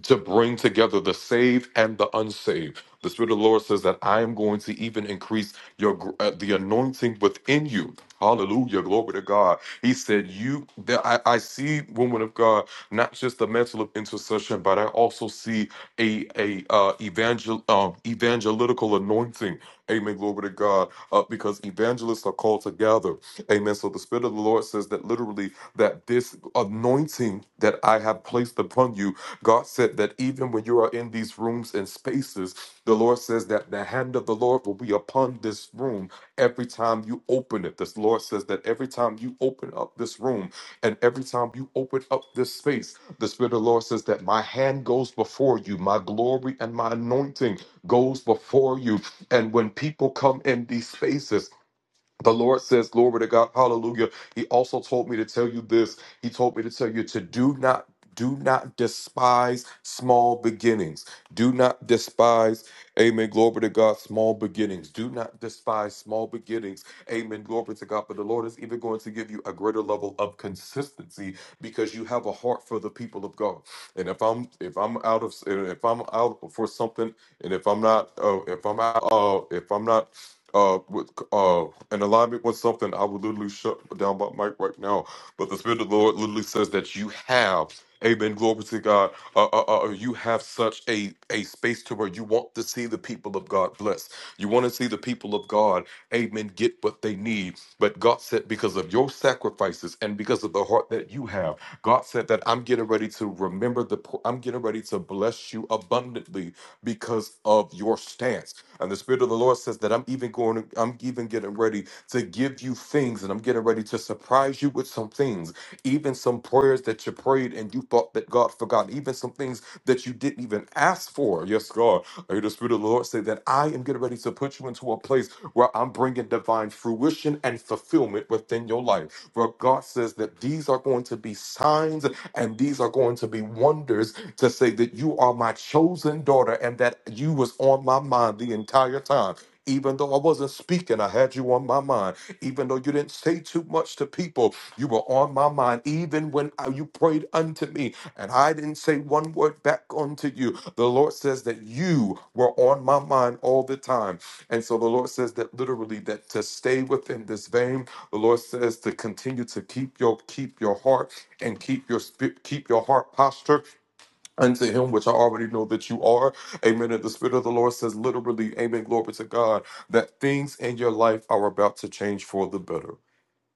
to bring together the saved and the unsaved. The Spirit of the Lord says that I am going to even increase your gr- uh, the anointing within you. Hallelujah, glory to God. He said, "You, that I, I see, woman of God, not just the mantle of intercession, but I also see a a uh, evangel um, evangelical anointing." Amen, glory to God, uh, because evangelists are called to gather. Amen. So the Spirit of the Lord says that literally that this anointing that I have placed upon you God said that even when you are in these rooms and spaces, the Lord says that the hand of the Lord will be upon this room every time you open it. This Lord says that every time you open up this room and every time you open up this space, the Spirit of the Lord says that my hand goes before you, my glory and my anointing goes before you. And when people come in these spaces, the Lord says, Glory to God, hallelujah. He also told me to tell you this. He told me to tell you to do not do not despise small beginnings. Do not despise, amen, glory to God, small beginnings. Do not despise small beginnings. Amen, glory to God. But the Lord is even going to give you a greater level of consistency because you have a heart for the people of God. And if I'm if I'm out of if I'm out for something, and if I'm not uh, if I'm out uh, if I'm not uh, with, uh, in alignment with something, I will literally shut down my mic right now. But the Spirit of the Lord literally says that you have. Amen. Glory to God. Uh, uh, uh, uh, you have such a, a space to where you want to see the people of God blessed. You want to see the people of God, amen, get what they need. But God said, because of your sacrifices and because of the heart that you have, God said that I'm getting ready to remember the poor. I'm getting ready to bless you abundantly because of your stance. And the Spirit of the Lord says that I'm I'm even going, I'm even getting ready to give you things and I'm getting ready to surprise you with some things, even some prayers that you prayed and you thought that God forgot, even some things that you didn't even ask for. Yes, God, I hear the Spirit of the Lord say that I am getting ready to put you into a place where I'm bringing divine fruition and fulfillment within your life. Where God says that these are going to be signs and these are going to be wonders to say that you are my chosen daughter and that you was on my mind the entire time. Even though I wasn't speaking, I had you on my mind. Even though you didn't say too much to people, you were on my mind. Even when I- you prayed unto me and I didn't say one word back unto you, the Lord says that you were on my mind all the time. And so the Lord says that literally that to stay within this vein, the Lord says to continue to keep your keep your heart and keep your spi- keep your heart posture unto him which I already know that you are. Amen. And the Spirit of the Lord says literally, Amen. Glory to God, that things in your life are about to change for the better.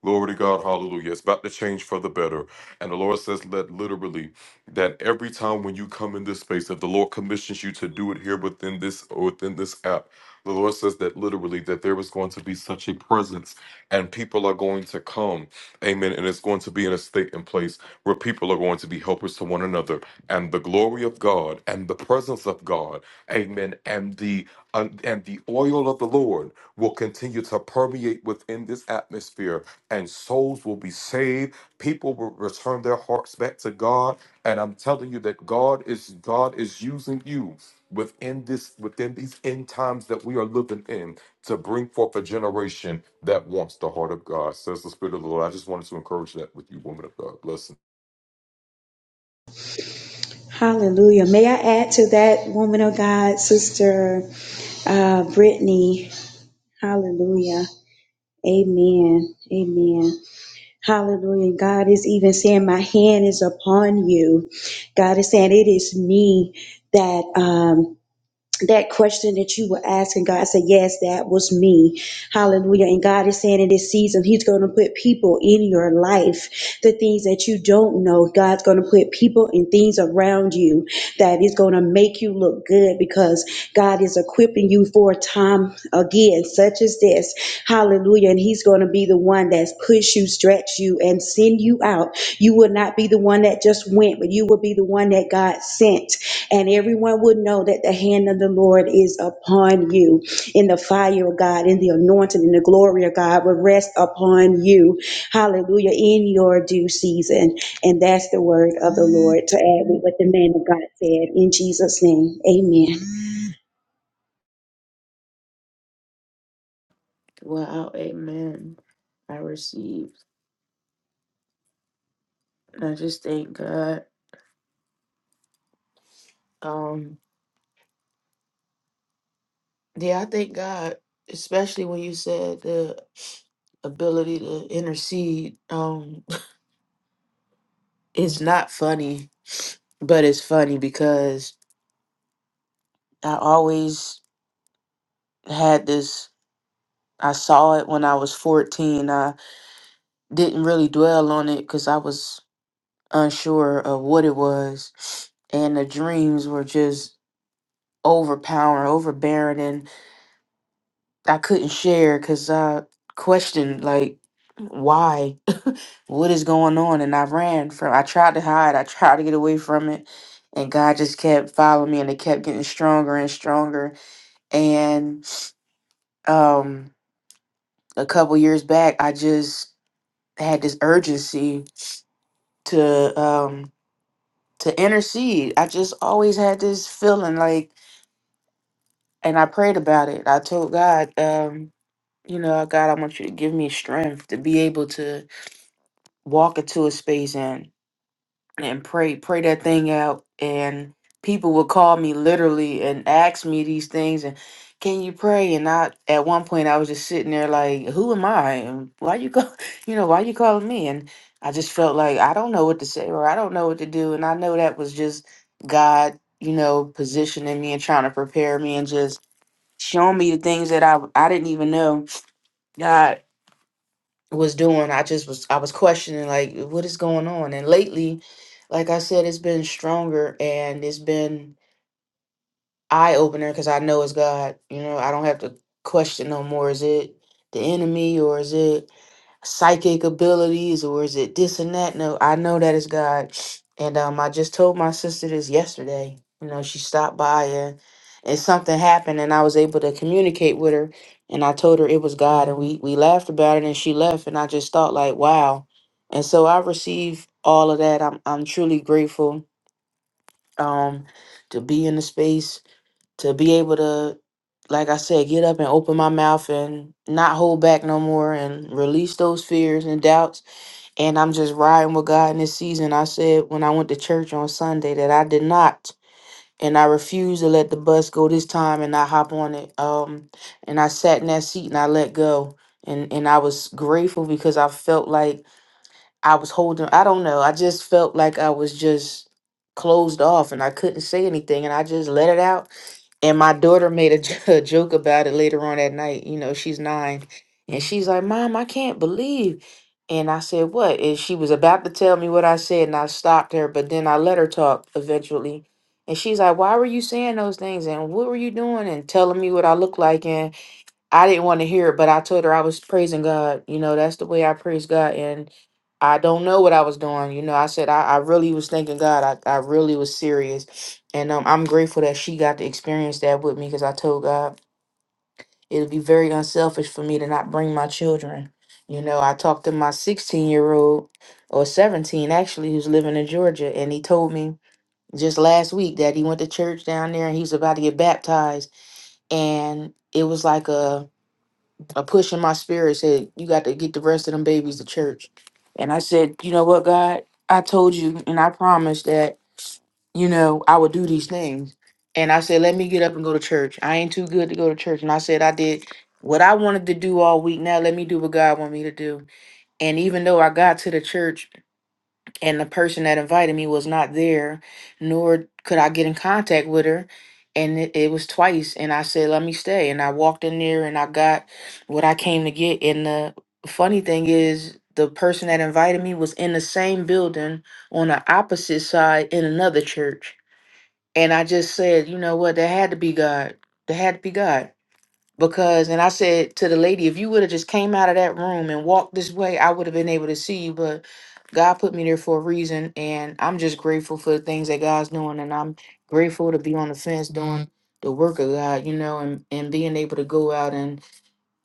Glory to God, hallelujah. It's about to change for the better. And the Lord says that literally, that every time when you come in this space, if the Lord commissions you to do it here within this within this app, the Lord says that literally that there is going to be such a presence and people are going to come. Amen. And it's going to be in a state and place where people are going to be helpers to one another. And the glory of God and the presence of God, amen, and the and the oil of the Lord will continue to permeate within this atmosphere, and souls will be saved. People will return their hearts back to God. And I'm telling you that God is God is using you within this within these end times that we are living in to bring forth a generation that wants the heart of God. Says the Spirit of the Lord. I just wanted to encourage that with you, woman of God. Blessings.
Hallelujah. May I add to that, woman of God, Sister uh, Brittany? Hallelujah. Amen. Amen. Hallelujah. God is even saying, My hand is upon you. God is saying, It is me that. Um, that question that you were asking, God said, Yes, that was me. Hallelujah. And God is saying in this season, He's going to put people in your life. The things that you don't know, God's going to put people and things around you that is going to make you look good because God is equipping you for a time again, such as this. Hallelujah. And He's going to be the one that's push you, stretch you, and send you out. You will not be the one that just went, but you will be the one that God sent. And everyone would know that the hand of the Lord is upon you. In the fire of God, in the anointing, in the glory of God will rest upon you. Hallelujah. In your due season. And that's the word of the Lord to add with what the man of God said. In Jesus' name, amen.
Wow, amen. I received. And I just thank God. Um, yeah, I thank God, especially when you said the ability to intercede. Um, it's not funny, but it's funny because I always had this. I saw it when I was 14. I didn't really dwell on it because I was unsure of what it was. And the dreams were just overpowering, overbearing. I couldn't share because I questioned like why, what is going on, and I ran from. I tried to hide. I tried to get away from it, and God just kept following me, and it kept getting stronger and stronger. And um, a couple years back, I just had this urgency to um to intercede. I just always had this feeling like, and I prayed about it. I told God, um, you know, God, I want you to give me strength to be able to walk into a space and and pray pray that thing out and people would call me literally and ask me these things and can you pray and I at one point I was just sitting there like who am I and why you call you know why you calling me and I just felt like I don't know what to say or I don't know what to do and I know that was just God you know positioning me and trying to prepare me and just showing me the things that I I didn't even know God was doing i just was i was questioning like what is going on and lately like i said it's been stronger and it's been eye-opener because i know it's god you know i don't have to question no more is it the enemy or is it psychic abilities or is it this and that? No, I know that is God. And um, I just told my sister this yesterday. You know, she stopped by and, and something happened and I was able to communicate with her and I told her it was God and we, we laughed about it and she left and I just thought like, wow. And so I receive all of that. I'm I'm truly grateful um to be in the space, to be able to like I said, get up and open my mouth and not hold back no more and release those fears and doubts and I'm just riding with God in this season. I said when I went to church on Sunday that I did not and I refused to let the bus go this time and I hop on it. Um and I sat in that seat and I let go. And and I was grateful because I felt like I was holding I don't know. I just felt like I was just closed off and I couldn't say anything and I just let it out and my daughter made a, j- a joke about it later on that night. You know, she's nine. And she's like, Mom, I can't believe. And I said, What? And she was about to tell me what I said, and I stopped her, but then I let her talk eventually. And she's like, Why were you saying those things? And what were you doing? And telling me what I look like. I didn't want to hear it, but I told her I was praising God. You know, that's the way I praise God. And I don't know what I was doing. You know, I said I, I really was thanking God. I, I really was serious. And um, I'm grateful that she got to experience that with me because I told God it would be very unselfish for me to not bring my children. You know, I talked to my 16 year old or 17 actually who's living in Georgia, and he told me just last week that he went to church down there and he was about to get baptized. And it was like a a push in my spirit said, You got to get the rest of them babies to church. And I said, You know what, God? I told you and I promised that, you know, I would do these things. And I said, Let me get up and go to church. I ain't too good to go to church. And I said, I did what I wanted to do all week. Now let me do what God want me to do. And even though I got to the church and the person that invited me was not there, nor could I get in contact with her. And it, it was twice, and I said, "Let me stay." And I walked in there, and I got what I came to get. And the funny thing is, the person that invited me was in the same building on the opposite side in another church. And I just said, "You know what? There had to be God. There had to be God." because and I said to the lady, if you would have just came out of that room and walked this way, I would have been able to see you. But God put me there for a reason, and I'm just grateful for the things that God's doing, and I'm grateful to be on the fence doing the work of God, you know, and and being able to go out and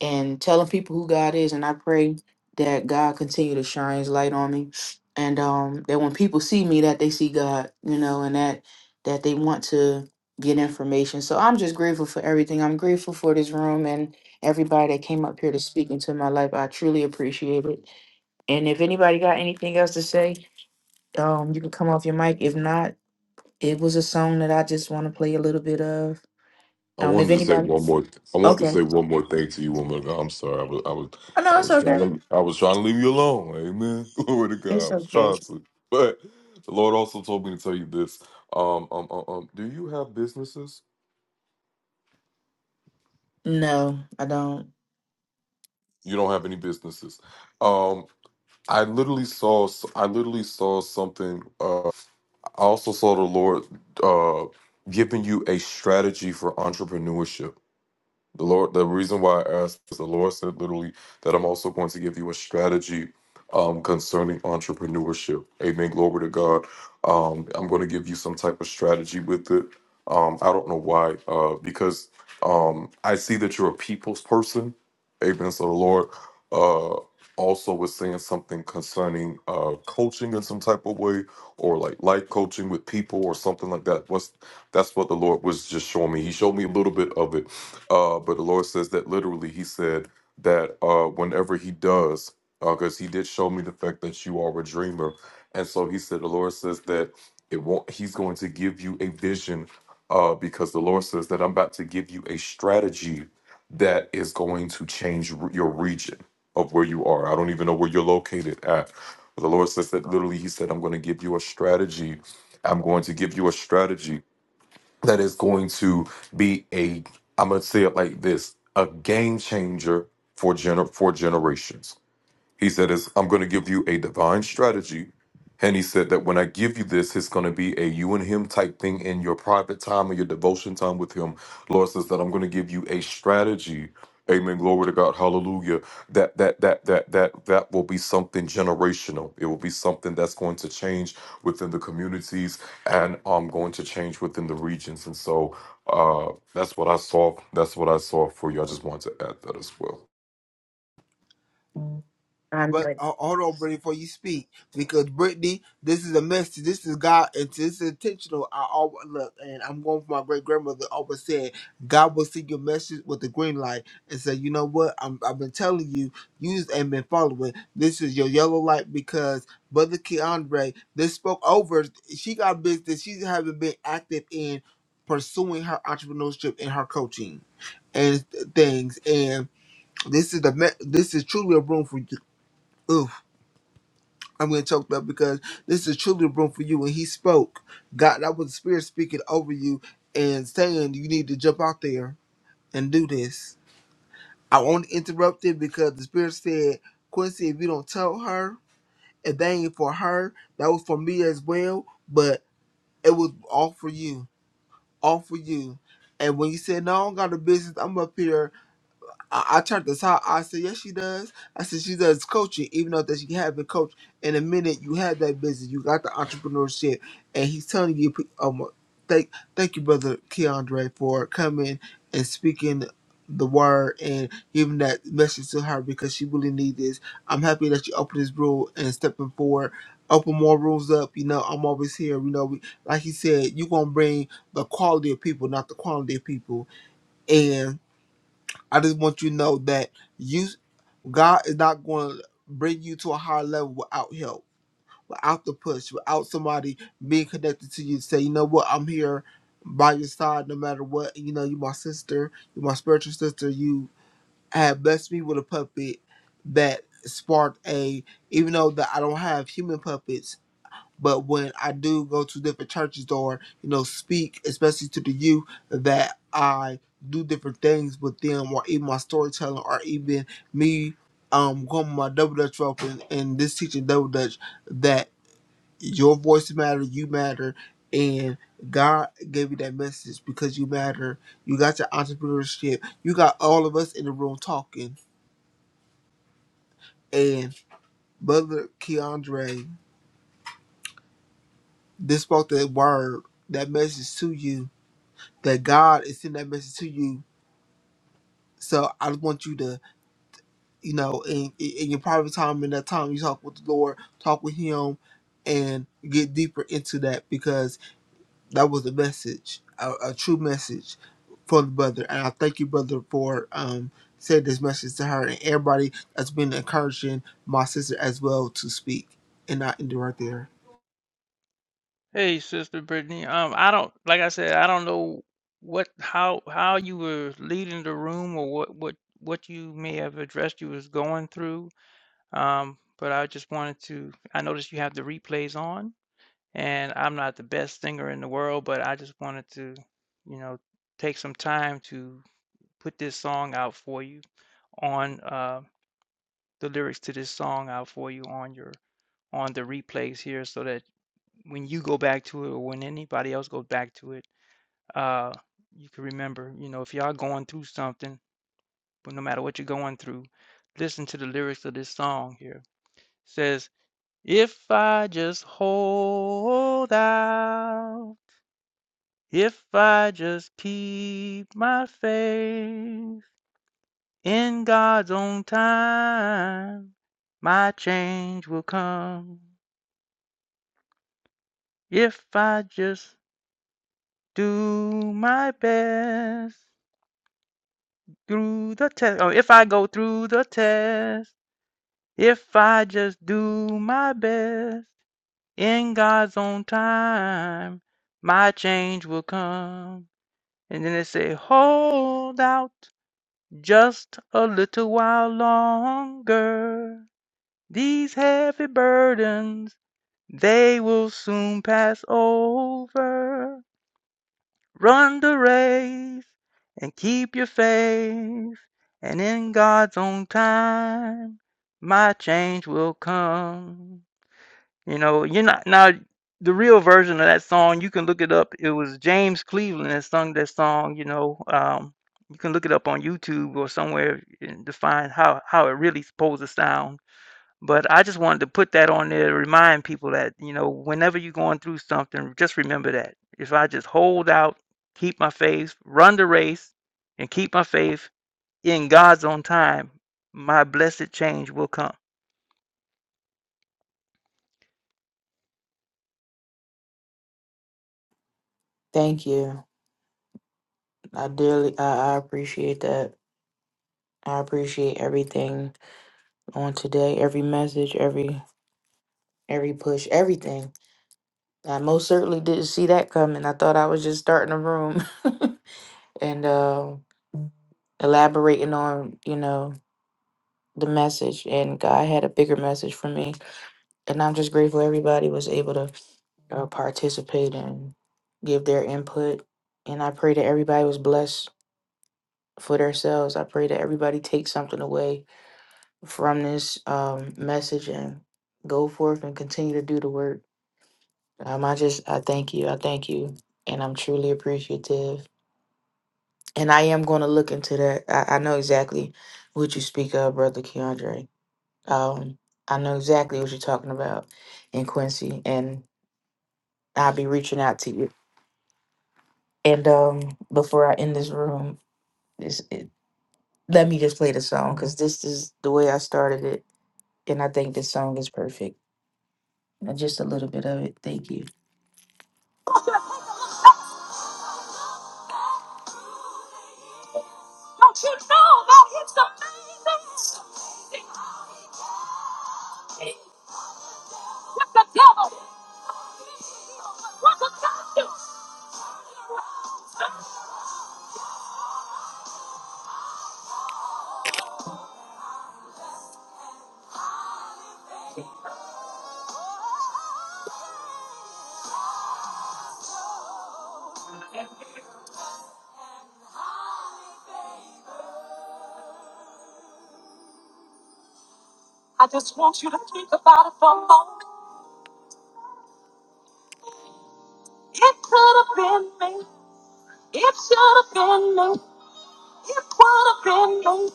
and telling people who God is. And I pray that God continue to shine His light on me, and um, that when people see me, that they see God, you know, and that that they want to get information. So I'm just grateful for everything. I'm grateful for this room and everybody that came up here to speak into my life. I truly appreciate it. And if anybody got anything else to say, um, you can come off your mic. If not, it was a song that I just want to play a little bit of.
I
Um, if
wanted to say
anybody,
one more. I want to
okay,
say one more thing to you, woman. I'm sorry. I was. I was.
oh
I
no, it's
was trying
okay.
to. I was trying to leave you alone. Amen. Glory to God. I
It's
was
okay.
trying to, but the Lord also told me to tell you this. Um. Um. Um. um do you have businesses?
No, I don't.
You don't have any businesses. Um. I literally saw. I literally saw something. Uh. I also saw the Lord. Uh. Giving you a strategy for entrepreneurship The Lord, the reason why I asked is the Lord said literally that I'm also going to give you a strategy um, concerning entrepreneurship. Amen. Glory to God. Um, I'm going to give you some type of strategy with it. Um, I don't know why, uh, because um, I see that you're a people's person. Amen. So the Lord uh, also was saying something concerning uh, coaching in some type of way, or like life coaching with people, or something like that. What's that's what the Lord was just showing me. He showed me a little bit of it uh, but the Lord says that literally, He said that uh, whenever He does, because He did show me the fact that you are a dreamer, and so He said the Lord says that it won't. He's going to give you a vision, uh, because the Lord says that I'm about to give you a strategy that is going to change r- your region of where you are. I don't even know where you're located at. But the Lord says that literally, He said, I'm going to give you a strategy. I'm going to give you a strategy that is going to be a I'm going to say it like this a game changer for gener- for generations he said, is I'm going to give you a divine strategy. And he said that when I give you this, it's going to be a you and him type thing in your private time or your devotion time with him. Lord says that I'm going to give you a strategy. Amen. Glory to God. Hallelujah. That that that that that that will be something generational. It will be something that's going to change within the communities and um going to change within the regions. And so uh that's what I saw. That's what I saw for you. I just wanted to add that as well.
I'm
but
good.
uh, hold on, Brittany, before you speak, because Brittany, this is a message. This is God, and this is intentional. I always look, and I'm going for my great grandmother. Always said, God will see your message with the green light, and say, you know what? I'm, I've been telling you, you just ain't been following. This is your yellow light because Brother Keandre, this spoke over. She got business. She haven't been active in pursuing her entrepreneurship and her coaching and things, and this is the me- this is truly a room for you. I'm going to choke up because this is truly a room for you. And he spoke. God, that was the Spirit speaking over you and saying you need to jump out there and do this. I only interrupted because the Spirit said, Quincy, if you don't tell her, if that ain't for her, that was for me as well. But it was all for you, all for you. And when you said, No, I don't got a business, I'm up here. I, I turned this out. I said, yes, she does. I said, she does coaching, even though that she haven't coached in a minute. You had that business. You got the entrepreneurship. And he's telling you, um, thank, thank you, brother Keandre, for coming and speaking the word and giving that message to her because she really needs this. I'm happy that you opened this room and stepping forward. Open more rooms up. You know, I'm always here. You know, we, like he said, you're going to bring the quality of people, not the quantity of people. I just want you to know that you God is not going to bring you to a higher level without help, without the push, without somebody being connected to you. to Say, you know what, I'm here by your side no matter what. You know, you my sister, you my spiritual sister. You have blessed me with a puppet that sparked a, even though that I don't have human puppets. But when I do go to different churches or, you know, speak, especially to the youth, that I do different things with them or even my storytelling or even me um going my double dutch rope and, and this teaching double dutch that your voice matter, you matter, and God gave you that message because you matter. You got your entrepreneurship. You got all of us in the room talking. And Brother Keandre, this spoke that word, that message to you that God is sending that message to you. So I just want you to, you know, in, in in your private time, in that time you talk with the Lord, talk with Him, and get deeper into that because that was a message, a, a true message from the brother. And I thank you, brother, for um saying this message to her and everybody that's been encouraging my sister as well to speak. And I end it right there.
Hey, Sister Brittany. Um, I don't like I said, I don't know what how how you were leading the room or what what what you may have addressed you was going through. Um, but I just wanted to I noticed you have the replays on, and I'm not the best singer in the world, but I just wanted to, you know, take some time to put this song out for you on uh the lyrics to this song out for you on your on the replays here so that when you go back to it or when anybody else goes back to it uh, you can remember, you know, if y'all going through something, but no matter what you're going through, listen to the lyrics of this song here. It says, If I just hold out, if I just keep my faith in God's own time, my change will come. If I just do my best through the test, or if I go through the test, If I just do my best in God's own time, my change will come. And then they say, hold out just a little while longer. These heavy burdens, they will soon pass over. Run the race and keep your faith. And in God's own time, my change will come. You know, you're not now the real version of that song, you can look it up. It was James Cleveland that sung that song, you know. Um, you can look it up on YouTube or somewhere and to find how how it really supposed to sound. But I just wanted to put that on there to remind people that, you know, whenever you're going through something, just remember that. If I just hold out, keep my faith, run the race, and keep my faith in God's own time, my blessed change will come.
Thank you. I dearly, I, I appreciate that. I appreciate everything on today, every message, every every push, everything. I most certainly didn't see that coming. I thought I was just starting a room and uh, elaborating on, you know, the message. And God had a bigger message for me. And I'm just grateful everybody was able to uh, participate and give their input. And I pray that everybody was blessed for themselves. I pray that everybody takes something away from this um, message and go forth and continue to do the work. Um, I just, I thank you. I thank you. And I'm truly appreciative. And I am going to look into that. I, I know exactly what you speak of, Brother Keandre. Um, I know exactly what you're talking about in Quincy. And I'll be reaching out to you. And um, before I end this room, this, it, let me just play the song because this is the way I started it And I think this song is perfect. Uh, Just a little bit of it. Thank you. Don't you know that it's amazing? What the devil, what the devil. I just want you to think about it for a moment. It could have been me. It should have been me. It would have been me.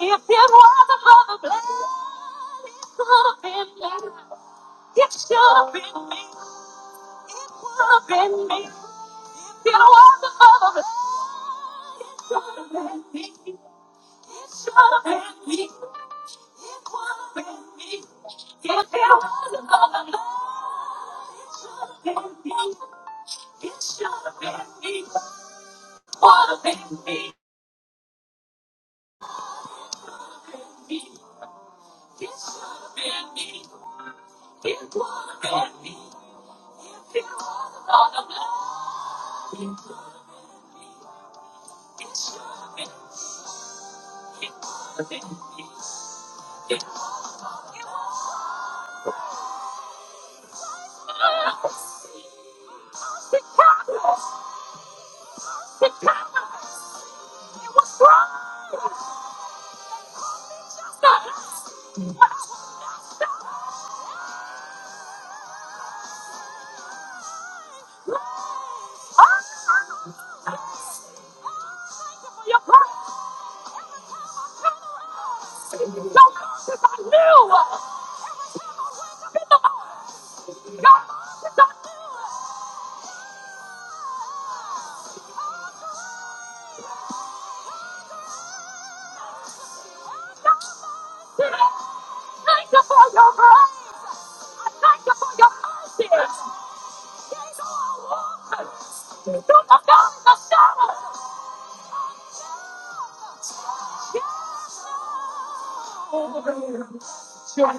If it wasn't for the blood, it could have been me. It should have been me. It would have been me. It was the bandit. It was the bandit. It was the bandit. It was the bandit. It was the bandit. It was the bandit. It was the bandit. It was the bandit. I thank you for your grace. I thank you for your mercy. I thank you for your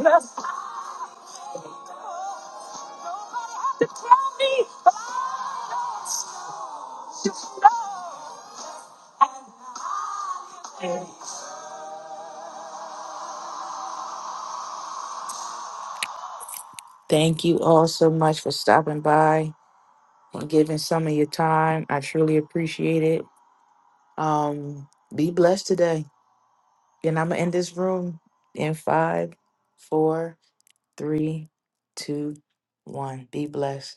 love. Thank you all so much for stopping by and giving some of your time. I truly appreciate it. Um, be blessed today. And I'm gonna end this room in five, four, three, two, one. Be blessed.